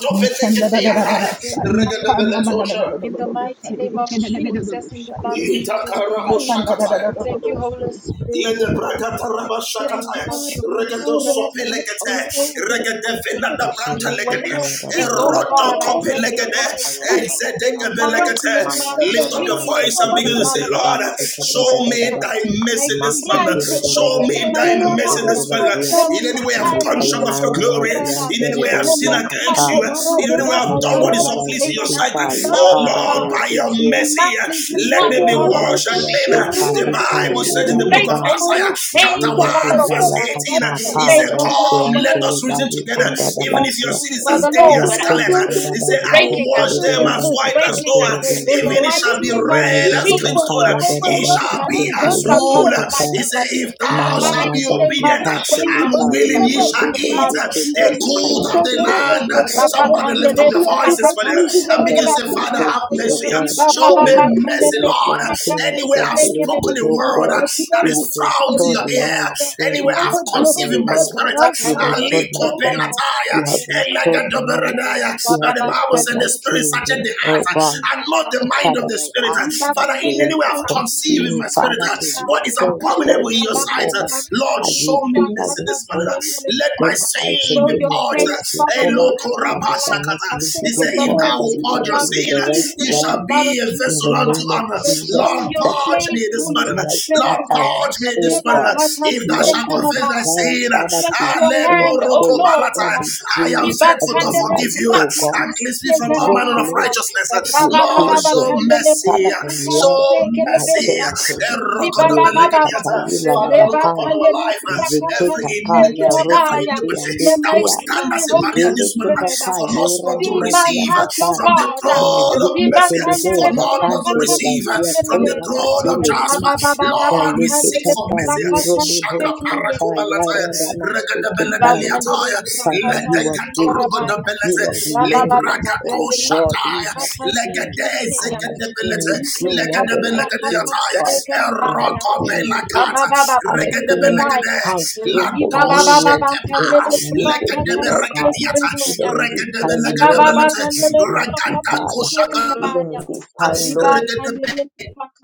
We
He
thank
fete
you,
commanded
Father
ketia
Lord. We
haya
the say. He
glorify
regada
your name.
commanded
beletosha
In the
the
mighty
say. He
name of
commanded the
Jesus, in the
say.
blood of Jesus
He
itakara
Christ,
can
we
mushakataya
thank
the
you,
say.
Holy Spirit,
Lede
Father Lord.
brakata raba
I
shakataya.
invite you, Holy
Regedo
Spirit, to
sope
take
legete.
over in my life.
Regede velada branta
zile
May when you
legede.
fitaya da
speak, oh
da
God,
Erodo
sick, you
I
kope
tired,
hear
da ba zikute
your
riba
legede.
voice.
zikaya da
um,
da
In
da
Ezedege
the mighty
belegete.
na
name
na
of
na na na
Lift up
na
your
basi
Jesus,
voice and
in the
begin to say,
blood of
Lord,
Jesus
kata da
show
da
Christ.
da
me
um,
ba.
thy
My
mercy this
Maku
man.
cry,
tere de
Father,
de
Lord,
Show
de
hear
me
my
boshi
thy
sen
cry.
mercy
tere de
um,
this man.
bazia.
Hear
In
my
any way I've
cry,
gone
Lika
Holy
ya
short
na
of your
na na
glory.
Spirit.
mazian
um,
In any
tere
way I've
Hear
sinned
my
bozia
cry,
against you.
katai.
Father,
In any way
Lord.
I've
um,
Jila
done
da
what
As
is
da
I
ba
unpleasing
say,
in your
enough
sight.
is enough,
Oh
oh
Lord,
God.
by
um,
your mercy,
Enough is
let
enough,
me be
Father, Lord
washed and clean.
Jesus.
The Bible
um,
Bible said in
ba
the book
Break
of
all the
Isaiah, chapter 1,
chains,
Zili
Father,
kita
verse
Lord.
ya
um,
18, uh,
kata
he
pa
Break
said,
all the
raike
Come,
ya
let
kita lika Mayananamaziketerererevasukatadadadaba. Makutererererevosiketererevazia. Likayananamaziantereboziakatai. Jiladadabaziketa likarabozikia. Likayananamasiaketa
us
likayiradiba. da
chains.
reason together.
Any
Even if your
rekeantelebazikandadabazia.
stronghold
sin is
for
as
the
deadly
Lord,
as scarlet,
Yakoya
uh,
it is
he
Dadaba
said, I will
breaking
Zakati
wash
up.
them
It
as
is
Lideba
white as
breaking
snow.
up.
uh,
Zikantoro
In the
Bozia
Even it shall
mighty
be
name of
Zili
red as
Dideba
Jesus,
crimson. uh,
Kaya
it
It
is
Dadaba
shall
becoming
be
Zikuta
as
loose
Liki
wool.
upon my
uh, He
Kata
said,
life.
If
In
thou
the
shalt
Mayanda
be
mighty name of
obedient uh,
Bazikati
and
Jesus,
Lipa
willing, ye
Yero
in
shall
the
Dobo
eat
blood of
uh,
Zikita
the
Jesus
good of the
Likayante
Christ,
land.
Levazia
uh."
kata.
Somebody lift up
Rabakandere
your voices for
Brakata
them and
Father,
begin to
I
say,
tell you,
Father,
Sekerabaya,
thank
have
you, oh
mercy. uh,
God,
Show
for
me
you
Ribababa
have
mercy,
saved
Kandere
me
Lord.
from
uh,
Brakata
things,
Anywhere
from
I've spoken
places,
a
oh
Stekerabaya.
word uh,
God.
that
You
is
have
frown to
restored
your ear,
lives, God.
anywhere
You've
I've
restored my
conceived in my
mom.
spirit,
You've
uh,
Rabakandere
Ali
restored my
Kope
dad.
Prakatas
Nataya,
You have
Elega
restored
Rabaya.
Mike.
Doberadaya.
You
Now
have
the Bible
restored
said
my
the
Ribabakandere
spirit searches
children,
the
Prakatas
heart
oh
uh,
God.
and not the
Rabaya.
mind of
Father,
the
I
spirit. uh.
ask that
Father,
you
in
Ribakandere
any
will
way I've
Prakatas
conceived in
continue,
my spirit,
Father,
uh,
to
what is
Rabaya.
restore
abominable
souls,
in your sight, uh,
Jehovah,
Lord,
as
Rababakandere
show
you
me
keep us,
mercy
oh
Prakatas
this morning.
God,
uh.
with
Let my
going
Rabaya.
out
sin
Show
and
be
your
winning
purged.
face,
uh.
souls,
Father
Hey,
Jehovah,
Lord,
Loko
upon
that
the
we shall
light
not
Rabashakata.
miss it,
He
oh
said,
in the
if
God,
thou
that
will
mighty
you
purge
shall
name
your
of
give me
sin,
the
uh,
right
Jesus,
you
in the
shall
words.
blood of
be a
In
Jesus
vessel
the
unto
name
Christ.
of
honor.
Jesus,
Show
Lord,
your
that you
purge
shall
face,
me
give
this
me
Holy
morning.
the
Spirit.
right
Lord, purge
utterance,
me this
oh
morning.
God.
Rebakata
If thou
Lord,
shalt
I
confess thy
Sekanabaya.
desire,
sin,
Father,
Stretch
to
your
win
hand, O
souls
Lord.
every
I am
day of
faithful to
my
Ribakandere
forgive
life,
you
oh
Brakata
God.
and cleanse me from all
Draw
manner of
Sekanabaya.
close
righteousness.
your
Lord, show
children.
Rabababakandere
Father,
mercy.
Brakata
Show
enlarge my
mercy.
Sekanabaya.
territory.
Ribabababa.
Yerikatayila na
Father, look
Reba
upon
Bahai.
our
kandere
life.
prakata
Every
Zeketa pa ya
iniquity, every
sekerabaya.
rokantia
iniquity
Hear
that
my
will
lekia.
stand
cry,
as a
Holy
barrier this morning
Zeleketa
Spirit.
pa
for us
yora
not to
di
See my
bazia
receive
heart, O
katai.
from the
God.
throne of
Mazike
Reba
mercy, for
kandere
teleboza
not help us to
kante
prakata
receive uh,
rebazia
from the
koza
sekerabaya.
throne of
katele ki.
Jasper.
Rabababababa
Lord, we seek
kandere
Jaleketa
for
pa
mercy.
yiro
prakata
de
Shaka
boz kanta
sekerabaya.
parakubalataya,
yara da maseketai.
Ribakandere
regadabelendeliataya,
Father,
brakata
you are faithful.
stikarabaya.
ledekatorogodabelete,
You are
Rabababa
glorious, oh
bakandere
God. We
librakatoshataya,
have
brakata
seen. I
stikiribaya.
have seen
legadezekadebelete,
you do
Rikendera
marvelous things,
brakata
legadabelegadeataya,
God. I have
stikarabaya.
seen you do.
erokobelakata,
Rabababa
I have seen
bakandere
you
baya.
regadebelegade,
come through for
Ribababa
me when, when
ladoshetepara,
bakandere
I needed you,
brakata
oh God.
legadeberegadiata,
stikiribaya.
Even in this time,
Ribababa
Lord,
regadabelegadabelete,
I
bakandere
need you,
brakata
Father.
regadagoshaga-
Even
stikarabaya.
in this time, Lord,
Ribakandere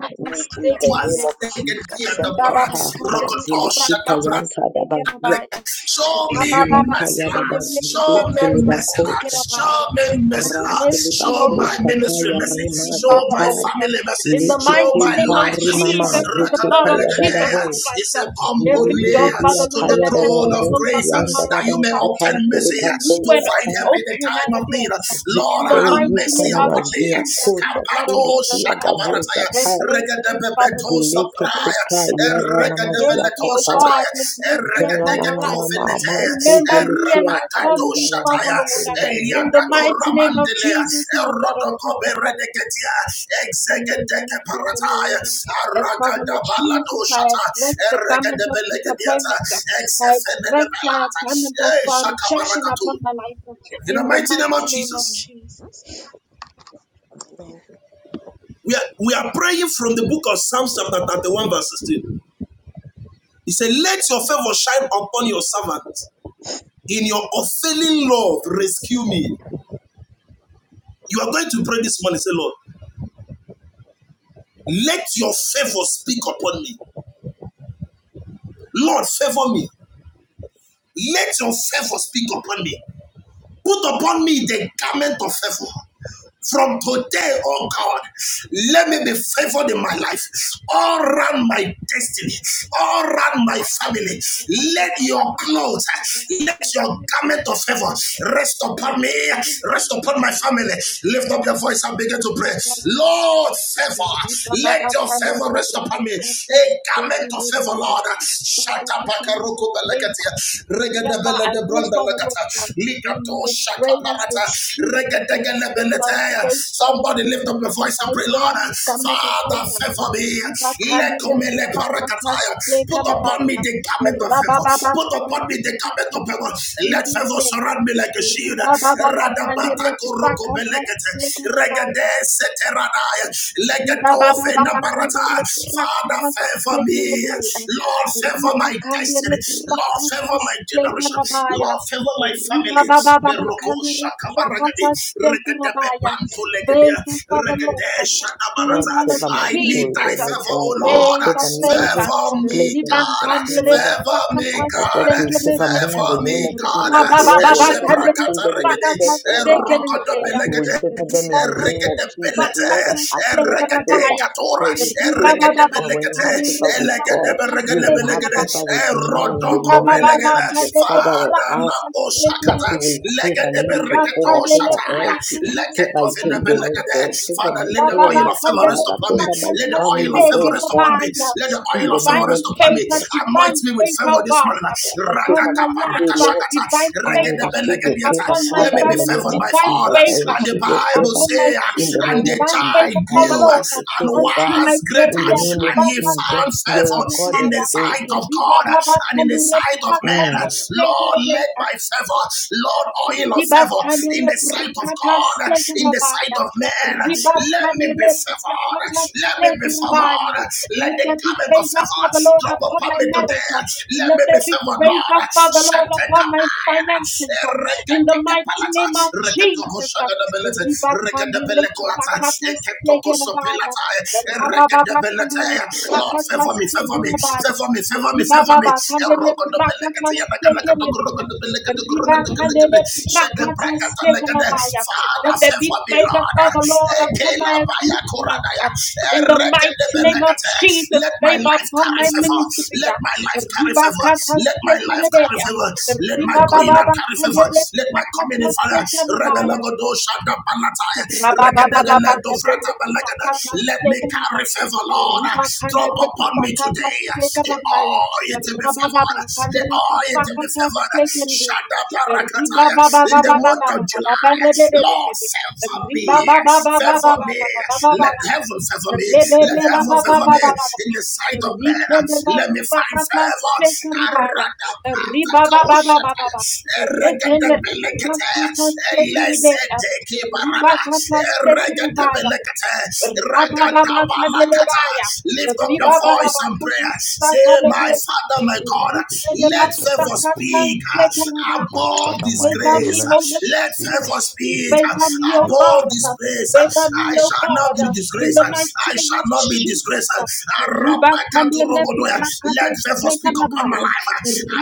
I need you in the name of
stikiribaya.
Jesus.
Ribababa
Shakata,
bakandere
Mazili, Kita,
brakata
Yanta,
stikarabaya.
Show me
Zila
Rabababa,
mercy,
kaya da
and they
ba
Lord.
let
Show me
zikuti
Rakata
liba
mercy,
stick
Lord.
it
kosha
up.
tai.
Show me
Have
mercy, Lord.
Ranti liba
mercy,
Show
Holy
my
kosha
Spirit,
ministry
have
kaya
mercy.
mercy,
rima
Show
za
Father
my
tai.
Lord.
family mercy.
In the
Show
mighty
my
name
pa
of
life mercy.
rimama mama
Jesus, in the
ziki
blood of
kaya da da
Jesus
Rakadabelegedea.
bo.
He
Christ,
said, Come
Zili
every
boldly
bibi
door, Father
biya
to
Lord,
the
kaya
that
da
has
da
throne
da
been
of
bo.
closed
grace
upon
Siyan
my
da da
that you
life,
ba
may obtain
zikanti
you
mercy
liba
renew
to
and
kosha
find help
tai.
in the
open
time of
other
need.
doors.
Lord,
In the
have
Ziko
mighty
mercy
name
yikana
of
upon me.
mazia
Jesus, in the
kosha
blood of
tili
Jesus
kia da
Kapato
Christ,
bo za
have
kai.
mercy, Father Lord, have
Ziliki
mercy.
tipa yara
Have mercy, O
namazia
God, have
Lord,
mercy upon my
favor
life. Remember me and my family, Father Lord, in the mighty name of Jesus, in the blood of Jesus Christ. Remember me, Father Lord, as Father Lord Jesus, I address the garment of disappointment. I address the garment of
Eh,
uh, rejection upon my life
In the
in the
mighty name of
mighty name of
Jesus,
Jesus.
we are, we are praying from the book of Psalms chapter 31 verse 16. He said, Let your favor shine upon your servant. In your unfailing love, rescue me. You are going to pray this morning. Say, Lord, let your favor speak upon me. Lord, favor me. Let your favor speak upon me. Put upon me the garment of favor. From today, oh God, let me be favored in my life, all around my destiny, all around my family. Let your clothes, let your garment of favor rest upon me, rest upon my family. Lift up your voice and begin to pray. Lord, favor, let your
Babakande
favor rest upon me. A garment of favor, Lord. Shut
Baba Testament of favor.
up,
Wherever
lebele
I
de
go,
branda
Father Lord,
lakata.
God, in
Likato
my
shaka
prayers, Lord
parata.
Jesus, God,
Regedege
in my
lebelete.
faith, Father
Somebody
Lord,
lift up
God,
your voice
I
and pray,
wear
Lord.
the garment of
Father,
favor.
favor me.
Riba kandi
Lekome le
riba kata
parakataya.
steka
Put upon me the garment of favor.
Rabababa
Put upon
kandere
me the garment of
prakata
favor. Let
stekere
favor
be.
surround me like a shield.
Ribababa
Radabata
kandere
koroko
prakata
belekete.
stekere ba.
Regede seteranaya.
Riba
Legeto
baba
fe na
baba kandere
barata, Father, Father,
prakatas
favor me.
tekerebeya.
Lord, favor
Riba
my
kandere
destiny. Lord, favor
prakatas
my generation.
tekarabaya.
Lord, favor my
Riba
family.
baba baba
Beroko
kandere
shakabaragadi.
prakatas
Regedepe
tekarabaya.
panto legedia.
Favor for the
Regede
Lord.
shadabarata.
Favor of
my
I need
Jesus.
thy
children, oh
favor, O
God. Lord,
Lord.
Favor,
favor me
favor.
every
Favor
place
me,
Riba
that I step,
God.
kandere
Jehovah.
Favor
I
me,
prakatas
I
God.
get with favor me
tekerebeya.
in the
Favor
name
me,
of
God.
Rabba
Jesus.
baba
Lord,
baba
wherever my
kandere
Esheprakata
children will
regede.
step,
prakatas
oh God,
tekerebeya.
that you will
Erokodobelegede.
favor them in
Riba
the name of
kandere
Erekete
Jesus.
belete.
Lord, I
bakata
ask for
Erekete
favor.
sekarabaya.
katora.
For you
Riba
said
baba
Erekete
baba
that when you
belekete.
have
kandere
favor with
Elekete
God,
bakata
you
berekete
will have
belegede.
favor
sekarabaya.
with man in the
Riba
Erodoko
name of
baba baba
belegede.
Jesus.
kandere
Father, I
Father la
ask
bakata
that
osakata.
you
sekarabaya.
will favor
Legede
me,
Riba
bereketo
Jehovah,
kandere
favor
shataya.
Elsie,
bakata
Leketo
favor
fene
sekarabaya.
Jaden, oh
belegede.
God,
Divine
favor
Father,
my
let the
favor,
oil
parents,
of favor rest
Father,
upon me.
favor my
Let the oil of
family,
favor
oh
rest upon
God,
me. Let the
in
oil
the
of favor
name of
rest upon me.
Jesus.
Anoint
divine
me with
favor,
favor
oh
this
God,
morning.
Father,
upon
favor
Ratata
my
me
life,
today,
baraka
uh,
Lord.
shakata.
divine
I
Regede
favor,
receive your
belegediata.
favor,
upon my
Let
Father,
me
in
be
the
family,
name
favored
of
by
divine
Jesus.
Father.
I
And the
favor,
the
receive your
Bible
favor
upon my
say, uh,
in the
children,
and
name
the
of
divine
Jesus.
child
favor,
I
Father
grew uh,
receive
Lord,
your
and
favor,
unto
God,
was
my
in
greater,
the
career,
name of
and he
Ribakata
Jesus.
found
You're
favor
a God
in
of
the
Sekeribaya,
sight
favor.
of
Ribababa Riba
God uh,
Baba,
and in the
Kandere
sight of men.
Mm.
Lord, let
Prakata
my favor, Lord, oil of favor in
Ribakanele
the sight of
brakata
God, uh, in the sight
sekarabaya.
of men. Let me be
Ribakanele
favored.
brakata
Let me be
sekarabaya.
favored. Let
Let
the
there be
garment of
favor,
favor
Father Lord,
drop
upon
upon
my
me
marriage.
today. Let
Let
me be
there be
favored, Lord.
favor, Father Lord,
Shete
upon my
kapaya.
finances. In
Rekete
the mighty
kapalata.
name of
rekete
Jesus.
Shagadabelet,
Ribakanele
Regadabelekolata,
brakata sekarabaya.
Eketokosopelata,
Rabababa
Eregadabelet.
kanele
Lord,
brakata
favor me, favor me,
sekarabaya.
favor me, favor me, favor me.
Ribababa kandere brakata
Erogodobelekete,
stekerebea. Riba kandere
Yanakalakadogorogodobelekadogorogodobelekade,
brakata
Shedebrakatalekade.
stekerebaya. Let
Father,
there be
favor me,
favor
Lord.
for the Lord upon thy
Ekelabayakoradaya,
affliction. In the mighty name of
Eregedebelekete.
Jesus,
Let my
favor
life
upon
carry
my
favor.
ministry.
Let
yeah.
my life carry
Riba
favor.
kata
Let my life carry
stekerebea.
favor. Let my
Riba
going
baba
out carry favor.
kandere
Let my coming
brakata
in, Father.
stekerebaya.
Rebelagodo shada balataya. Regedegeledo frata balagada. Let me carry favor, Lord. Drop upon me today. The oil to be favored. The oil to be favored. Shada barakataya. In the month of July, Lord, favor me. Favor me. Let
Riba
heaven favor me. Let heaven favor me. In the sight of men,
Rekende
let me find favor. Aradapakakoshataya. Eregedebelekete.
rakata stekerebe,
Elesete kibarada.
ribakata stekerebaya,
Eregetebelekete.
Rabababa
Regatabalakata.
Candelabaya,
Lift up your
Ribababa
voice and prayer.
Catusta
Say, My
Carabe,
Father, my God, let favor
Ricaderapata
speak uh,
Secarabaya,
My
above
Father, my
favor
God,
me,
disgrace.
Holy
let's
Let
we
Spirit,
favor
was
speak uh,
favor me, O
above
God,
disgrace.
favor me,
I
O
shall not
God,
be
in
disgraced.
the mighty
I
name
shall
of
not be disgraced.
Jesus, Ribakandere prakata
Let favor speak upon my
stekarabaya.
life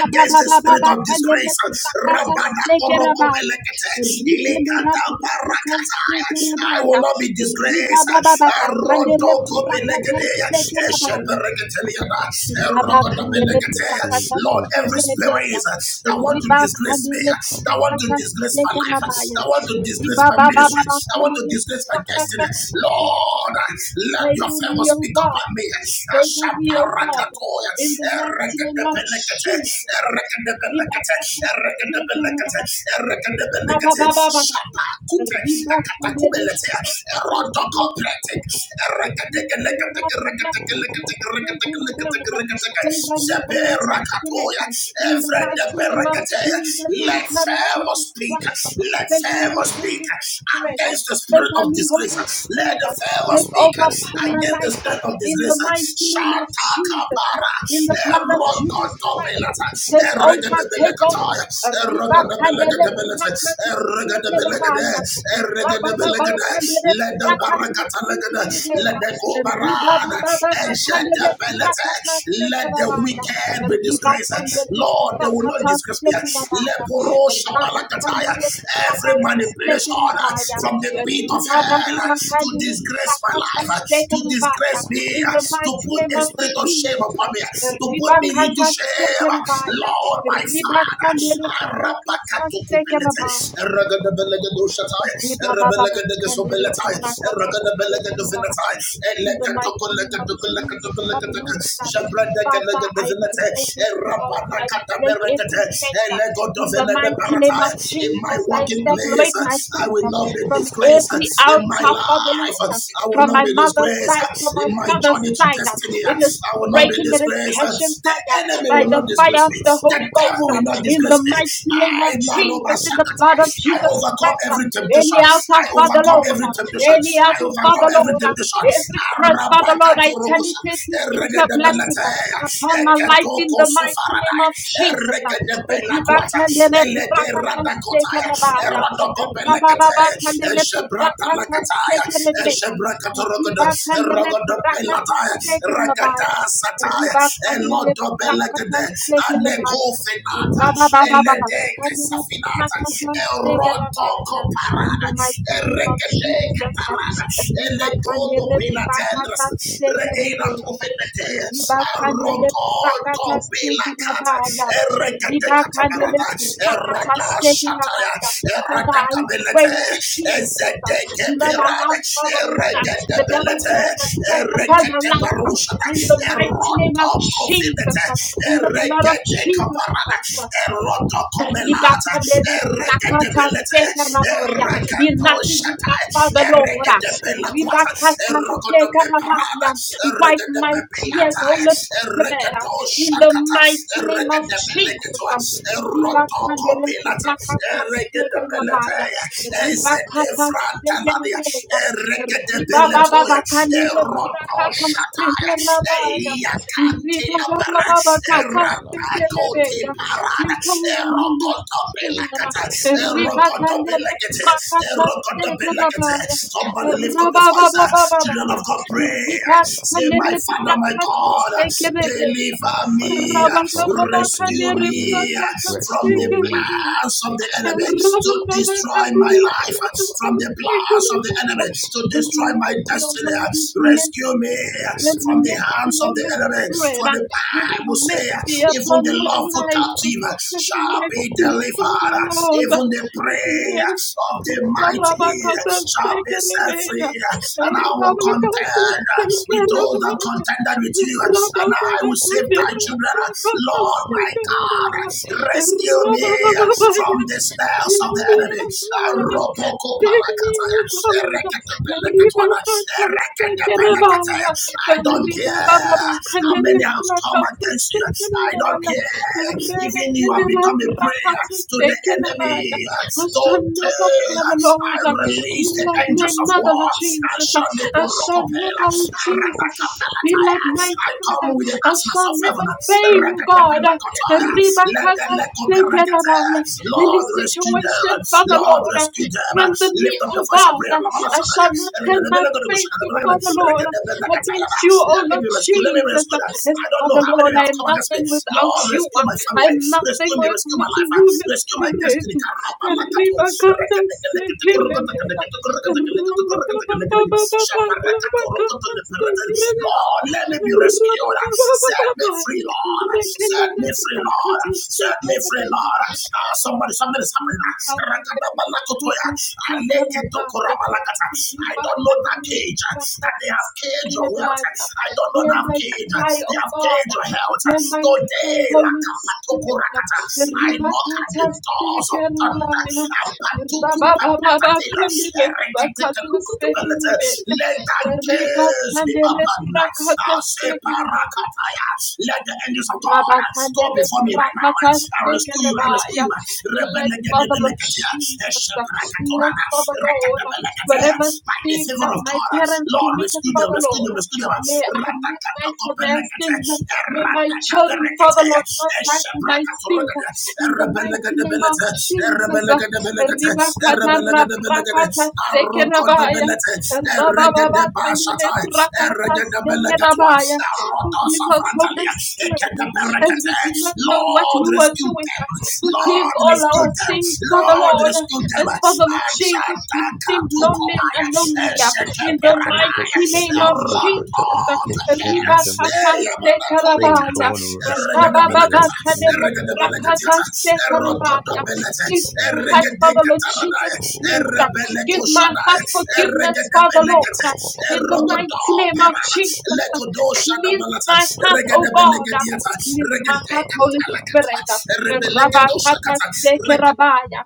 uh, against the spirit of
kandere
disgrace.
prakata stekarabaya.
Arokobelekete,
Rikendera
Ilekata
prakata
Barakataya. I will
stekarabaya.
not be disgraced.
Ribabababa kandere
I
prakata stekarabaya.
will not
Rabakhandere
be
Brakatas
disgraced,
Lord,
oh
every
God.
Sekerebeya.
spirit that want
Oh
to disgrace
Jesus,
me,
Ribakhandere
become
that
my
want to
Brakatas
disgrace my life,
Sekarabaya.
that
difficult.
want to disgrace my ministry, that want to
Ribabababakhandere
disgrace my destiny,
Brakatas
Lord,
Sekerebeya.
let your
Favor me,
favor
O
speak
God.
upon me.
Favor me, O God.
Ashabarakatoya,
In the mighty name of
Erekedebelekete,
Jesus. Ribakatas
Erekedebelekete,
Sekarabaya. Rabababababa. Ribakhandere Brakatas Sekerebeya. The people the rock rockets has taken a diet. They vanish on the spirit. In the mighty name of Jesus, in the
let
blood of
favor
Jesus
speak,
Christ,
let
favor me,
favor speak
Holy Spirit,
against the spirit of
favor me,
disgrace.
Holy
Let
Spirit,
the favor
take
speak
over upon my
against the
life,
spirit of
in the
disgrace.
mighty name of Jesus,
Shatakabara,
in the blood of Jesus Christ,
Erokotobelata,
take over, take over.
Eregedebelekataya,
Riba kadele
Erogodobelekedebelete.
brakla
Erogodobelekede.
tu
Erogodobelekede. Ledobarakatalegede. Ledekobarada. Eshadebelete. Let the wicked be disgraced. Lord, they will not disgrace me. Leporoshabalakataya. Every manipulation from the pit of hell to disgrace my life, to disgrace me,
in the
to
mighty
put
name
a
of
spirit of shame upon
Jesus.
me, to put me into
Ribakata
shame.
sekerabaya.
Lord, my Father.
Ribakandere rakata sekerabaya. In the mighty name of Jesus, Father Lord, that Father, I break every power, I break every center. In the mighty name of
In my
Jesus, I
working place,
separate
I
myself
will
uh,
not be
from
disgraced.
every
In my
altar, Father
life,
Lord, uh,
I will
from
not
my
be
mother's
disgraced.
side, from my
In my
father's
journey to
side. uh,
destiny, I
It is
will not be
breaking, it is
disgraced.
catching
The
fire
enemy
by
will
the
not disgrace
fire of
me.
the Holy
The
Ghost.
devil
uh,
will not
In the
disgrace me.
mighty name of
I,
Jesus, in the blood of
I
Jesus
overcome
Christ. uh,
every
any
temptation.
altar,
I
Father
overcome
Lord.
every temptation.
Any
I
altar,
overcome
Father
every
Lord.
temptation.
Every curse, Father Lord,
Arabakato
I turn it
Rokusa,
into into a blessing upon my life in the mighty name of Jesus. Ribakandere brakatasekerabaya. Rabababakandere brakatasekerebeya. Ribakandere brakatasekerabaya. Ribakandere brakatasekerebaya.
Mekofinata, Eledeke
Rabababababakandere
Safinata, Erotoko
brakatasekerabaya. In the
Parada,
mighty name of
Erekede
Jesus,
Catarada,
Riba
Elegodo
Kandere
Pila Tendras,
Prakata
Reina
Sekeribaya,
Covenete,
Riba Kandere Prakata
Arogoto Pila Cata,
Sekerabaya,
Erekede
Riba Kandere
Catabarada,
Prakata
Erada Shataya,
Sekerabaya. Father,
Erada
I pray,
Cabelete,
Jesus, that
Ezedeke
do not allow
Pirada,
Father Lord
Erekede
the devil to
Belete,
have access upon my
Erekede
life. In the
Barushada,
mighty name of
Eroto
Jesus, in the
Covenete,
blood of
Regede
Jesus
kaparada.
Christ,
Eroto komelata.
Ribakandere
Regede
rakata
belete.
steka rabaya.
Erakato
Enough is enough,
shatai.
Father Lord.
Regede belakwata.
Ribakata
Erokoto
steka rabaya.
beparada.
Wipe
Regede
my tears,
bepilata.
Holy Spirit.
Regede
In the
shakata.
mighty name of
Regede
Jesus.
beleketo. Eroto
Ribakandere
kopilata.
rakata
Regede
steka
belete.
rabaya.
Ezede
Ribakata steka
frantaladia.
rabaya.
Regede beletoya.
Ribababakandere
Eroto
rakata steka
shatai.
rabaya.
Elia kantila bara. Erakakoti
Ribababababakataspekeleleya.
parada.
Take over, Holy Spirit.
Erokotopelakata.
Ribakandele
Erokotopelakete. Erokotopelakete.
brakatastekelebaya.
Somebody lift up your voice. uh, Children
Rababababababaya.
of God, pray. Say, My
Ribakandele
Father, my God,
brakatastekelebaya.
deliver
My Father,
me.
my God,
Rescue
deliver
Rababababakandele
me,
me from the
rescue me.
plans of
Oh
the enemy to destroy
brakatastekelebaya.
my life. From the plans of the enemy to destroy my
Mercy, O
destiny.
Lord,
Rescue
mercy.
me
Let
from the
mercy,
hands of the
Holy
enemy.
Spirit,
For
uh,
the
let
Bible
mercy
says, even
upon
the
my
lawful
life.
captive
Let
shall be
mercy, Father
delivered.
Lord, uh,
Even the
let
prayer
mercy.
of the mighty
Rabakata
shall be set
spekerebeya,
free. And I will
rabakata
contend with those that
spekerebeya,
contended with you. And
rabakata rabakata
I will save thy children. Lord, my God, rescue
spekerebeya,
me
rabakata Sekerebeya.
from the snares of the enemy.
Take me, oh God. Rebecca, come, Take me, oh God. Rebecca, don't stink in a bar. I
I don't
shall
care how many have come against you? I don't care. Even you have become a prayer to the enemy. Today,
never fall,
I
Lord. Be
release the
like my
angels of
mother,
war.
Lord Jesus. I shall never,
Ashaneporokopela,
oh Jesus, be like
aradakapalataya.
my
I come
father.
with the
I
asnas
shall
of
never
heaven.
fail, oh God.
Rakatapelakotaya,
Ribakata
letelekobelekete.
sekerabaya. In
Lord,
this
rescue them.
situation, Father
Lord,
Lord,
rescue them.
strengthen me,
Lift up your
oh
voice and pray.
God.
Let
I shall not turn my face to Father Lord against you, oh
me
Lord
be rescued. Let me be
Jesus.
rescued.
Yes,
I I don't know
Father
how
Lord,
many have
I am
come against me.
nothing without
Lord,
you.
rescue my family.
I am nothing
Rescue me. Rescue
without
my
you,
life.
Holy
Rescue my
Spirit.
destiny. Karabalakato.
Arriba, canta, sentiremena. Arriba, ba, ba, ba,
Reketekelekete-korokotekelekete-korokotekelekete-korokotekelekete.
ba, ba, ba, arriba, canta,
Shaparakato-rokotoleperete.
sentiremena.
Lord, let me be
Arriba,
rescued.
ba, ba, ba,
Set
ba,
me
ba.
free, Lord.
Rekeni,
Set me
rekeni,
free, Lord.
canta,
Set me free,
sentiremena.
Lord. Ah, somebody, something is happening.
Viva Hamire Rakata Sikaramaya.
I
Viva
don't know that
Hamire
cage that they
Rakata
have caged or where health.
Sikaramaya.
I don't know
Hear
that have
my
caged.
cry,
They
O
have
God.
caged your health.
Hear my cry,
Today,
Holy Spirit.
Lakapatokorakata, I knock at
Ribakata
the doors of thunder.
sekerabaya.
Apatukupapatatela,
Rababababakandere rakata
Ereketekelukutubelete.
sekerebe.
Let that gaze be
Ribakandere
open.
rakata
I'll say
sekerabaya.
parakataya. Let the angels of God go
Rabakandere
before me right now.
Rakatas
I rescue you. I rescue
Tekelabaya.
you.
Let Father Lord
Rebelegedebelegedea,
Jesus, let
Esheprakatoranas,
Father Lord, whatever
Rekedebelegedeas. By the
sin
favor favor
that
of
my
God.
parents
Lord,
committed,
rescue them,
Father
rescue
Lord,
them, rescue them.
may I not die for their
Ratakatokopelekete,
sins. May my children, Father
eratakaberekete,
Lord, not die for my sins.
eshebrakatorekete,
In the mighty name of
erebelekedebelete,
Jesus,
erebelekedebelekete,
Ribakata
erebelekedebelekete,
Rabrakata Sekelabaya.
arokodobelete,
Rabababa
eregedebashatai,
Rakata
eregedebeleketwa,
Sekelabaya. Forgive us, Holy
arotosafrantalia,
Spirit as we
ekedeberekete.
did not know what
Lord,
we were
rescue
doing.
them.
Forgive
Lord,
all
rescue
our
them.
sins, Father
Lord,
Lord,
rescue them.
as Father Lord
And
Jesus,
Santa
we sin lonely and
Catucumaya,
unknowingly.
Santa
In the
Peradaya,
mighty name of Jesus,
Rotot Pera,
Ribakataste
Yamanakuri Cata,
Karabaya,
God, rescue me,
Regadabelagata,
rescue me,
Rabababakadele
Regadabelagata,
Rakataste
rescue
Karabaya.
Rotodobelata,
Give my heart, Father Lord
Regadecataradaya,
Jesus, peace. Give my
Rebelecosanaya,
heart forgiveness, Father
Regadabelagata,
Lord. In the mighty name of
Rogodopera,
Jesus, cleanse
Legodosadabalata,
my heart, O God.
Regadabelagadiata,
Cleanse my heart, Holy
Regadecatalacatwa,
Spirit.
Rebelegado
Rabakata seke rabaya.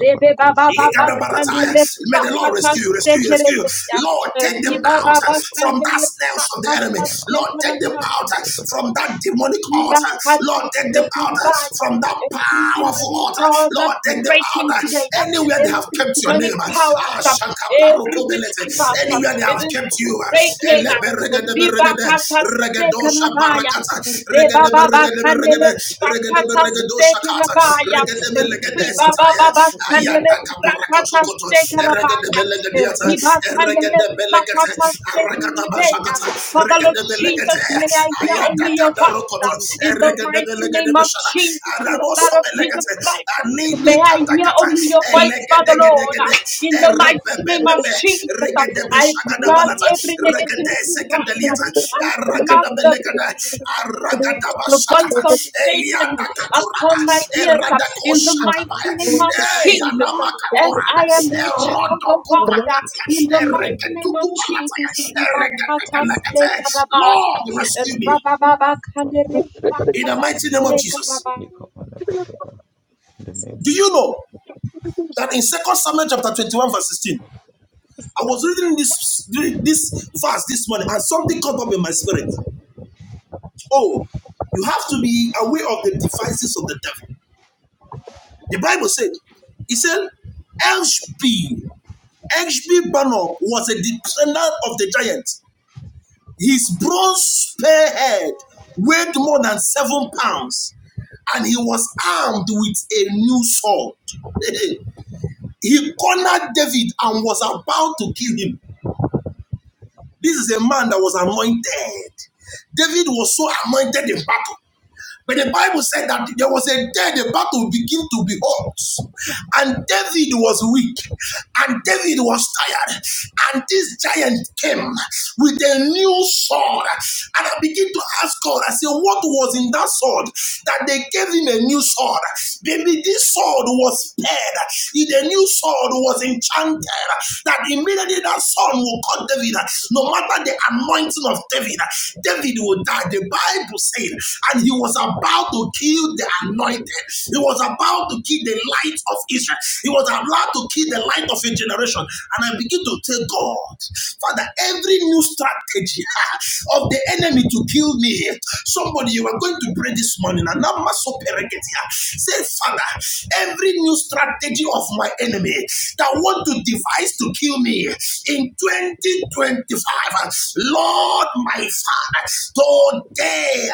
Rebe baba baba
Ikadabarataya.
kandere
May the Lord
brakata
rescue you, rescue you,
seke
rescue you.
rebeya.
Lord, take them
Riba
out uh,
baba
from that
kandere
snares of the enemy. Lord, take them
brakata
out uh, from that demonic
Liba
altar. Lord,
kata
take them out
shaken
uh,
by
from that
Every
powerful
demonic
altar.
powers are
Lord, take them out
breaking
uh,
today. now.
anywhere they have
Every
kept your
demonic
name. uh, Ah,
powers, uh, every witchcraft, uh,
Anywhere they
it
have
is
kept you. uh,
breaking out. Ribakata stekarabaya.
shabarakata regedebe regedebe
Rebababakandere
regede regedebe
rakata
regedo shakata
stekarabaya.
regedebe legede sataya
Ribabababakandere
ayanda kaparakoto
rakata
koto
stekarabaya.
regedebe legede yata
Ribakandere
regedebe legete
rakata
arakata
stekarabaya.
bashakata
Father Lord
regedebe legete
Jesus, may I hear
ayanda
only your voice.
kadarokoto
In the
regedebe
mighty name
legedebe
of
shana
Jesus, in the blood
araboso
of Jesus
belegete
Christ,
anidi
may I hear
katakata
only your voice,
regede
Father Lord. In the mighty name of Jesus, I block every negativity voice. I block the the voice of Satan upon my ears uh, in the mighty name of Jesus. uh, As I am your child of God, uh, in the mighty name of Jesus. Ribakata steka
Lord, rescue me.
rabababa kandere
In the
ribakata
mighty name of Jesus. Do you know that in Second Samuel chapter 21, verse 16, I was reading this this verse this morning, and something caught up in my spirit. Oh, you have to be aware of the devices of the devil. The Bible said, "He said, Elshb, Elshb Banner was a descendant of the giant. His bronze spearhead weighed more than seven pounds, and he was armed with a new sword. he cornered David and was about to kill him This is a man that was anointed. David was so anointed in battle. But the Bible said that there was a day the battle began to be hot. And David was weak. And David was tired. And this giant came with a new sword. And I begin to ask God, I say, what was in that sword that they gave him a new sword? Maybe this sword was spared. The new sword was enchanted. That immediately that sword will cut David. No matter the anointing of David, David will die. The Bible Bible said, and he was about to kill the anointed. He was about to kill the light of Israel. He was about to kill the light of a generation. And I begin to tell God, Father, every new strategy of the enemy to kill me, somebody you are going to pray this morning. And I'm so Maso here. say, Father, every new strategy of my enemy that want to devise to kill me in 2025, Lord, my Father, Today,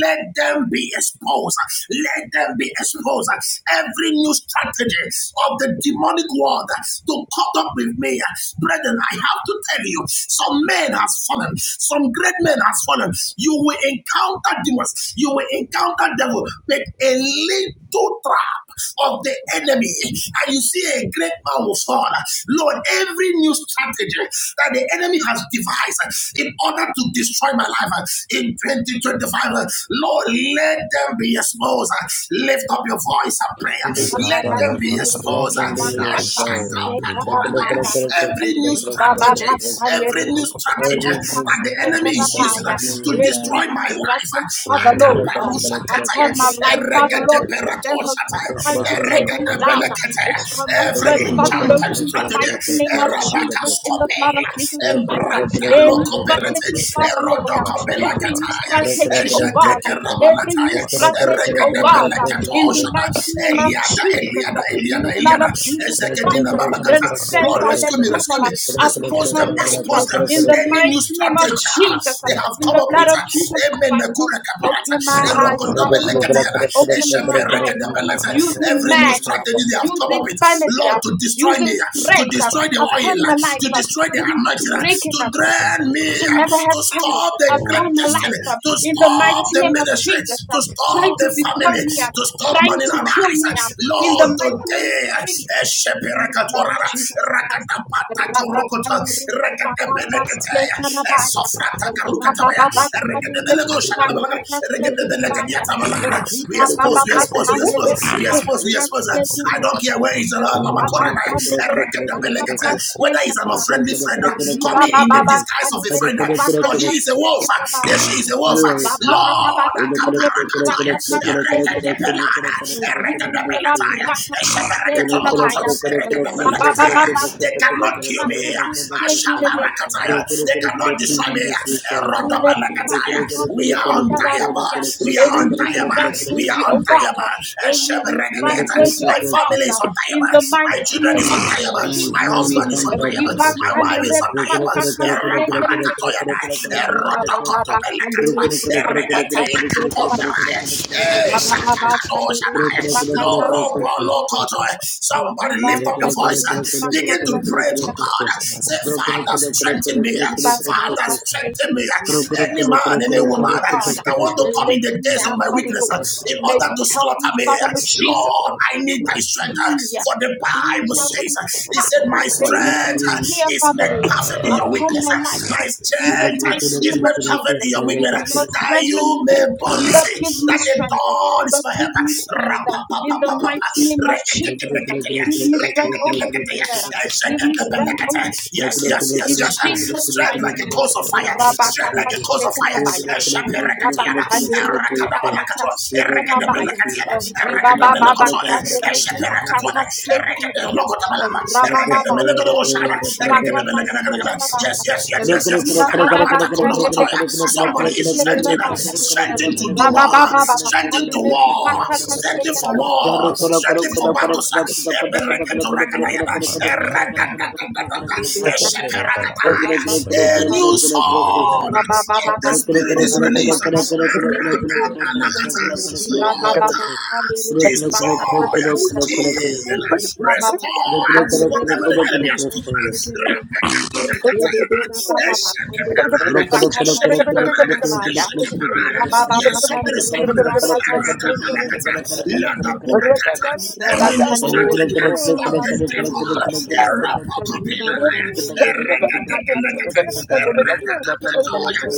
let them be exposed. Let them be exposed. Every new strategy of the demonic world to cut up with me, brethren, I have to tell you, some men has fallen, some great men has fallen. You will encounter demons, you will encounter devil, but a little into trap of the enemy and you see a great man will fall. Lord, every new strategy that the enemy has devised in order to destroy my life in 2025, Lord, let them be exposed. Lift up your voice and prayer.
be
Let them
exposed.
be
Let
exposed. Ah,
them be exposed. Every big
Ribababakaneribrakatastekarabaya.
Every new strategy, every new strategy that the enemy
battle
is
that the
season uh,
enemy
me.
to
Every
destroy
new
my life. uh,
strategy, Father
Oh,
Lord, um,
Akabarusa
Jesus,
kataya,
upon my
Jesus,
life,
Jesus.
Father Lord, the devil trying to take me down. um, It shall not
Every
work,
Yekabalabalabalakoshabalabalabala.
Father Lord,
enchanted
in the
strategy,
mighty name of
Erabaka
Jesus, in the blood of
Scopela,
Jesus Christ. um,
Embranda
Any
Locoperate,
strategy, Father Lord, um,
Erodoco
every new
Belacataya,
strategy, oh God,
Ejadeke
is
every new
Rabanataya,
strategy, oh God, uh, in
found.
the
Eregedebeleketoshata,
mighty name of
Eliada,
Jesus,
Eliada,
uh, in
Eliada,
the blood of
Eliada,
Jesus
Thank
Christ, uh,
Ezekedina
that is sent
Lord,
by the
rescue me,
devil
rescue me.
uh, upon
Expose
my
them,
life, uh,
expose them.
in the
Any new
mighty name of
strategy ah,
Jesus, uh,
they have
in
come
the
up with.
blood of
ah,
Jesus
Amen.
Christ, uh,
Nakura kaparata.
open my eyes,
Erokodome
Father Lord, uh,
leketiana.
open my eyes, uh,
Esheperekedebelete.
using
Every new
man,
strategy they have come up
using
with.
family,
Lord,
uh,
to destroy
using
me, ah, to
friends
destroy the
uh, upon
oil,
my
ah,
life.
to
uh,
destroy the
It is
anointing, ah,
breaking.
to
uh,
drain me,
shall
ah,
never
to
have power
stop the great
upon my
destiny,
life uh,
to
in the
stop
mighty
the
name of
ministry,
Jesus.
to
uh,
stop
Trying to
the family
dethrone me, uh,
to stop
trying
money
to kill
arise.
me uh, in
Lord,
the mighty name of
today,
Jesus. uh, In the blood of
Esheperakatorara,
Jesus Christ, uh,
Rakatapatakurokota,
Rabatandere Bakata
Rakatebeneketea,
Steka Rabaya,
Esofratakarukatabaya,
Rabababakandere
Rekedebelekoshagadabalaga,
Bakata Steka Rabaya,
Rekedebelekadiatabalagada. we expose, we
you.
expose, we expose,
Ribabababakandere
we expose, we
Bakata
expose.
Steka
I don't care where it's at,
Rabaya,
Lamakorana, Rekedebelekete.
Rabakandere
whether it's an
Bakata
unfriendly friend uh, coming in the
Ribababa
disguise of a of a
kandere
friend, but he
brakata
is a wolf.
steke
and
bababa.
She is a wolf.
Rabababa
Lord,
kandere brakata steke bababa. Rikendera brakata
Rock,
steke
rock,
rabaya. Rabababa
They
kandere
cannot kill me.
brakata steke bababa.
They cannot destroy me. We are untiable.
Rebrakatasekarabaya.
We are
Any new
untiable. We are
strategy, oh God.
untiable.
Any new strategy,
My
oh
family is
God. In
untiable.
the
My
mighty
children
name
is
of
untiable. My
Jesus.
husband is untiable. My wife is under your bones.
Ribakanerebrakatasekarabaya.
Raparakatoyada. Rodokotobelakatwa.
Ribabababakanerebrakatasekarabaya.
Ereetelakatomeraya. Eh, Shatakatoshadaya.
rock, rock, rock, rock, rock.
Lorobolokotoi.
Rabababakanerebrakatasekarabaya.
Somebody lift
Thank
up your voice and begin to pray to God.
Ribakanerebrakatasekarabaya.
Say, Father, strengthen me.
You back her
Father,
trust
strengthen
taken
me.
up and now
Any man, any
Strengthen me, O
woman
God.
that want to come in
Lift
the
me
days of
up,
my
Father
weakness uh,
Lord.
in
May
order
you
to
help
slaughter
me,
me.
Father Lord Jesus,
Lord,
uh,
I need
to
thy strength. uh,
see
For the Bible says,
Benjamin
uh, He said,
fire,
My strength
Benjamin fear,
uh, is made
Father Lord,
perfect in
uh,
your
upon
weakness.
my
uh,
life.
My
um, In the
strength uh,
mighty
is
name of
made perfect
Jesus.
in your weakness.
Lord,
uh, That you
strengthen me.
may
um,
boldly
Lord,
say
give me
that the
strength. um,
dawn is
Lord,
my help.
give me strength. um, In the mighty name of Jesus. Give me strength, Holy Spirit. um, Give me strength, Holy
Yes,
Spirit. um,
yes, yes,
in
yes.
Jesus'
Straight like
mighty
a
name,
course of fire. Straight
Rabakata
like a course of
Steka
fire.
Rabaya.
Shapirakatiana.
Rabakande Rakata
Rakadabalakatua.
Steka Rabaya.
Erekadabalakatiana.
Ribaba Baba
Erekadabalakatoya.
Kande
you.
Rakata
Shapirakatuana.
Steka Rabaya.
Thank
Erekadabalakatabalaba. Yes,
Rababa Kande Rakata Steka Rabaya.
yes, yes, yes,
you.
yes.
Ribaba Baba Kande Rakata
Somebody is
Steka
strengthened,
Rabaya.
strengthened to do
Rababa
more,
Baba
strengthened
Kande
to war,
Rakata
strengthened for
Stekarabaya.
war, strengthened for battles. Ebereketorakabayaba. Erakatatatatata.
Rebekanda
Esheperakataya.
Rakata
A new
Stekarabaya.
sword
Rababa
of the
Rababa
Spirit is released. Slaughter, destroy, kill, restore, whatever the enemy has taken us. Yes, something is happening. Every new
Thank
strategy of the devil.
Thank you, Holy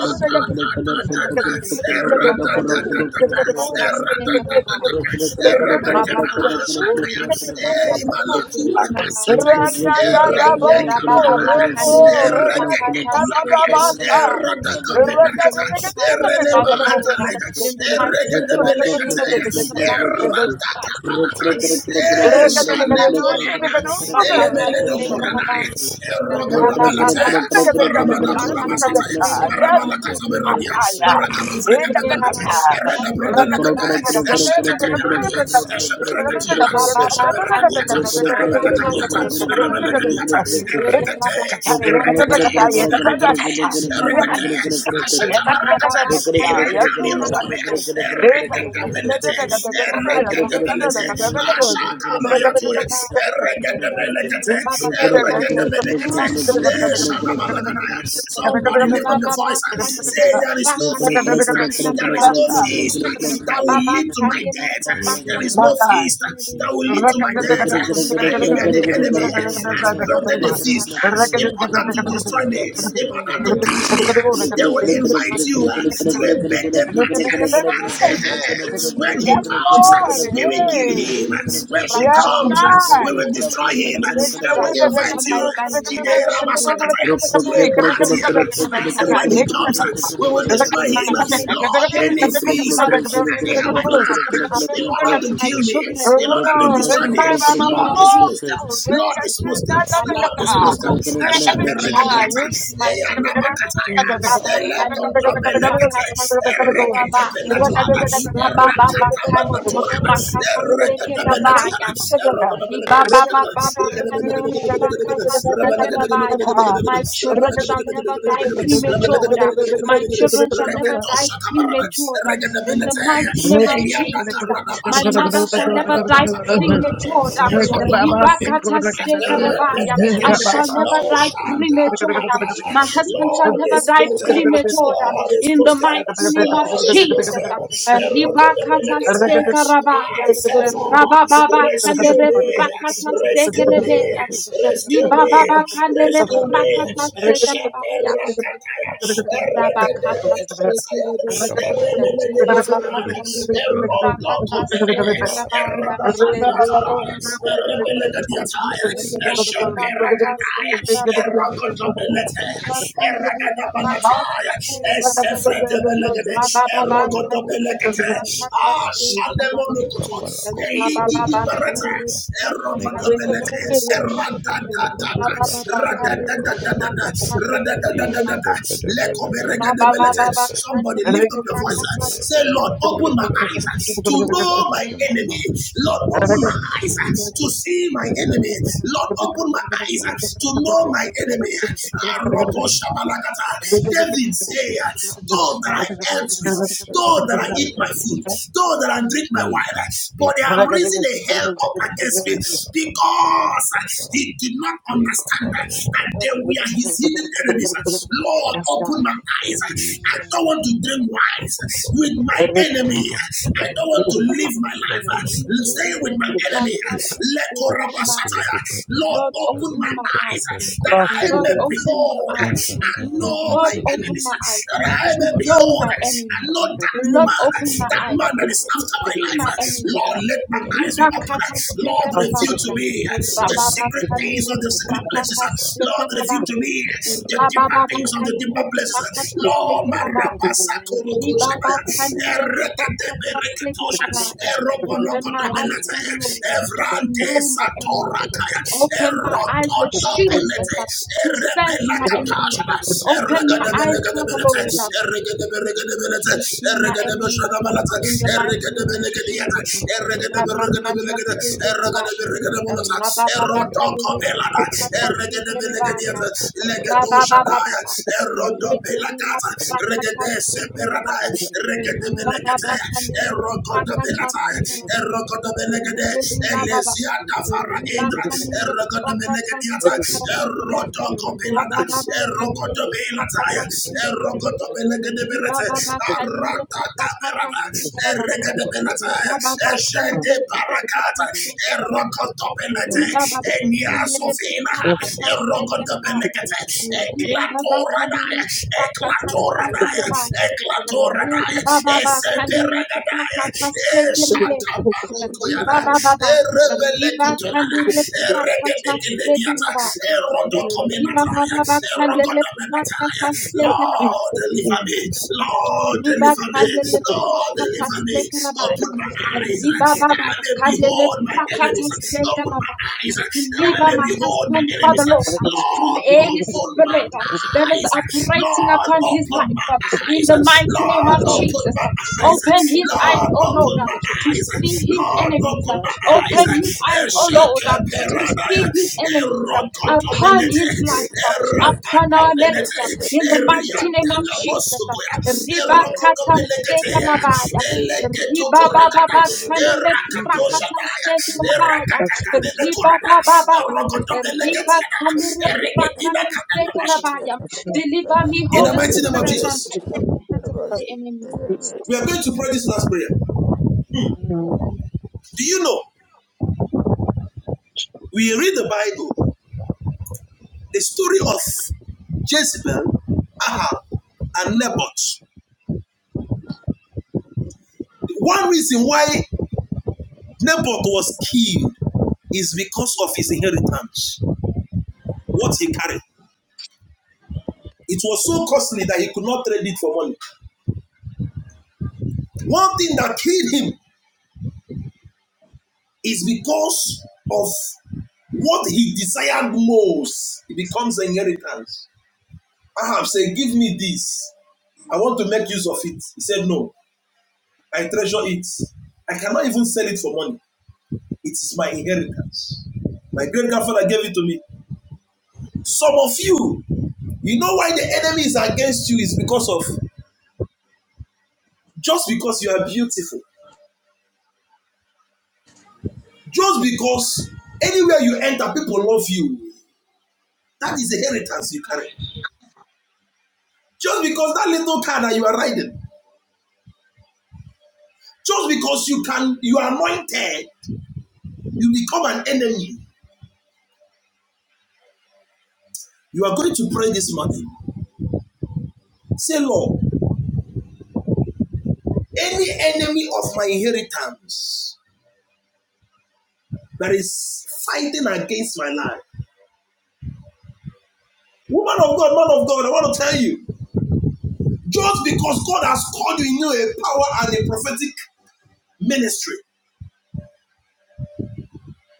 Spirit. Thank you, Father Lord. Ribakande ribrakata stekarabaya. Every generational curse, Father Lord, in the
Thank
mighty name of
Erekete,
Jesus, in the blood of Jesus Christ, it is
Yes,
breaking. Ribakandere Rabababakandere Rakatastekarabaya.
you
Rebe rabababakandere
rock
Rakatastekerebe. Ribababa kandiri bakatasekereba. Reberababa
erekete,
kandiri
erekete,
bakatasekereba.
erekete,
Ribababa
ashatabarakata,
kandiri
Irakamirokomea,
my
bakatasekereba.
Eregedebelete,
Ribababa
Eregedebelete,
kandiri
Ashakamayatoya,
bakatasekereba.
Eregedebelekete,
Reberababa kandiri
Eregedebelekete, Eh,
bakatasekereba.
Somebody lift up your
Ribababa
voice and
kandiri
say,
you.
There is no
Thank
feast, there
bakatasekereba.
is no feast that will
Ribababa
lead to my
kandiri
death, there is no feast
bakatasekereba.
that will lead to my death.
Thank you,
Anywhere the
Holy
enemy has
Spirit.
plotted the feast in order to
Rabakandere,
destroy me, in
rakatasekere,
order to catch me. uh, They
rabababakandere,
will invite you uh,
God.
to a
rakatasekere.
birthday
Yes,
party uh,
Father
and
Lord
say,
Jesus,
hey,
in
when
your
he comes,
structure,
uh,
Lord.
Father
we
Lord,
will
um,
kill
Hey.
him.
in
uh,
your
When she
Yes,
structure,
comes,
Holy
uh, we
God.
Spirit,
will
um,
destroy him.
every
uh,
new
They will
structure
you.
invite
upon
you
my
uh,
family,
to the
my children
Ramasakata, uh,
Amen.
to a
God
party
and
uh,
my
and say, when
husband,
he
Father
comes, uh,
Lord,
we will
in the
destroy him. uh,
mighty name of
Lord, any
Jesus, in the
feast
blood of
uh, that
Jesus
they have
Christ,
planned
uh,
uh, in order to
upon my
kill me,
children,
in
um,
order to
in the
destroy me,
mighty name
Lord
of
is supposed
Jesus,
Lord is
speaking the
supposed
fire of
Lord
the
is
Holy
supposed
Ghost, uh, in
Ashaperegediata,
Jesus' mighty name.
Eyanamakataya,
Rabakande
Elekotomelekete,
rebrakata steke rabaya.
Ereketebenatuana,
Ribababa bakande
Erakatabanatuana,
rebrakata steke rabaya.
Ereketebenetiana, Erokotomelekete,
Ribababababakanerebrakatasekerabaya. My children shall never die premature. My children shall never die premature. In the mighty name of Jesus, my mother shall never die premature.
Reketosha
Ribakatasekerabaya. I shall never
Oh,
die
Shanta
premature.
Patala.
My husband shall
Lord,
never die
expose them.
premature.
Lord,
In the
expose them.
mighty name of
Lord, expose
Jesus.
them. Erogodabenekete.
Ribakatasekerabaya.
By favor,
Rabababa
rescue
kandere
me.
prakata
Rescue
sekelebe.
me. Rescue me.
Ribababa kandere
Rescue me.
prakata sekelabaya.
Eshaperakataya.
Rabakata
Erekedebekosaya.
sekelebe. Ribababa
Erenemedeliverada.
kandere prakata sekelabaya.
Erodokoberede.
Rebebe rabababa. Rikendera prakata sekelabaya. Ribakandere
And
prakata sekelabaya. Rabababa kandere prakata sekelabaya. Rabababa
Somebody lift up your voice. and Say, Lord, open open my eyes uh, to know my enemy. Lord, open my eyes uh, to see my enemy. Lord, open my eyes uh, to know my enemy. Ah, David said, Though that I eat with, though that I eat my food, though that I drink my wine, uh, but they have risen a hell up against me because uh, he did not understand uh, that they were his hidden enemies. Uh, Lord, open my eyes. uh, I I don't want to drink wine with my enemy. I don't want to
Lord,
live my life uh, staying with my enemy. Lord, open my
open my
eyes uh,
eyes.
that I
Lord,
may
open my
behold uh,
eyes.
and know
Lord,
my
open
enemies.
my eyes
uh, That I
to
may
know
behold
my
uh, and
enemies.
know that
Lord,
woman, uh,
open my
that man
eyes
that is
to
after my
see
life.
my
uh.
enemies.
Lord, let my eyes be
Riba
open. uh.
kata
Lord, reveal to
sekarabaya.
me uh, the
Rababa
secret things
kandere
of the secret places.
prakata
uh. Lord, reveal to
sekarabaya.
me the deeper
Rababa
things of the
kandere
deeper places.
prakata
Lord,
sekarabaya. Ribaba
Marapasakorokoshabaya,
kandere prakataste
Ereketebereketosha,
rabai. Open my eyes,
Erobolokotobelete,
Father Lord, to
Evrante
know my enemies.
Satorakaya,
Open my eyes, Lord Jesus,
Erokotobelete,
to sense my enemies.
Erebelakatasha,
Open my eyes, Father
Eregedebelekedebelete,
Lord,
Eregedebelekedebelete,
to see my enemies uh,
Eregedebeshadabalete,
in the mighty name of
Eregedebelekediata,
Jesus. uh, Rabakata
Eregedebelekedebelekede,
sekerabaya, uh,
Eregedebelekedebelete, Erotoko Belada,
rabababakandere-rabakata
Eregede
sekerabaya,
Belegediata,
uh,
Legedo Shadaya,
rababababa, uh,
Erodo Belacata,
rekendera-rakata
Regede Seperada,
sekerabaya, uh,
Regede Belegate, Erogodo
ribababakandere-rakata
Belata,
sekerabaya.
Erogodo Belegade,
Rebebebababa.
Elesia Davara Indra, Erogodo Belegadiata,
Ribakandiriprakataspekerebe.
Erodo Copelada, Erogodo Belataya,
Rabababakandiriprakataspekerebe.
Erogodo Belegade Berete, Arata Caberata,
Ribababakandiriprakataspekerebe.
Eregede Belataya, Eshede Baracata,
Rababakandiriprakataspekerebe.
Erokotopelete,
Riba baba bakandere
Eniasofina,
baka pasteke nabaya.
Erokotopelete,
Riba baba kandere
Eklatoradaya,
baka pasteke
Eklatoradaya,
nabaya. Riba
Eklatoradaya,
baba bakandere baka
Eseperadaya,
pasteke nabaya. Riba
Esatabarokoyada,
baba ba. Riba
Erebelekotorada,
kandere baka pasteke
Erekedekidediata,
nabaya. Riba
Erodokominataya,
baba bakandere baka
Erokodominataya.
pasteke nabaya.
Lord, deliver me. Lord,
Riba
deliver me.
kandere
Lord,
prakata
deliver me.
stekarabaya.
Open my eyes uh,
Riba
that
baba
I may
kandere
behold my
prakata
enemies. uh, Open my
stekarabaya.
eyes uh, that I
Deliver
may
my
behold my
husband,
enemies.
Father
uh,
Lord, from
Lord,
any
open my
spirit that is
eyes. uh,
operating
Lord,
upon his
open my
life. In
eyes.
the mighty name
Lord,
of
open
Jesus,
my eyes.
open his eyes,
Lord,
O
open
Lord,
my
to see
eyes.
his
Lord,
enemies.
open my eyes.
Open his eyes, O Lord, to
Eshekeperanaya.
see his enemies upon
Erokotomelete.
his life, upon our
Erakatamelete.
marriage. In the mighty name of Jesus,
Eriantalabosukoya.
Riba kata
Erokotomelekete.
Riba baba ba
Eleketokorakata.
ba kandere
Two Jeben
prakata
Erakatoshataya.
steka
this morning.
Riba
Erakatakamenekorata.
baba baba, ba ba. Riba
Erokotomeleketiana.
kandere prakata steka
Ereketinakatalabashata.
Deliver me,
In the
Holy
mighty name of
Spirit, um,
Jesus.
from the hands of the enemy.
We are going to pray this last prayer. Do you know? We read the Bible, the story of Jezebel and Naboth. One reason why Naboth was killed is because of his inheritance, what he carried. It was so costly that he could not trade it for money. One thing that killed him is because of what he desired. No. Some of you, enemies against you is because of just because you are beautiful. Just because anywhere you enter, people love you. That is a inheritance you carry. Just because that little car that you are riding, just because you can, you are anointed, you become an enemy. You are going to pray this morning. Say, Lord, any enemy of my inheritance that is fighting against my life, woman of God, man of God, I want to tell you, just because God has called you in you a power and a prophetic ministry,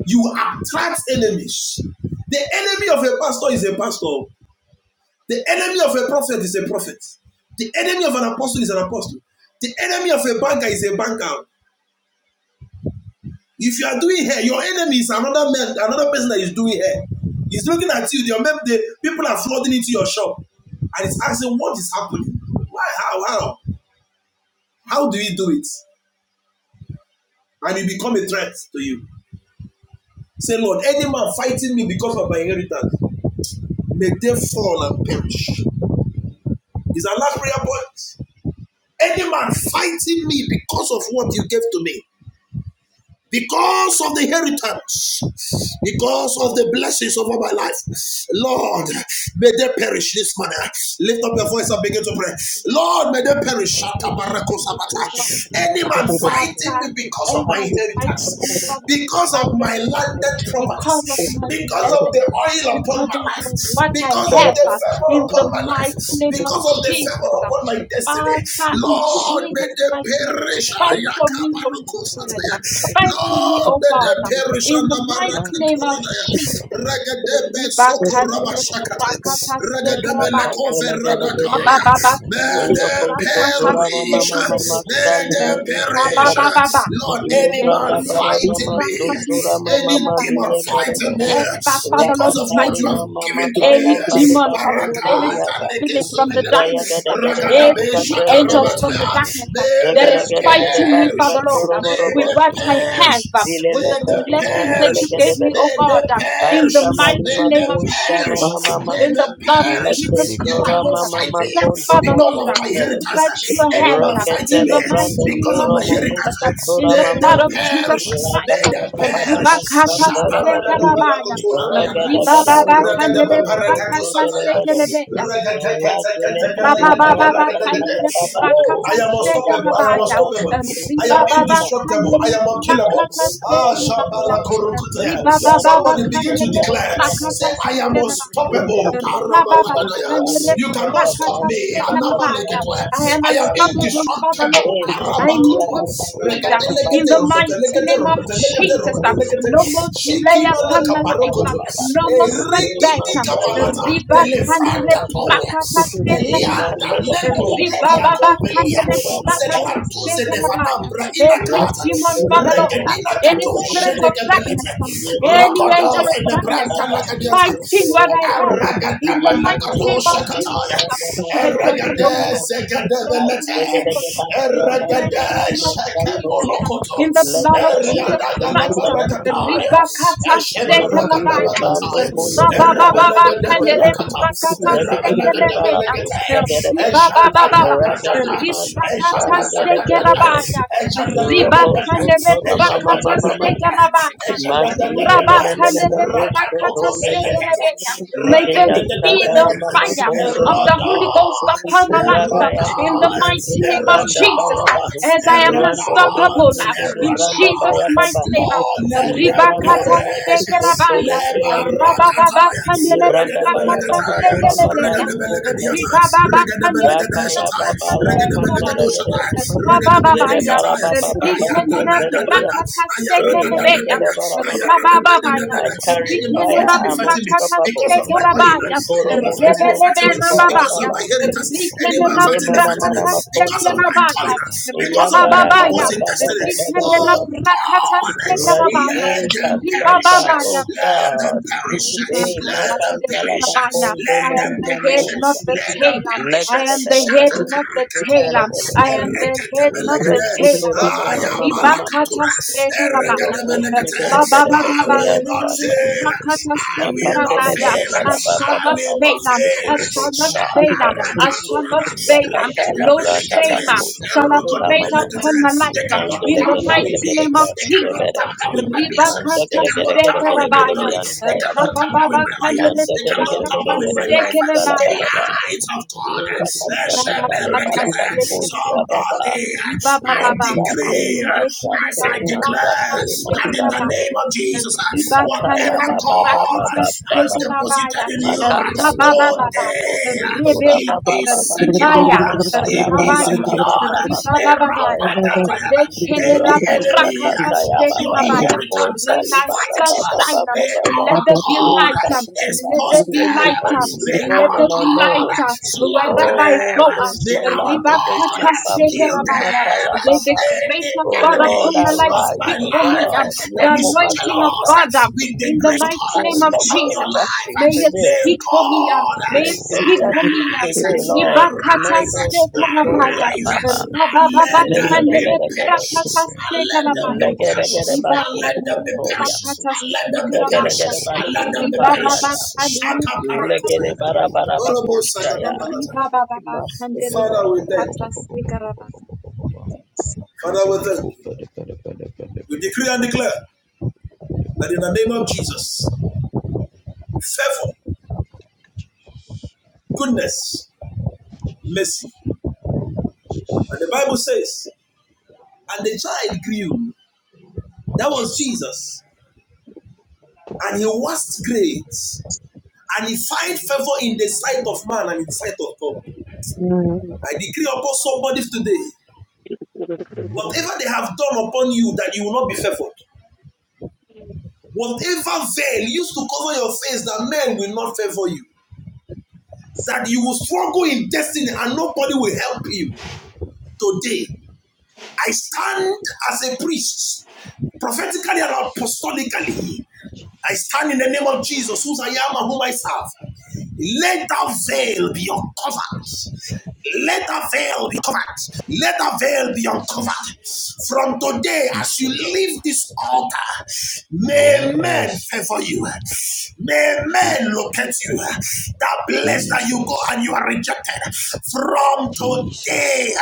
you attract enemies. The enemy of a pastor is a pastor. The enemy of a prophet is a prophet. The enemy of an apostle is an apostle. The enemy of a banker is a banker. If you are doing hair, your enemy is another man, another person that is doing hair. He's looking at you. Your the people are flooding into your shop, and it's asking what is happening. Why? How? How? How do you do it? And it become a threat to you. Say, Lord, any man fighting me because of my inheritance, may they fall and perish. Is our last prayer point? Any man fighting me because of what you gave to me, because of the inheritance, because of the blessings over my life. Lord, may they perish this morning. Lift up your voice and begin to pray. Lord, may they perish.
May they perish, O God.
Any man
Father
fighting
God,
me because of my
whoever is fighting me,
inheritance,
Father Lord,
because
my
of my
heritage,
landed properties,
because of my
because of the
blessings,
oil upon
because
my
of
life,
what I
because of
have,
the
uh,
favor
in the
upon my life,
mighty name of
because of the favor
Jesus. uh,
upon my destiny.
Father, in
Lord, may
Jesus'
they
mighty name,
perish.
fight for me, Holy Spirit. uh, Fight for me,
Lord,
O
let
God,
them
uh,
perish
in the
under
mighty name of
Maracaturanaya.
Jesus.
Regadebe Soko
Ribakandere
Rabashakataya.
brakata
Regadebe
stekerabaya.
Lekove
Sakatele gede gede.
Radakaya. May
Rabababakandere
Eyo
they
kosto
brakata
tora mama
perish.
mama
stekerebea.
May
mastali
they
medoste
perish.
bere.
Rabababa.
Lord,
Iyo
any
branda
man
Rekenere
bara
fighting
mama
me,
brakata
sotura mama
any
mali
sekelebaya.
demon
bere
fighting
bere.
me
Whoever, Father Lord,
because of
is
what
Rakatali
you have
fighting
mama
given to me.
makaya
any
bali
demon,
basto
Father Lord, any
Barakata
storiada.
leke
spirit from the
supelete.
Zaya
darkness,
gede
um,
gede
Ragadabe
basta
every
tere bere.
angels from the
shakarabataya.
darkness um,
May
that
they
Zegere
is
gede gede
fighting me,
basta
Father
perish.
Lord, um,
May
moro
with
they
bosta.
what I
perish.
have, um,
Zile
with
May
the
they
metari man
blessings that
tele
you
perish.
gede
gave me, oh
May they
God, um, in the
perish.
Kasta mali
mighty
May
name
they
of
makosta
perish.
Jesus,
mama
um,
mama.
May
in
they
the blood of
perish.
Like
Jesus
You
Zora
Christ.
cannot
um,
mama
fight me
Step,
makondo
Father
because
Lord.
of
mosto
my heritage.
Stretch your
Any
hand
man
up
fighting
in
Reketele
me
the
brando
mighty name
because of
of
koro
my
Jesus,
mokusto
uh,
inheritance.
tora
in the
May
mama.
they
blood of Jesus
perish.
Christ.
May
Rakala
they
uh,
baba baba
perish.
Ribakata
satala baba.
sekarabaya,
Shaparagadabalagoturabayana.
Regada bada
ribababa
konsoro
kandere
mokusto
brakata
tele bada.
sekerebe, uh,
Rakele branda baba
rabababa
baba kaya
kandere
baba.
brakata
I am unstoppable. I
Rekala
am
sekarabaya,
baba
unstoppable.
uh,
kosto
I am
tora
ribababa
mama.
indestructible. I
kandere
am
Ida
unkillable.
brakata
Ah,
tora mama
sekarabaya,
mama.
uh,
Ida ni
ribababa
Somebody begin
mama
to
kandere
tora
declare.
mama
Say,
mama.
I am
brakata
Yes,
unstoppable.
I am
I'm unstoppable. I'm
You cannot
unstoppable.
stop
I'm
me. I am
unstoppable.
unstoppable, Father Lord.
indestructible.
In
I
the
move with speed uh, in the mighty name of Jesus. uh,
name of
No more
Jesus.
delay
Shikimala
upon my life. uh,
kaparokoto.
Mama,
No more setback.
Erikiti
uh,
kabalata.
Riba
Delefra
kandi
katoya.
rebrakata stekenabaya.
Elianda neklo
Riba
mekia
baba kandi
kombelia.
rebrakata
Zeklantuze
stekenabaya.
nefanabra
Every
inakata.
demon, Father Lord, uh,
Regedina
any
kato
spirit of
shedekebelete.
darkness, um, any
Rokodo
angel of darkness,
fenebranta
um,
lakadiata.
fighting what I have in the mighty name of
Aragadabanakatoshakataya.
Jesus. uh, Bless your hand, O Lord. Bless your
Eragadezegadabalete.
hand, O Lord. In the mighty name of Jesus, uh,
Eragadeshakepolokoto.
in the
Randoro
blood of Jesus Christ, uh,
Eriadagalabarakataya.
Ribakata Sekelabaya,
Eshebrakadabalataya.
Rabababa, and
Erabelagadabarakata.
Ribakata Sekelabaya,
Erabelagadabalagate.
Ribababa,
Eshadadadadada.
Ribrakata
Eshadadadadada.
Sekelabaya,
Eshadadadadada.
Ribakane Ribrakata
Eshadadadadada.
Sekelabaya,
Eshadadadadada. Raka Rakatoko Belekata,
May them see the
Rakatadabelekata,
fire of the
Eroda,
Holy Ghost upon my life uh,
Eroda,
in the mighty name of
Eroda,
Jesus uh, as I am
Eroda,
Monsanto
unstoppable uh,
de
in
Eroda.
Granda
Jesus'
Baya Baba.
mighty name. uh,
Lord, let
Ye
them
branda romo
perish.
koste tere
Ribakatasekerabana.
Leba
branda.
Rakatabaya,
Ye branda baya baba
Rakadabelekataya,
baba baba
Rabababakandelebrakatasnegerebeya.
luko
Rakadabelekadiata,
tere. Raka ya
Rakadabelekadeshataya,
baba la katere
Ribababakandelebrakatasnegerabaya.
Rakadabelekadoshataya,
gere. Zere
Rabababaya.
bara
Rakadabelekadiataya.
baba baba tere gere.
Ayadadadadada,
Hey,
Rikendelebrakatasnegerebeya.
yandele
ayarradadadadada,
bara
ayarradadadadada,
baba.
Rabababaya,
I carry
any
fire.
Ritelera
fighting me,
I'm
fighting me
Prakata
because
unstoppable.
of my oil.
Sekarabaya,
Any
Ikoro momo
fighting me, fighting
mosto
me
sara
because
Rebebebababaya,
of my
baba.
inheritance. Any
Ritelera
Le
fighting me,
mana
fighting me
mana
Prakata
because of
makoso.
my
Sekarabaya,
calling.
Ya
Because of my
bara baba
Rabababaya,
purpose and
baba
destiny.
baba baba
Ritelera
Oh
baba.
Prakata
God,
Sekarabaya,
let
Razeka
them perish.
sasa
Ribababaya,
Let
oka.
them perish.
Hey,
Let let them
makantala
perish.
Ribakatashekarabaya.
bakondo
Let
I am
them
the
perish.
head, not
momomoza.
the
Let them
tail.
perish.
I
Legede
am the
bedo
head,
bedo
not the
hite
Shatakarakatora.
tail.
telegede.
I am the head, not the
Ereketebelegede.
Raise
tail.
to rama mama mama mama.
Ayamalakatura.
Ribakatashekarabaya.
Loko
Ereketebelegede.
shigede bedo
I
bedo
will not
yasta.
fail. I will not
Makatele
Rababababakalerabakatashekarabaya.
bedo
fail.
bedo
I
baba
shall
I
baba
not
will
baba.
not
fail.
fail.
I
Sukuru
shall not
bosta
fail.
atele.
I shall
Shaparakatura.
not
They
fail.
Rakatala
No
branda
shame
bako.
shall
Sukuru rama
operate
mama.
upon my life.
cannot
Mondo
In the
legede
tamper with
gede
mighty
me.
gede
name of
They
gede
cannot
Jesus.
gede.
tamper with my blessing.
Manda
They
gede gede
cannot
gede
tamper
gede
with my
gede
Ribakatashekarabaya.
glory.
yasta
They
ya
cannot
baba.
tamper with my oil.
Manda
They
gede
cannot
gede gede
tamper with
gede
my life.
yasta la
The
Rabababakanerebakatastekelebaga.
baba.
light of God. eh, shall be
Rakasakatale
reckoned.
Barabakosha Baba
Rabakatastekelebaga.
Somebody, I
Ribabababa.
Masate
decree, as
Kasate
I declare,
Masate
that in the
Rebekenerebakatastekelebaga.
Masate
name of Jesus,
Zikataya
whatever
Baba
God
Baba
has
Baba
deposited
Ribakanerebakatastekelebaga.
in you,
Makataya Mama
Rababababa.
Makosu
today
Tura
Rebeya.
it
Baba
is
Baba
secure.
Ribaya.
Makaya
It is
Baba
Rabaya.
Baba
secure.
Baba
Eh,
Ribabababaya.
Koshaya Baba
Eh, enemy
Rakasakataya
of your
Baba
Rekenerebakatastekelebaga.
inheritance,
Lakonda
Rain thy
fight
Libara
stars
you.
Baba
shine,
Baba
and
Where
Baba
our
let there be
God
light. Let
Inkasatara
there
exposed
be
any
them,
light. uh,
enemy
where
no
Let
our
no
there
no
be
no
light
God
uh, wherever
slaughtered
I
Oh,
go.
them,
um,
against
May
my
our
life, against
God
my
Ribakata
family.
kill them.
sekerabaya.
Himakaya
Let the
Baba.
Any
grace of
Oh
God
enemy
Lord,
upon my life
of
arise,
my
speak
O
for me.
life
um,
God.
that
The
is
anointing of
Yakomasata.
God
jealous
um,
with the
in the
grace of
mighty name
And
of
God
let
upon
your
your
Jesus. um,
justice
life,
May it
prevail.
may
speak for me. um,
God
May
Let
it
your
speak for
justice
me. um,
arise,
prevail, Lord.
Ribakata
Medo
arise,
sekerabaya.
Sotoria Bab.
arise, and let them be
Rabababakandere
Legedegedegede.
prakata
perished, and let them
sekerabaya.
be perished, and
Legedegedebaku
let them be
Ribakandere
Sotoria.
perished,
prakata
and let them be perished, and
Legedegedebalu
let them be
Amen.
Sotariada.
perished. Shaka parakutaya.
Legedebarabarabakoshtaya. Imastetua.
We decree and declare that in the name of Jesus, favor, goodness, mercy. And the Bible says, and the child grew. That was Jesus. And he was great. And he find favor in the sight of man and in the sight of God. I decree upon somebody today, whatever they have done upon you, that you will not be favored. Whatever veil used to cover your face, that men will not favor you. That you will struggle in destiny and nobody will help you. Today, I stand as a priest prophetically and apostolically. I stand in the name of Jesus, whose I am and whom I serve. Let that veil be uncovered. Let that veil be covered. Let that veil be uncovered.
Jesus,
From today, as you
Jesus,
leave this altar, may men favor you. May men locate you. That place that
Jesus,
you go and you are rejected. From
Jesus.
today,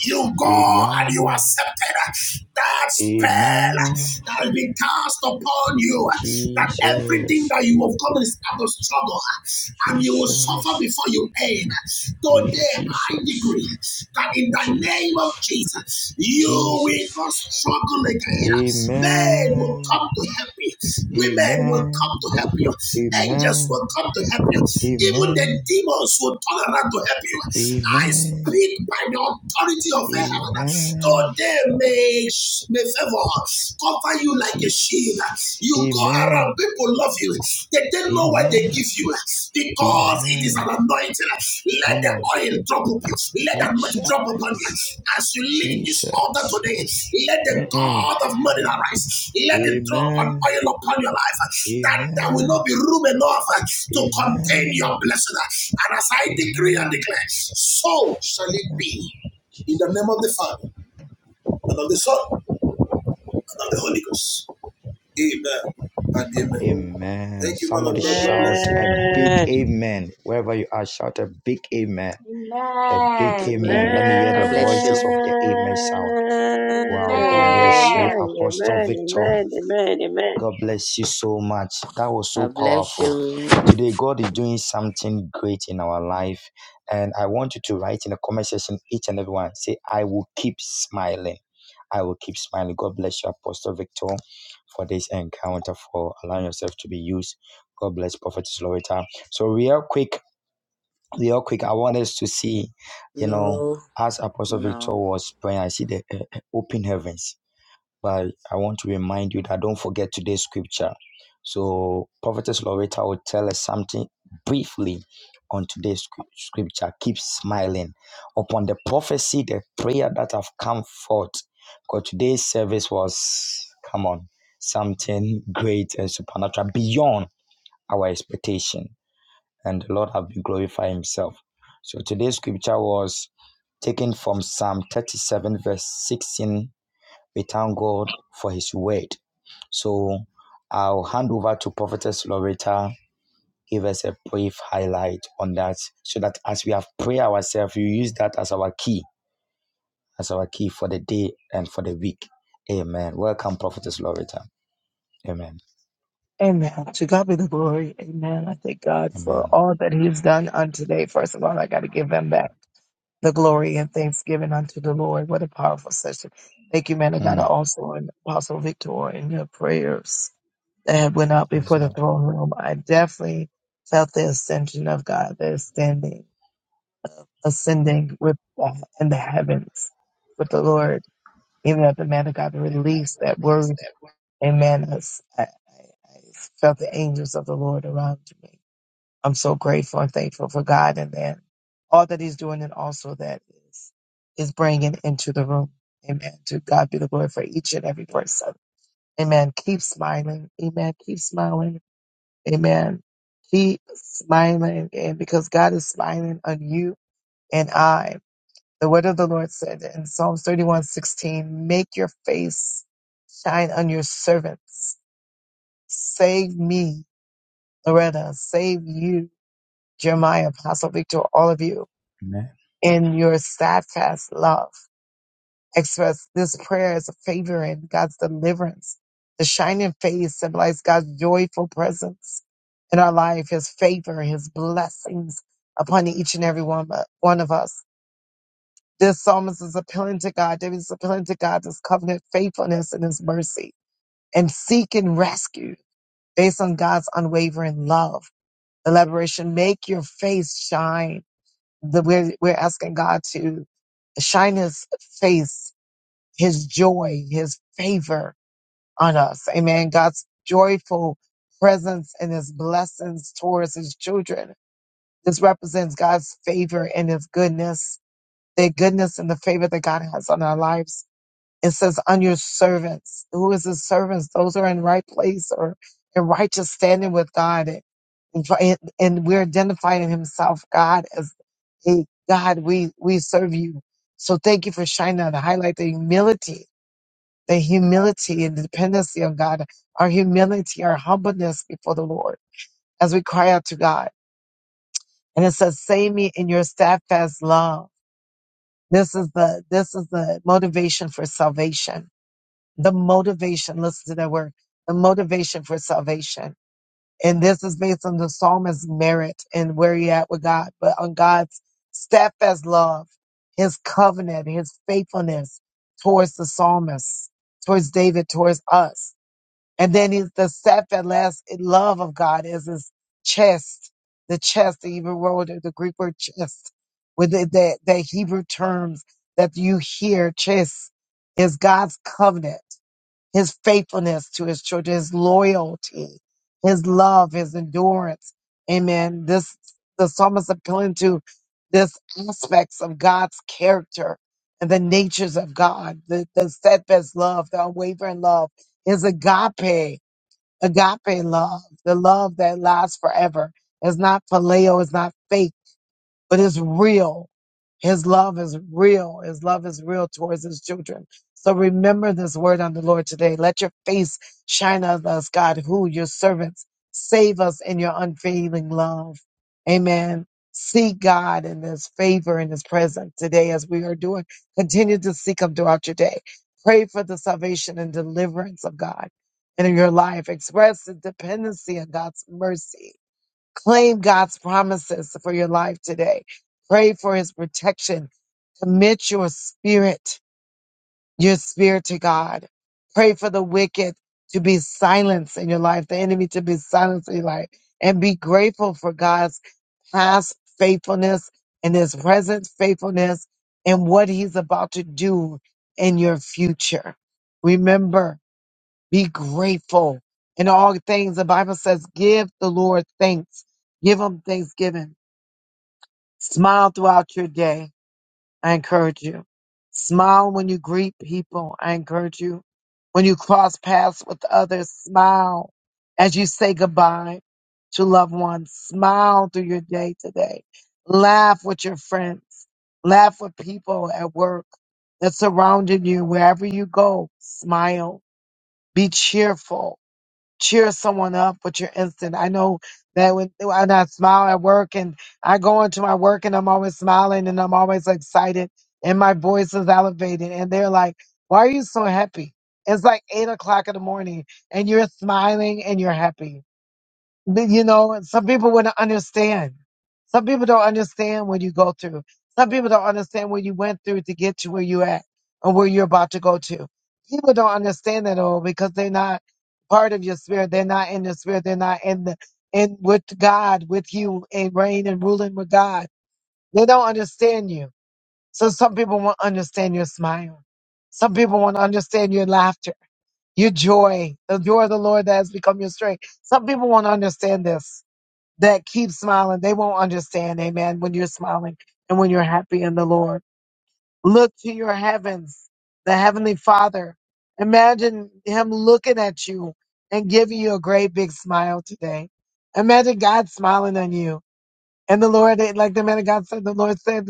you go and you are
Amen,
accepted that spell
amen.
that has been cast upon you, that everything
Jesus,
that you have come is out of struggle, and you will
Jesus,
suffer before you end.
yeah,
Today, I
Jesus,
decree that in the name
Jesus,
of Jesus, you will
Jesus.
not struggle again. Men will
Amen,
come to help you, women will come
amen,
to help you, angels
amen,
will come to help you, even the
amen,
demons will turn around to help you. I
amen,
speak by the authority of heaven
amen.
Though they may, may favor cover you like a shield.
Jesus.
You go around,
Amen.
people love you. They don't know why they
Amen.
give you because it is an
Amen.
anointing. Let
Come
the
on.
oil drop upon you. Let the money drop upon you.
Jesus.
As you leave this altar
Jesus.
today, let the
Mm-mm.
God of money arise. Let it drop an
Amen.
oil upon your life that there will not
Amen.
be room enough to contain
Amen.
your blessing. And as I decree and
Amen.
declare, so shall it be. In the name
Jesus.
of the Father and of the Son, and of the Holy Ghost. Amen and amen.
Amen.
Thank you, man
Somebody
of God. God bless
shout
you.
a big
Amen.
amen. Wherever you are, shout a big amen. A big
Amen.
amen. Let me hear the
bless you.
voices of the amen sound. Wow. God bless you,
Amen.
Amen.
Apostle
Amen.
Victor.
Amen. Amen. Amen.
God bless you so much. That was so
God bless
powerful.
you.
Today, God is doing something great in our life. And I want you to write in the comment section, each and everyone, say, I will keep smiling. I will keep smiling. God bless you, Apostle Victor, for this encounter, for allowing yourself to be used. God bless Prophetess Loretta. So, real quick, real quick, I want us to see, you know,
No,
as Apostle Victor
no.
was praying, I see the uh, uh, open heavens but I want to remind you that don't forget today's scripture. So, Prophetess Loretta will tell us something briefly on today's scr- scripture. Keep smiling upon the prophecy, the prayer that have come forth. Because today's service was, come on, something great and supernatural beyond our expectation. And the Lord have been glorified Himself. So, today's scripture was taken from Psalm 37, verse 16 we thank God for His word. So I'll hand over to Prophetess Loretta. Give us a brief highlight on that so that as we have prayed ourselves, you use that as our key, as our key for the day and for the week. Amen. Welcome, Prophetess Loretta. Amen. Amen. Mm. Yes, Lord.
into the man to God be the glory for each and every person. Amen. Keep silent. Also, victor all of you
Amen.
in your steadfast love. express this prayer as a favor and God's deliverance. The shining face symbolizes God's joyful presence in our life, His favor, His blessings upon each and every one, one of us. This psalmist is appealing to God. David is appealing to God's covenant faithfulness and His mercy and seeking rescue based on God's unwavering love. Elaboration, make your face shine. The, we're, we're asking God to shine His face his joy, his favor on us. Amen. God's joyful presence and his blessings towards his children. This represents God's favor and his goodness, the goodness and the favor that God has on our lives. It says, on your servants. Who is his servants? Those who are in right place or in righteous standing with God. And, and and we're identifying himself, God, as a God, we, we serve you. So thank you for shining on the highlight the humility the humility and dependency on God, our humility, our humbleness before the Lord as we cry out to God. And it says, save me in your steadfast love. This is the, this is the motivation for salvation. The motivation, listen to that word, the motivation for salvation. And this is based on the psalmist's merit and where he at with God, but on God's steadfast love, his covenant, his faithfulness towards the psalmist, towards David, towards us And then he's the steadfast love of God is his chest, the chest, the Hebrew word, the Greek word chest, with the, the, the Hebrew terms that you hear, chest, is God's covenant, his faithfulness to his children, his loyalty, his love, his endurance. Amen. This, the psalmist appealing to this aspects of God's character and the natures of God, the, the steadfast love, the unwavering love, is agape, agape love, the love that lasts forever. It's not paleo, it's not fake, but it's real. His love is real. His love is real towards his children. So remember this word on the Lord today. Let your face shine on us, God, who your servants. Save us in your unfailing love. Amen. See God in his favor and his presence today as we are doing. Continue to seek him throughout your day. Pray for the salvation and deliverance of God in your life. Express the dependency on God's mercy Claim God's promises for your life today. Pray for his protection. Commit your spirit, your spirit to God. Pray for the wicked to be silenced in your life, the enemy to be silenced in your life, and be grateful for God's past faithfulness and his present faithfulness and what he's about to do in your future. Remember, be grateful in all things. The Bible says, give the Lord thanks. Give him thanksgiving Smile throughout your day. I encourage you. Smile when you greet people. I encourage you. When you cross paths with others, smile as you say goodbye to loved ones. Smile through your day today. Laugh with your friends. Laugh with people at work that surrounded you. Wherever you go, smile. Be cheerful cheer someone up with your instant. I know that when, when I smile at work and I go into my work and I'm always smiling and I'm always excited and my voice is elevated and they're like, why are you so happy? It's like eight o'clock in the morning and you're smiling and you're happy. But, You know, some people wouldn't understand. Some people don't understand what you go through. Some people don't understand what you went through to get to where you at or where you're about to go to. People don't understand that all because they're not part of your spirit. They're not in the spirit. They're not in the in with God, with you and reign and ruling with God. They don't understand you. So some people won't understand your smile. Some people won't understand your laughter, your joy, the joy of the Lord that has become your strength. Some people won't understand this that keep smiling, they won't understand, amen, when you're smiling and when you're happy in the Lord. Look to your heavens, the Heavenly Father. Imagine Him looking at you and giving you a great big smile today. Imagine God smiling on you. And the Lord, like the man of God said, the Lord said,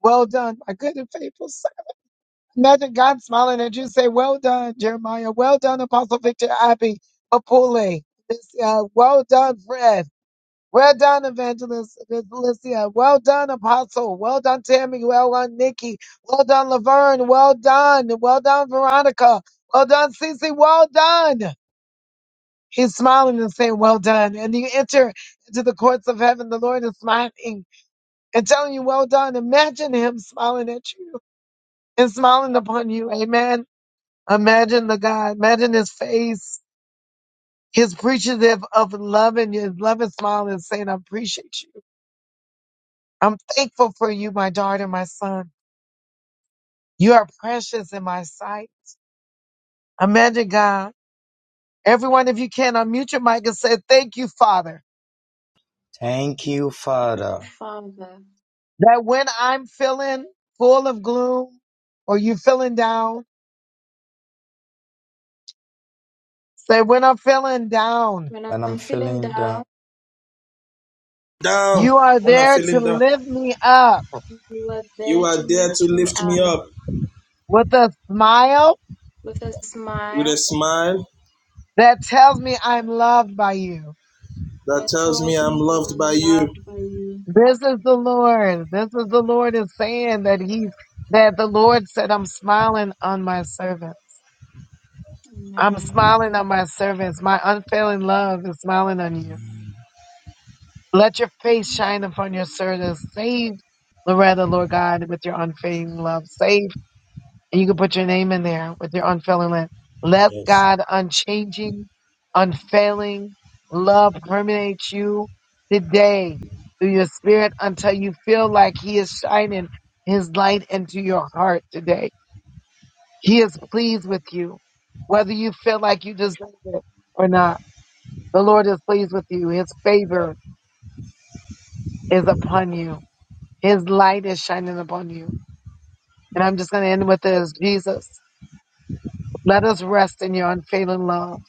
Well done, my good and faithful son. Imagine God smiling at you and say, Well done, Jeremiah. Well done, Apostle Victor Abbey, Apule. This, uh, well done, Fred. Well done, Evangelist Felicia. Well done, Apostle. Well done, Tammy. Well done, Nikki. Well done, Laverne. Well done. Well done, Veronica. Well done, Cece. Well done. He's smiling and saying, Well done. And you enter into the courts of heaven. The Lord is smiling and telling you, Well done. Imagine him smiling at you and smiling upon you. Amen. Imagine the God. Imagine his face. His appreciative of love and his love and smile and saying, I appreciate you. I'm thankful for you, my daughter, my son. You are precious in my sight. Imagine God. Everyone, if you can, unmute your mic and say, Thank you, Father,
Thank you, Father.
Father,
that when I'm feeling full of gloom or you feeling down, say, When I'm feeling down,
when
When I'm
I'm feeling
feeling down.
down,
Down
you are
when I'm
there to
feeling down,
lift me up
you are
you
there
are
to
there to
lift me
lift me
up
up
with a smile
with a
with a
smile
smile
that tells me I'm loved by you.
that
that
tells me
tells
I'm
me that
loved
I'm
by you.
loved by you.
This is the Lord. This is the Lord is saying that he's, that the Lord said, I'm smiling on my servant. I'm smiling on my servants. My unfailing love is smiling on you. Let your face shine upon your servants. Save Loretta, Lord God, with your unfailing love. Save, and you can put your name in there with your unfailing love. Let
Yes.
God unchanging, unfailing love permeate you today through your spirit until you feel like He is shining His light into your heart today. He is pleased with you, whether you feel like you deserve it or not. The Lord is pleased with you. His favor is upon you. His light is shining upon you. And I'm just going to end with this. Jesus, let us rest in your unfailing love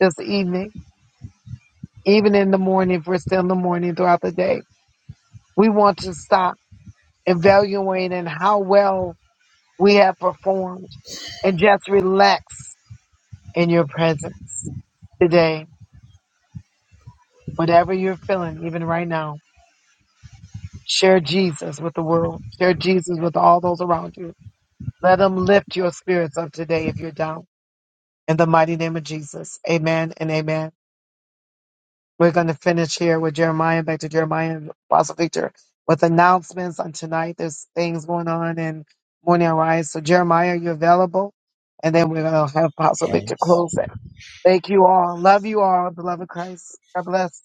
this evening, even in the morning, if we're still in the morning throughout the day. We want to stop evaluating how well we have performed and just relax in your presence today. Whatever you're feeling, even right now, share Jesus with the world. Share Jesus with all those around you Let them lift your spirits up today if you're down. In the mighty name of Jesus. Amen and amen. We're going to finish here with Jeremiah, back to Jeremiah and Apostle Victor with announcements on tonight. There's things going on in Morning Arise. So, Jeremiah, are you available? And then we're going to have Apostle Victor
Yes.
close it. Thank you all. Love you all, beloved Christ. God bless.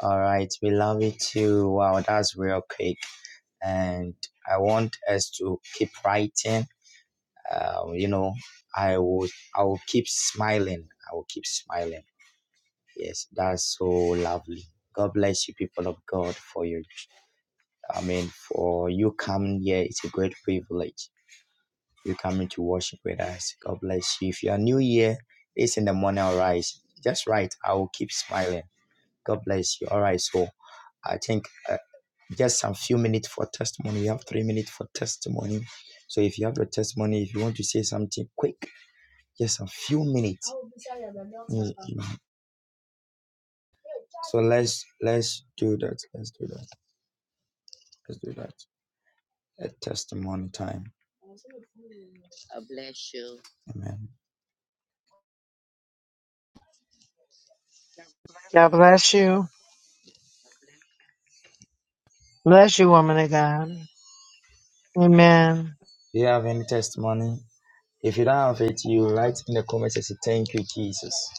All right. We love you too. Wow, that's real quick. and I want us to keep writing. Uh, you know, I will I will keep smiling. I will keep smiling. Yes, that's so lovely. God bless you, people of God, for your. I mean, for you coming here, it's a great privilege. You coming to worship with us. God bless you. If you are new here, it's in the morning. All right, just right. I will keep smiling. God bless you. All right, so I think. uh, just a few minutes for testimony. You have three minutes for testimony. So if you have your testimony, if you want to say something quick, just a few minutes. Mm, mm. So let's let's do that. Let's do that. Let's do that. A testimony time. Amen.
God bless you. Bless you, woman of God. Amen.
Do you have any testimony? If you don't have it, you write in the comments and say thank you, Jesus.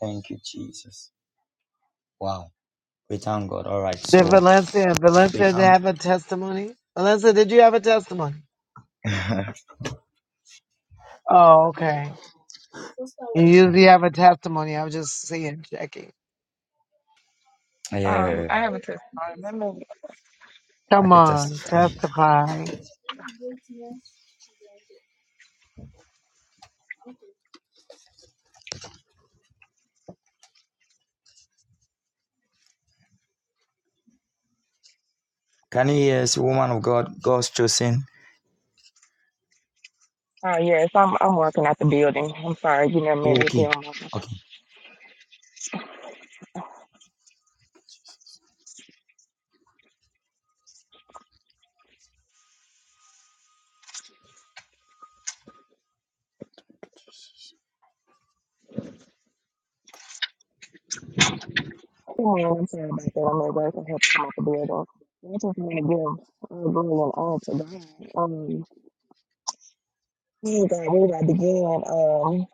Thank you, Jesus. Wow. We thank God. All right. So
Did Valencia,
we
Valencia, did
thank
have a testimony? Valencia, did you have a testimony? Oh, okay. You usually have a testimony. I was just seeing, checking.
Um,
yeah,
I have a testimony. Let me.
I
Come
can testify. Can you hear us, woman of God, God's chosen?
Oh yes, I'm. I'm working at the building. I'm sorry, you never met me if you
Okay.
don't mind.
Okay.
Oh, I'm sorry about that. I'm at work. I have to come out the building. I just want to give all glory and honor to God. Um, oh God, where do I begin? Um,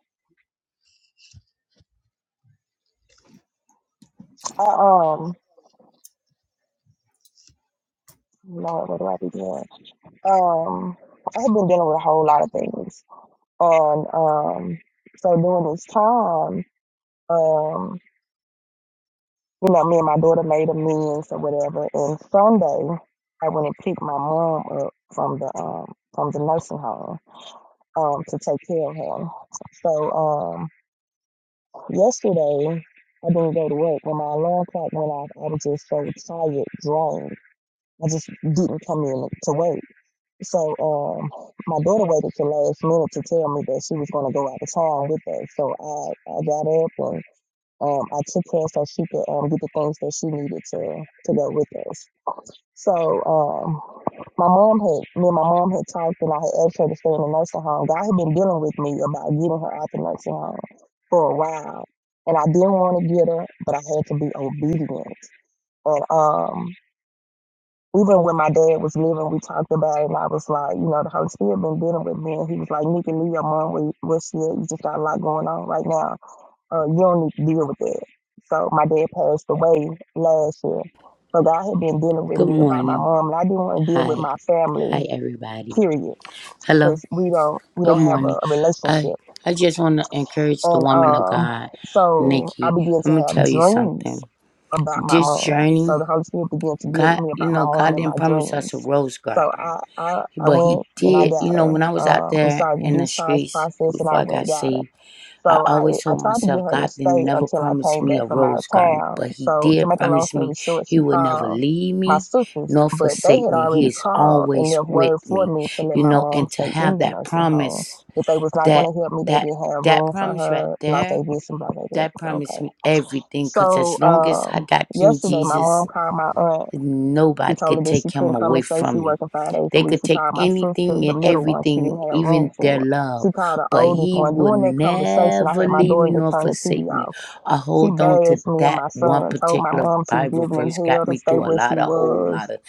I um, Lord, where do I begin? Um, I've been dealing with a whole lot of things, and um, so during this time, um. you know, me and my daughter made amends or whatever. And Sunday, I went and picked my mom up from the um from the nursing home um to take care of her. So um yesterday I didn't go to work. When my alarm clock went off, I was just so tired, drained. I just didn't come in to work. So um my daughter waited till last minute to tell me that she was gonna go out of town with us. So I, I got up and um, I took her so she could um, get the things that she needed to to go with us. So um, my mom had me and my mom had talked, and I had asked her to stay in the nursing home. God had been dealing with me about getting her out the nursing home for a while, and I didn't want to get her, but I had to be obedient. And um, even when my dad was living, we talked about it, and I was like, you know, the Holy Spirit been dealing with me, and he was like, Nikki, leave your mom where, where she at. You just got a lot going on right now uh, you don't need to deal with that. So my dad passed away last year. So God had been dealing with
Good
me about my
morning.
mom, and I didn't want to deal with
Hi.
my family.
Hi, everybody.
Period, because
Hello.
we don't we
Good
don't have a,
morning.
a
I
relationship.
I just want to encourage the
And
woman of
um,
God,
so I
Nikki.
began
I'm
to
gonna
have
tell you
dreams
something.
about my
this
mom. So
journey,
the Holy Spirit began to deal with
God,
me
you
about my
know,
mom
God
and my
didn't promise us
dreams.
a rose
So
garden,
I I, I
but
went
He
and I
did. You
got
know,
her.
when I was out
Um, we
there
started
in
the
the
discharge
streets
process, and
before
I
I
went
got
and got her.
saved, I
So I
always
I
told
tried to get
myself,
her to
God didn't
stay
never
until I
promise
came
me
back
a
from out of
rose garden,
town.
but He
So to
did
make a long
promise
story
me
short,
He
she
would never
called
leave
my
me
sisters,
nor
but they
forsake
had
me.
already
He is
called and
always
left
with
word for
me,
me to let
you
my
know,
mom
and to
stay in
have
the
that
nursing home.
promise,
If they was not
that,
going to help me, they
that,
didn't have
that
room for
promise right
her. Blah, they
there,
this and blah, they that.
that promised
Okay.
me everything. Cause
So
as long as I
um,
got King
yesterday, my
Jesus,
mom called my aunt she
Nobody
told me
could
that she
take him
couldn't come
away
and stay. She
from me.
working five days a
They
week.
could
She
take
called my sister,
anything
the
and
middle one. She didn't
everything,
have room
even
for.
their
her.
love,
She called the
but
oldest
he
one.
will
During that conversation, I
never
had my
leave me
daughter to
nor
turn the TV
forsake me.
off.
I
She
hold on to
bashed me and
that
my
one
son. Told my
particular
mom she was
Bible
living in
verse
hell
got
to
me
stay
through a
where she
lot of whole
was.
lot of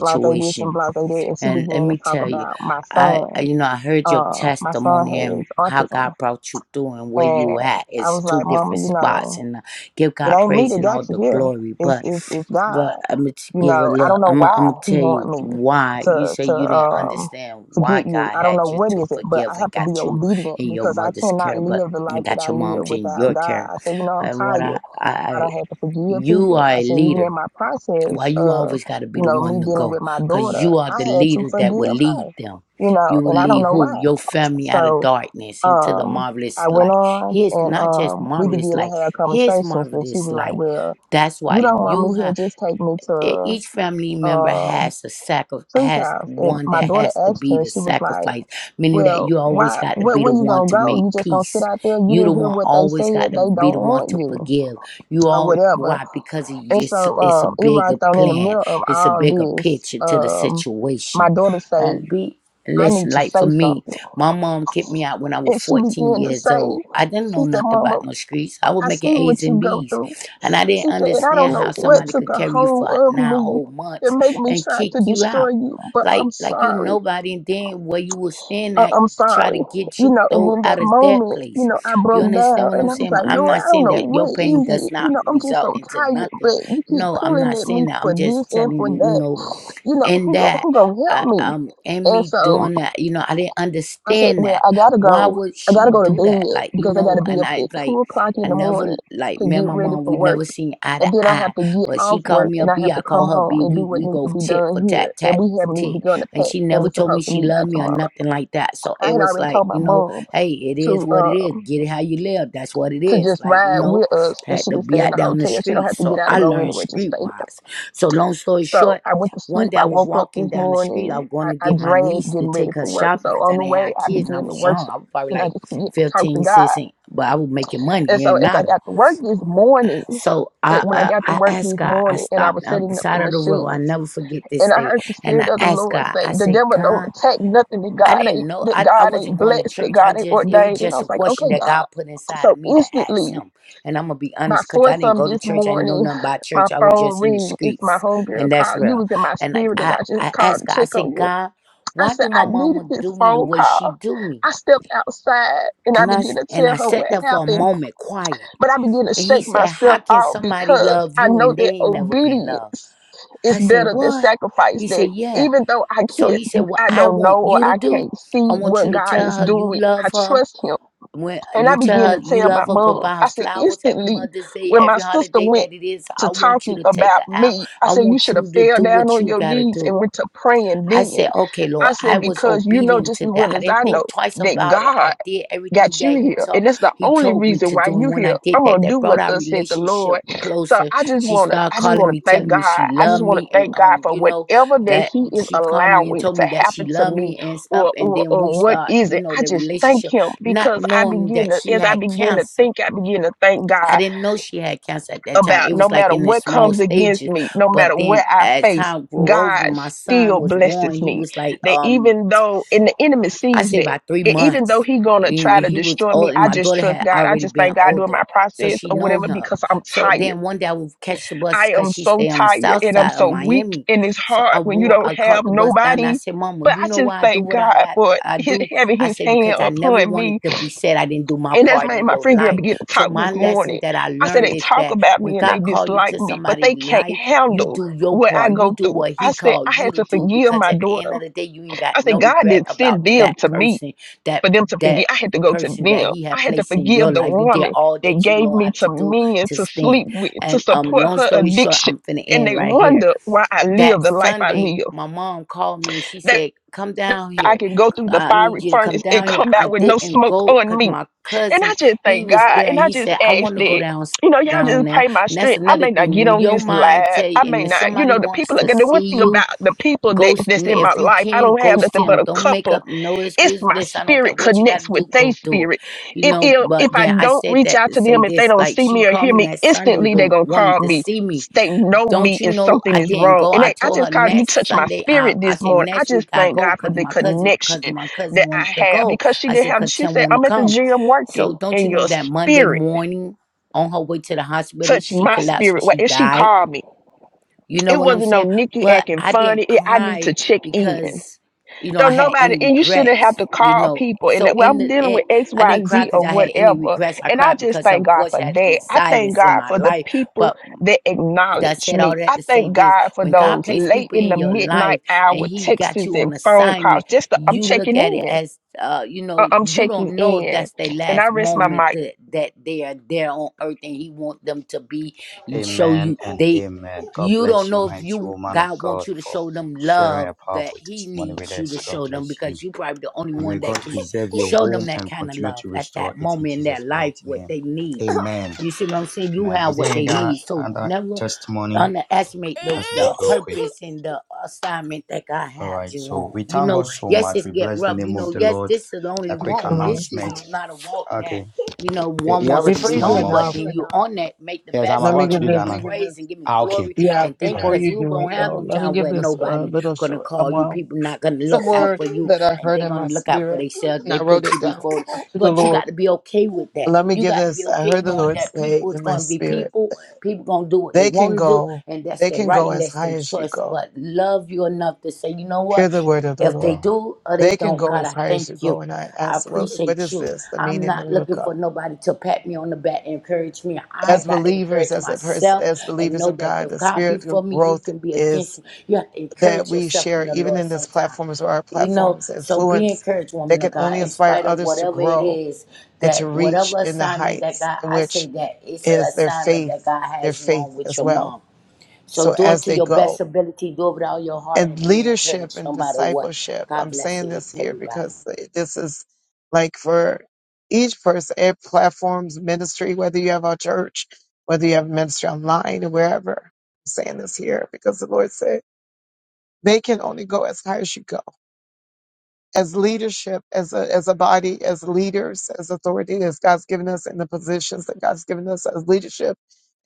Blah they this and blah they that. And she
And let
began to
me
talk
tell you,
about my
I I-
son.
you know I heard your
Uh, my son
testimony and
has
how
autism,
God brought you through and where
and
you at.
I
It's
was
two
like, Mama,
different
you
spots,
know,
and uh, give
it
God
ain't me
praise
that
and
got
all the
you here.
glory.
It's
But
it's, it's God.
but I'm gonna
You
give a
know, I
look.
don't know
I'm gonna, I'm
why
gonna
he
tell
want
you
me
why. You
to
say
to
you didn't
um
understand
to
why
get you.
God
I don't know
had you
what
to
is it, but I
forgive and
have to be
got you
obedient
in your
because I
mother's
cannot
care, but
live the life
and
that
got
I
your
live
mom's in
without
your
God.
care.
I said, you know, I'm
And what I,
tired.
I,
I
I
don't have to forgive
you
people.
are
I
a
said, even in
leader.
my process
Why you
of
always got to be
you
the
know
one
me
to
dealing
go?
with my
Cause
daughter,
you are
I
the
had to
leader that will
forgive her.
lead them.
You know,
You will
and I don't
lead
know
who?
why.
Your family out of
So
darkness into the
um,
marvelous
I went
light.
on
His
and
not just
um, we
marvelous
began
light,
to have
his
conversations, and she
marvelous
was like,
light.
well
That's why
you don't want
you
me
have
here, just take me
e-
to
each family member
um
has a sacri-
three
has
times and
one
my
that
daughter
has to
asked
be
her
the
she was like
sacrifice meaning that
well
you always
why
got to
where,
be
where
the
you
one
gonna
to
go
make
you just gonna sit
peace
out there you
you the
didn't hear
one
what they said
always got to
they
be
don't
the one
want
to
you
forgive you
or
all
whatever
why because it-
and
it's,
so
it's a
um it right
bigger
on in the
plan
middle of
it's a bigger
all this
picture to the
um my
situation
daughter say
and be
i need
listen
to
like for
say
me
something
my mom kicked me out when i was
and she
14
began to
years
say
old i didn't
she
know
said
nothing
mama
about no streets i was
i see
making
what
a's and
you go
b's
through
and I
she
didn't
said and i don't
understand
know
how
what
somebody
took
could
a
carry you
hold
for
of
nine
me
whole
to
months
make me
and
try
kick
to
you
destroy
out.
you but
Like
i'm
like you
sorry
nobody and then where you was staying
uh,
at
I'm
try to
sorry.
get
You
you
know, and
though
in that
out of that
moment, you
place.
know, I
You
broke
understand
down
what
and
I'm
I was
saying?
like,
I'm
Lord,
not
I don't
saying
know
that
what
your
is
pain
it.
does
You
not
know, I'm just so
result into
tired,
nothing.
but you keep
No, I'm
pulling
not
at me
saying that. I'm
for this
just
and
telling
for
you, you
that.
know,
You know,
and
who go,
that
who gonna help
uh,
me?
um and
And
me
so
doing that you know i didn't
I said,
understand
Well,
that
I gotta
why
go.
would
I
she
gotta go to
do that
bed
like you
because I
know
gotta be
and
up
i
at
like
two o'clock in
i
the
never
morning
like
to
me and
get
my
ready
mom
for
we
work.
never seen eye to
And then I have
eye
to get
but she
off
called
work
me a
and I
b
have to
i call
come
her
home
b
and do
we
what
we
needs to
go
be
tit
done
for
here.
tat
And
tat
we
for
haven't even
tit
begun to
and
pack
she
and
never
we're
told me
supposed to
she
leave out
loved me or
tomorrow.
nothing like that so
I
it
had
was
already
like
told my
you know
mom
hey it is
to
what it is
um
get it how you live that's what it
to
is
just
like you
ride
know
with us and
had
she
to
could stay
be
in
out
the
down the
hotel. She don't
street
have to
so
get out and
i
go
learned
anywhere, just stay there.
streetwise so long story
So
short
I went to
one
sleep.
day
I
I was
woke up
walking
this
down the street. I
morning.
was
I,
going to
I
get my
dragged
niece to
getting ready
take her
for work.
shopping
So
because
on
I
the
didn't
way
have
I
kids and I
began to
was young.
worship
I was probably
and I
like
just began to talk
15,
to
16,
God.
but I was making
And
money. It
so
ain't
as I
matter.
got to work this morning,
So
eh,
I,
when I
I
got to
I
work
asked
this
God. I
morning and I
stopped
was
on the
setting up the
side of the road. I
machines,
never forget this
And I
day.
heard the
And
spirit
I
of the
asked
Lord
God.
say,
I
the
said,
devil don't
God.
attack nothing that
I
God ain't
didn't know.
that
I, I
God
wasn't
ain't
going to
blessed, that
church. I
God ain't
just, it was
ordained. And I
just a
was like,
question
okay,
that
God.
God put inside
So
of me to ask
instantly,
Him. And I'm going to be
by
honest because I didn't
foursome
go to
this
church. I didn't know
morning,
nothing about
my
church. I was
phone
just in the
ring. It's my
streets.
homegirl
And that's
call. You
real.
was in my
And I,
spirit, and
I,
I just
I
called
asked
to
God, I
check on
said,
you.
God,
I
why
said
do
I
my
needed
mama
this
do me the
phone
way she
call.
do me?
I stepped outside and I
And I,
began
s-
to
and
tell
I
her
sat
what
there for a
happened.
moment quiet.
But I begin to
And He
shake
said, How
myself
can
out
somebody
because
love
I
you
know
and they
that
ain't never been loved?
obedience is
I said,
better than
What?
sacrifice.
He
That
said, Yeah.
even though I
So
can't,
he said, What
I
I
don't know
want
or
you to
I
do,
can't see
I want
what
you to
God
tell
is
her you
doing, I
love her.
trust Him.
When
And I
you tell
begin to
her you
tell my
love her, go
mom,
buy her
I said,
flowers every
instantly,
Mother's Day,
when my
every
sister
holiday
went
that it is.
to
I want you
talking
to take
about
her out.
me, I
I
said, you
want
should have
you to
fell
do
down
what
on
you
your
gotta
knees
do.
and went to praying
I
then.
said, okay, Lord,
I
I
said,
was
because you know
obedient
just
to
as
that.
well
I
as
didn't
I know
think twice
that
about it.
God
I did everything
got you
that He
here.
told
And that's the
He
only
told me
reason
to
why
do. And
you
when I
here.
did
I'm
that,
gonna do
that brought
what
our
thus said the Lord.
relationship
So
closer.
I just
She
wanna
started
I just
calling
wanna
me,
thank
telling me
God.
she
I just
loved
wanna
me. And
thank God
um,
for
you know,
whatever that
that
He is
she called me and
allowing
told
to
me that she
happen to
loved
me
me and stuff.
or
And
or
then we
or what
start,
is
you
it.
know,
I
the
just thank
relationship,
him
not
because I
knowing
begin
that
to
she
as I
had
begin to
cancer.
think, I begin to thank God
I didn't know she had cancer at that time.
about
It
no
was like
matter
in the
what
small
comes against
stages.
me, no
But
matter what
then
I
as
face,
time grew
God
older, my son
still
was born.
blesses
He
me.
was like,
That
um,
even though, and the enemy
I
sees
say
that,
about three
and even
months.
though he gonna
And
try to
he was
destroy me,
old, and
I
my
just
daughter
trust
had
God. I
already
just
been
thank God during
older,
my
so
process
she
or
know
whatever
him.
because I'm
So
tired.
then one day I would catch the bus
I
because
am
she
so
stay on the
tired
south
and I'm
side of
so weak
Miami.
and it's
So
hard
I
when you
wore,
don't
I
have
caught the bus down. And I
nobody.
said, "Mama,
But
you
I
know
just
why I do
thank
what I
God
got?
for
I
his,
do."
having
I
his
said
hand
because I never
upon me
wanted to be said I didn't do my
and that's
part
made
in
my
your
friend girl
life.
begin to
So
talk this
my lesson
morning.
that I
I said,
learned
they
is
talk
that
about
when
me and they
God called you
dislike
to
me, but they
somebody's
can't
life you
handle
do your
what I
part. You
go
do
through.
what
I
he
said, I
called you
had
to
to
do
forgive
because
my
at the
daughter.
end of the day, you ain't got
I said,
no
God
regret
didn't
about
send them
that
to me
person, that
for them to forgive.
that
I had to go to
person
them.
that he
I
had
had to
placed in your
forgive the
life. You did
woman
all
that
that you
gave
know
me
how
to
to do
men
to
to
stand.
sleep with, to
And um,
support
long
her
story short,
addiction.
I'm finna
And
end
they
right here
wonder why I
that
live the life I
Sunday,
live.
my mom called me and she
That
said, Come down
I
here.
can go through the
I need
fiery
you to come
furnace and
down here.
come
I
out with no
didn't
smoke
go
on
because
me.
my
And I
cousin,
just
he
thank
was
God.
there and
And I
he
just
said, I
ask
want to go
that,
down
you know, y'all
down
just
there.
pray my
And that's
strength. I
another
may not
thing.
get
When
on
your
this
mind
live.
tell you
I may
and if
not, you
somebody
know, the
wants
people are
to
the one
see
thing
you,
about the people that,
ghost
that's in my
if you
life, I
can,
don't have
ghost
nothing but
him.
a
Don't make
couple
up no
it's
excuse.
my
Listen, I don't care
spirit
what you gotta
connects with
do,
their
go do it.
spirit.
You
If,
know,
if if
but
I
then I
don't
said
reach
that
out
to
to
say
them, if they
this,
don't
like
see me
she
or
called
hear
me
me
that Sunday
instantly, they're
but
gonna call
wanted to
me.
see me
They know
don't
me
you
if
know
something
I
is
didn't
wrong.
go?
And
I
they, I
told her
just called you
next
touched my
Sunday I
spirit
I
this
said
morning. I
next
just
week I
thank
go
God for
because
the
my cousin because
connection
my cousin
that I
wanted to
have
go.
because she
I
didn't
said
have
cause
she
Tim
said,
wanted to
I'm at the
come.
gym working
So don't
and
you know
your
that Monday
spirit
morning on her way to the hospital
touched
she
my
collapsed and
spirit. Well,
she
and she
died.
called me,
You know
it
what I'm
wasn't no
saying?
Nikki
But
acting
I
funny.
didn't
It, I need to
cry
check in.
because you know
So
I had
nobody,
any
and you shouldn't have
regrets.
to
You
call
know.
people. And
So
that, well,
in
I'm
the
dealing
end,
with X,
I
Y,
didn't cry
Z,
because
or
I had any
whatever.
regrets. I
And I
cried
just
because her
thank God
voice
for
has
that.
been
I thank
silenced in
God
my
for the
life.
people
But
that
I
acknowledge
said
me.
all that
I
to say
thank
this.
God for
When God
those
placed
late
people
in the
in your
midnight
life and
hour
He
texts
got
and
you on
phone calls.
assignment,
Just the, I'm
you look
checking
at it
in.
as, uh, you
I-
know,
I'm
you
checking
don't know if
in,
that's their
and I
last
rest my
moment
mic.
that, that they are there on earth and He want them to be, show
Amen
you,
and
they,
amen. God
you don't
bless you,
know if
mighty
you,
woman of
God
God,
wants you to
for
show them
sharing
love
a
that
powerful
He
testimony with
needs you to
us. God
show them
bless you.
because you probably the only
And may
one that
God
can
preserve your
show them
home
that
and
kind of
continue
love
to
at
restore
that
it in
moment in their
Jesus' mighty
life, what
name.
they need.
Amen.
You see what I'm saying? You
Amen.
have
Is there
what they
any other
need. So never
testimony
underestimate the,
as we
the
do quick?
purpose and the assignment that God
All
has
right.
you
So
on.
we
You
thank
know,
God so
Yes,
much.
it's
We
get
bless the
rubbed. You
name of
know,
the
yes,
Lord.
this is the only
A quick
walk. This is
announcement.
not a walk that,
Okay.
you know,
Eh,
one
You have
wants
a
to
Before
be
you do
testimony,
it
on,
mom.
but
now,
then you on that, make the
Yes, I'm
best
let me
of
about
it
to
give
and
do
give
that
him
this.
now.
praise and give him
Ah, okay.
glory
Yeah,
and
All
thank
before
right.
because
you
you
Before
do it
gonna
you do
have
though,
them
let me
time
give
where
this. Uh,
nobody gonna call you,
well,
people not gonna look out for you
that I
and
heard
they gonna look out for
spirit
themselves. They
wrote
put
it
you before
to the
but you
Lord.
got to be okay with that. You
Give
got to be
this. I
okay
heard the
knowing
Lord
that
say,
people it's
and
gonna be people, people gonna do what they
they
wanna do, and that's their right and that's their choice. But love you enough to say, you know what? If they
Wow.
do or they
they can
don't,
go
God,
as
I
high as
thank
you go.
you.
And I
I
asked, what what
appreciate
is
you.
this? The
I'm
meaning of
not looking
look
for
up.
nobody to pat me on the back and encourage me. I
As
got to
believers,
encourage
as a person,
myself
as
and
believers
know
of
that
God,
if
the
God be
spiritual
for me, who
growth
can be against
is
me? You have to
that
encourage
we
yourself in
share,
the
even
Lord
in this
sometime.
platform, as our
You know,
platforms
so be
influence.
encouraged,
They
woman
can
of
only
God, in
inspire
spite of
others to
whatever it
grow
is
and to
that
reach
whatever
in the
assignment that
heights
God,
in
I say
which
that it's an
is their
assignment
faith,
that God
their
has you on
faith
with
as
your
well.
mom. So
So
do it
as
to
they
your best
go
ability. Do it with all your heart
and
and be
leadership
encouraged no
and
matter what.
discipleship,
God
I'm
bless
saying
you,
this here
everybody.
because this is like for each person, it platforms ministry, whether you have a church, whether you have ministry online or wherever. I'm saying this here because the Lord said they can only go as high as you go as leadership, as a, as a body, as leaders, as authority as God's given us in the positions that God's given us as leadership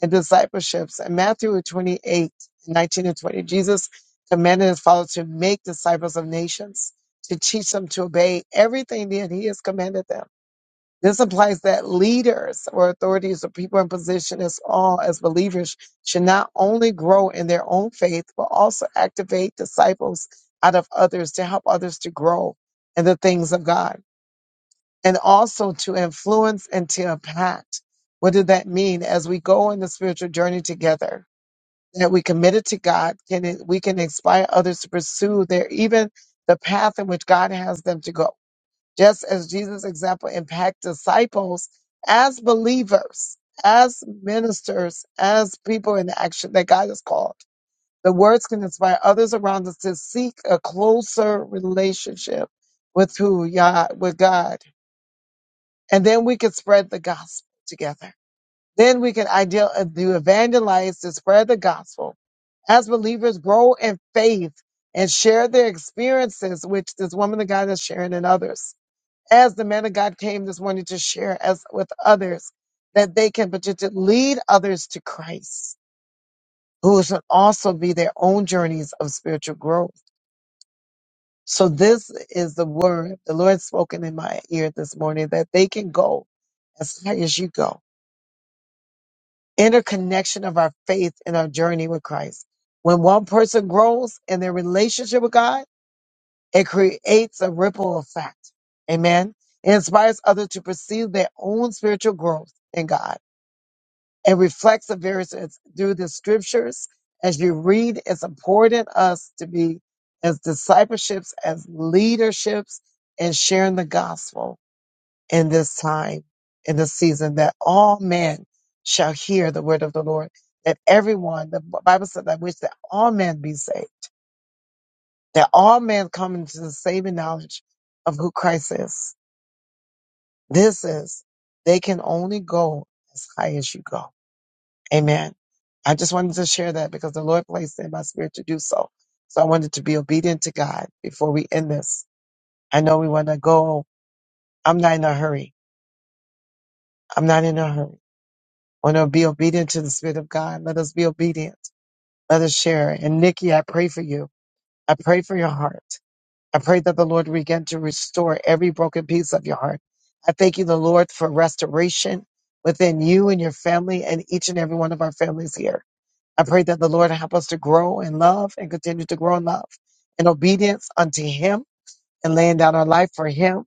and discipleships. In Matthew 28:19 and 20, Jesus commanded his followers to make disciples of nations, to teach them to obey everything that he has commanded them this implies that leaders or authorities or people in position as all as believers should not only grow in their own faith, but also activate disciples out of others to help others to grow in the things of God and also to influence and to impact. What did that mean? As we go on the spiritual journey together, that we committed to God, can it, we can inspire others to pursue their even the path in which God has them to go just as Jesus' example impact disciples as believers, as ministers, as people in action that God has called. The words can inspire others around us to seek a closer relationship with who Yah with God. And then we can spread the gospel together. Then we can ideal uh, do evangelize to spread the gospel as believers grow in faith and share their experiences, which this woman of God is sharing in others as the man of God came this morning to share as with others that they can potentially lead others to Christ, who should also be their own journeys of spiritual growth. So this is the word the Lord spoken in my ear this morning that they can go as high as you go. Interconnection of our faith and our journey with Christ. When one person grows in their relationship with God, it creates a ripple effect. Amen. It inspires others to pursue their own spiritual growth in God It reflects the various through the scriptures as you read it's important us to be as discipleships as leaderships and sharing the gospel in this time in this season that all men shall hear the word of the lord that everyone the bible said i wish that all men be saved that all men come into the saving knowledge of who christ is this is they can only go as high as you go amen i just wanted to share that because the each and every one of our families here. I pray that the Lord help us to grow in love and continue to grow in love in obedience unto Him and laying down our life for Him,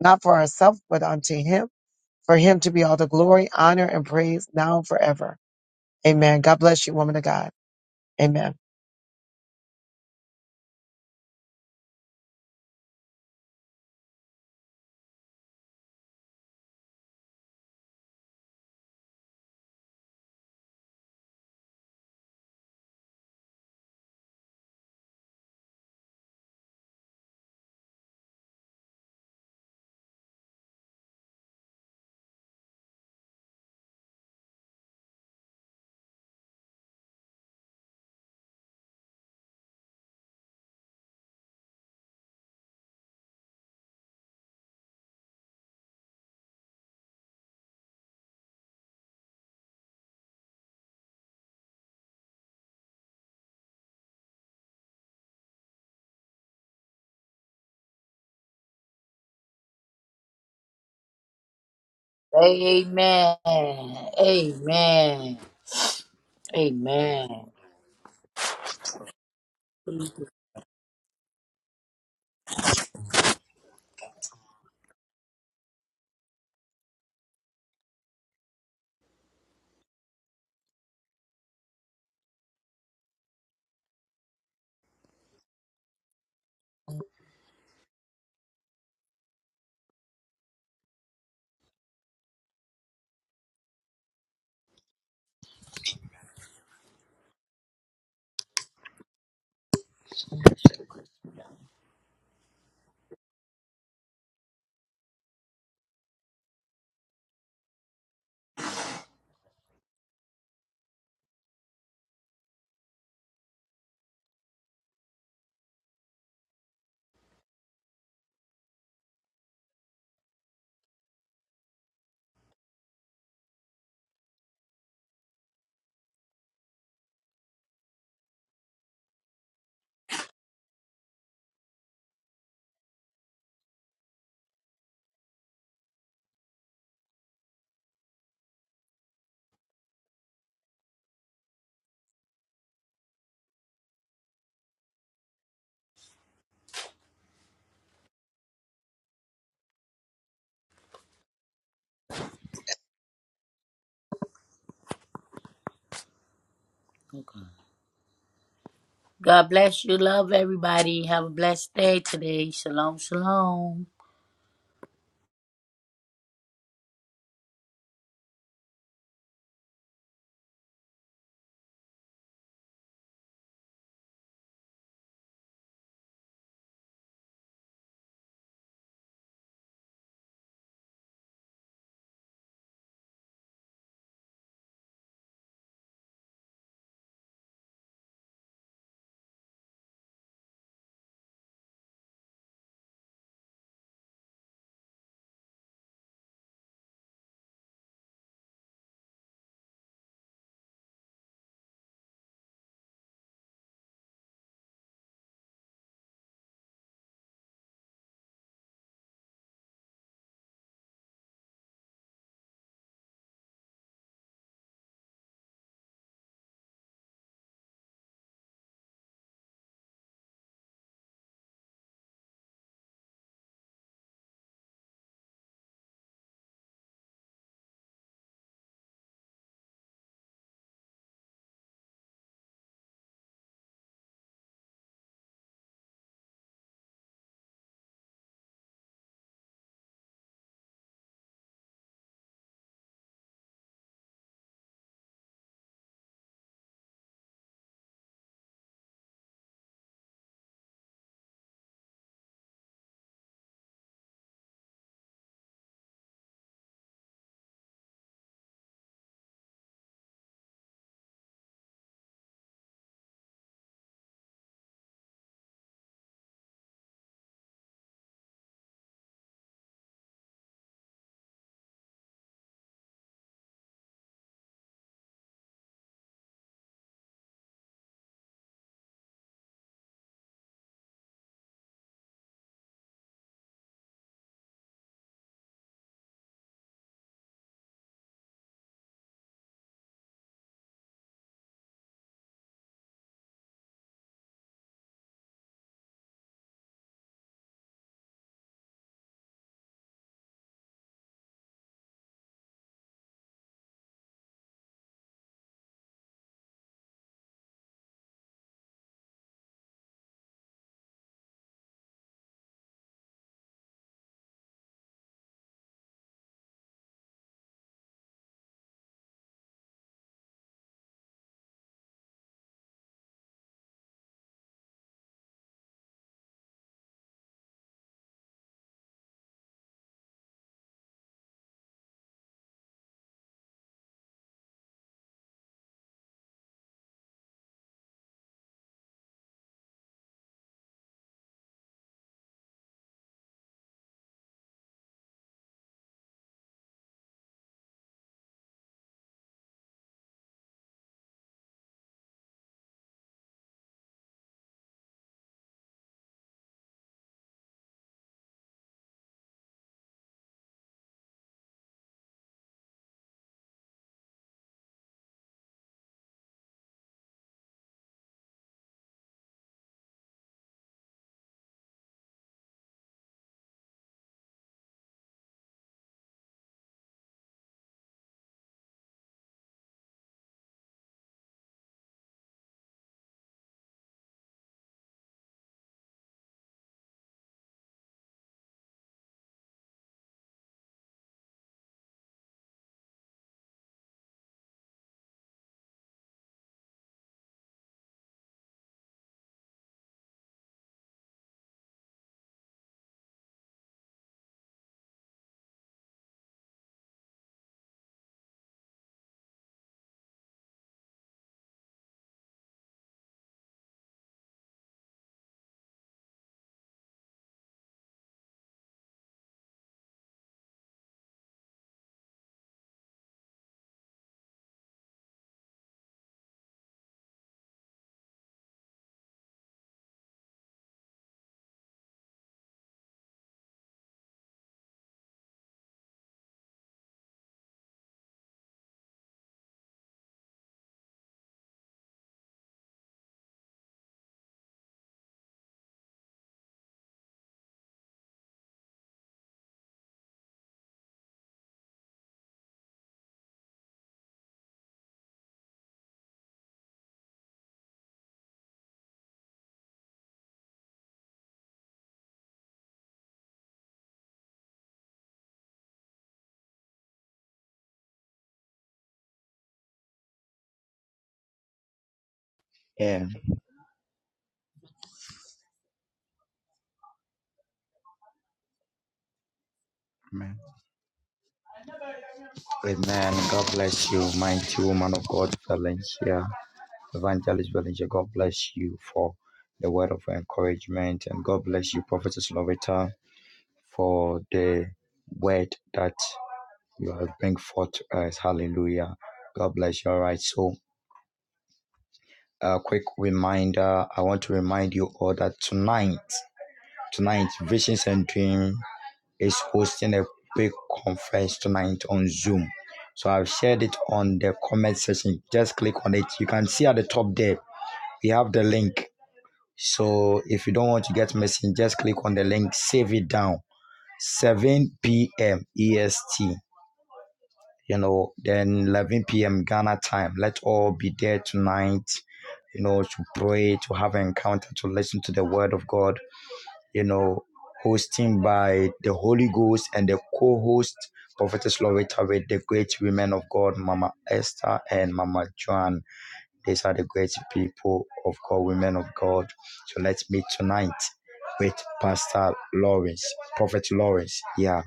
not for ourselves, but unto Him, for Him to be all the glory, honor, and praise now and forever. Amen. God bless you, woman of God. Amen.
Amen. Amen. Amen. God bless you. Love everybody. Have a blessed day today. Shalom, shalom.
Yeah. Amen. Amen. God bless you, mighty woman of God, Valencia, Evangelist Valencia. God bless you for the word of encouragement, and God bless you, Prophetess Lovita, for the word that you have bring forth to us. Hallelujah. God bless you. All right. So, a quick reminder. I want to remind you all that tonight, tonight, visions and dreams. is hosting a big conference tonight on Zoom. So I've shared it on the comment section. Just click on it. You can see at the top there, we have the link. So if you don't want to get missing, just click on the link, save it down. 7 p.m. EST, you know, then 11 p.m. Ghana time. Let all be there tonight, you know, to pray, to have an encounter, to listen to the word of God you know, hosting by the Holy Ghost and the co-host Prophetess Loretta with the great women of God, Mama Esther and Mama Joan. These are the great people of God, women of God. So let's meet tonight with Pastor Lawrence, Prophet Lawrence. Yeah,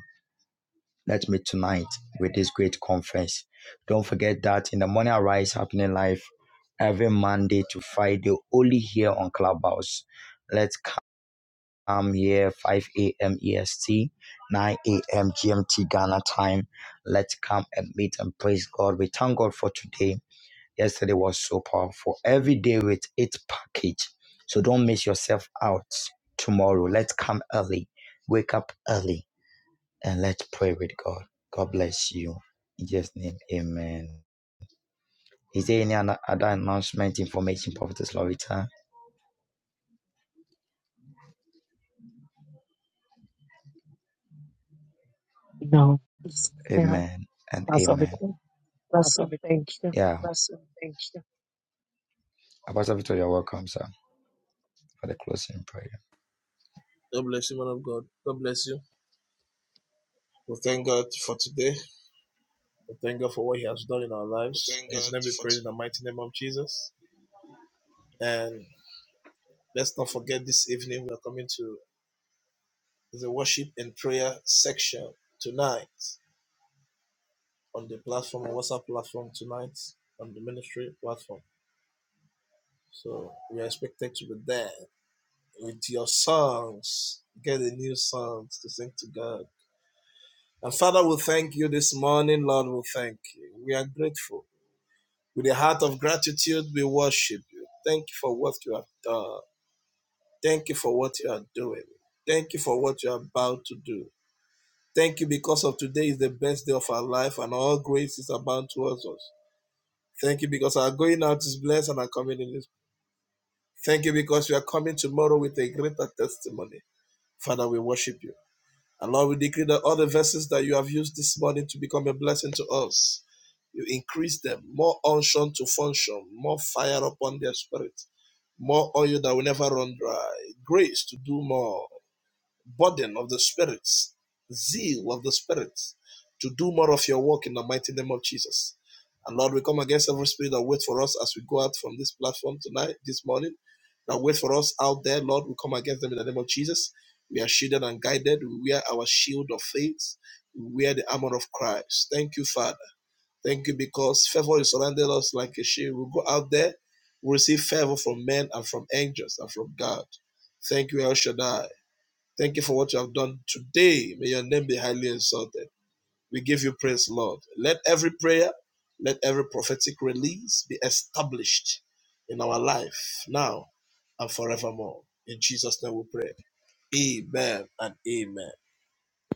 let's meet tonight with this great conference. Don't forget that in the morning arise happening live every Monday to Friday, only here on Clubhouse. Let's come I'm here 5 a.m. EST, 9 a.m. GMT Ghana time. Let's come and meet and praise God. We thank God for today. Yesterday was so powerful. Every day with its package. So don't miss yourself out tomorrow. Let's come early. Wake up early and let's pray with God. God bless you. In Jesus' name, amen. Is there any other other announcement, information, Prophetess Lorita? Amen and amen. Yeah. Apostle Victor, you're welcome, sir. for the closing prayer.
God bless you, man of God. God bless you. We thank God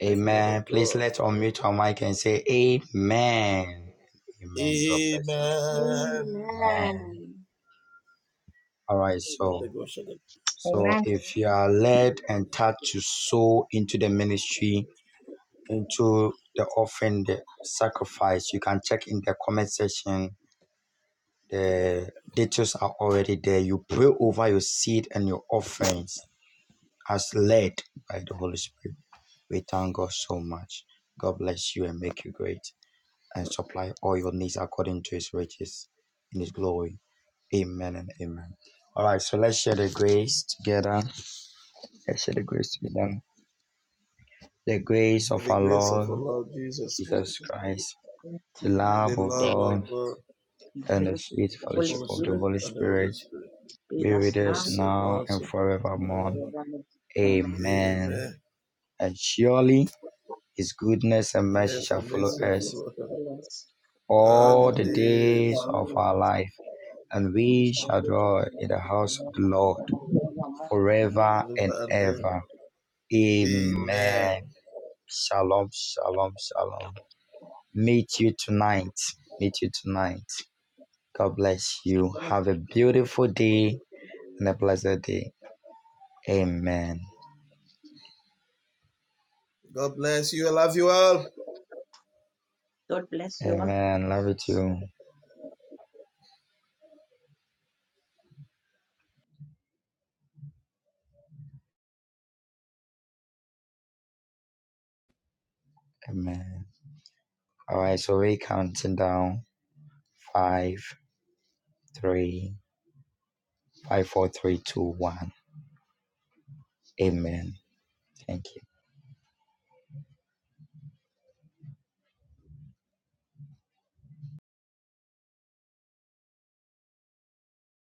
Amen. Please let's unmute our mic and say Amen. Amen. God bless you. Amen.
Amen.
All right. So, so if you are led and touched to sow into the ministry, into the offering, the sacrifice, you can check in the comment section. The details are already there. You pray over your seed and your offerings as led by the Holy Spirit. We thank God so much. God bless you and make you great. and supply all your needs according to his riches in his glory. Amen and amen. All right, so let's share the grace together. Let's share the grace together. The grace of our Lord
Christ
Jesus
the Son
Christ,
the God,
the
and the Lamb of
love of
God,
God,
and the
and the
fellowship
sweet
of the Holy
fellowship of the
Spirit
Holy Spirit
be with
be
us
with
now
us now and
and
forevermore.
forevermore. Amen.
Amen. And surely his goodness and mercy shall follow
All the
us
days, all
all
the
the days of
glory,
our life, and
We
we
shall
shall
go.
dwell in the house of the Lord
Amen.
forever and ever. Amen. Shalom, shalom, shalom. Meet you tonight. Meet you tonight. God bless you. Have a beautiful day and a blessed day. Amen.
God bless you all.
Amen. Love you too. Amen. All right, so we're counting down five, three, five, four, three, two, one. Amen. Thank you.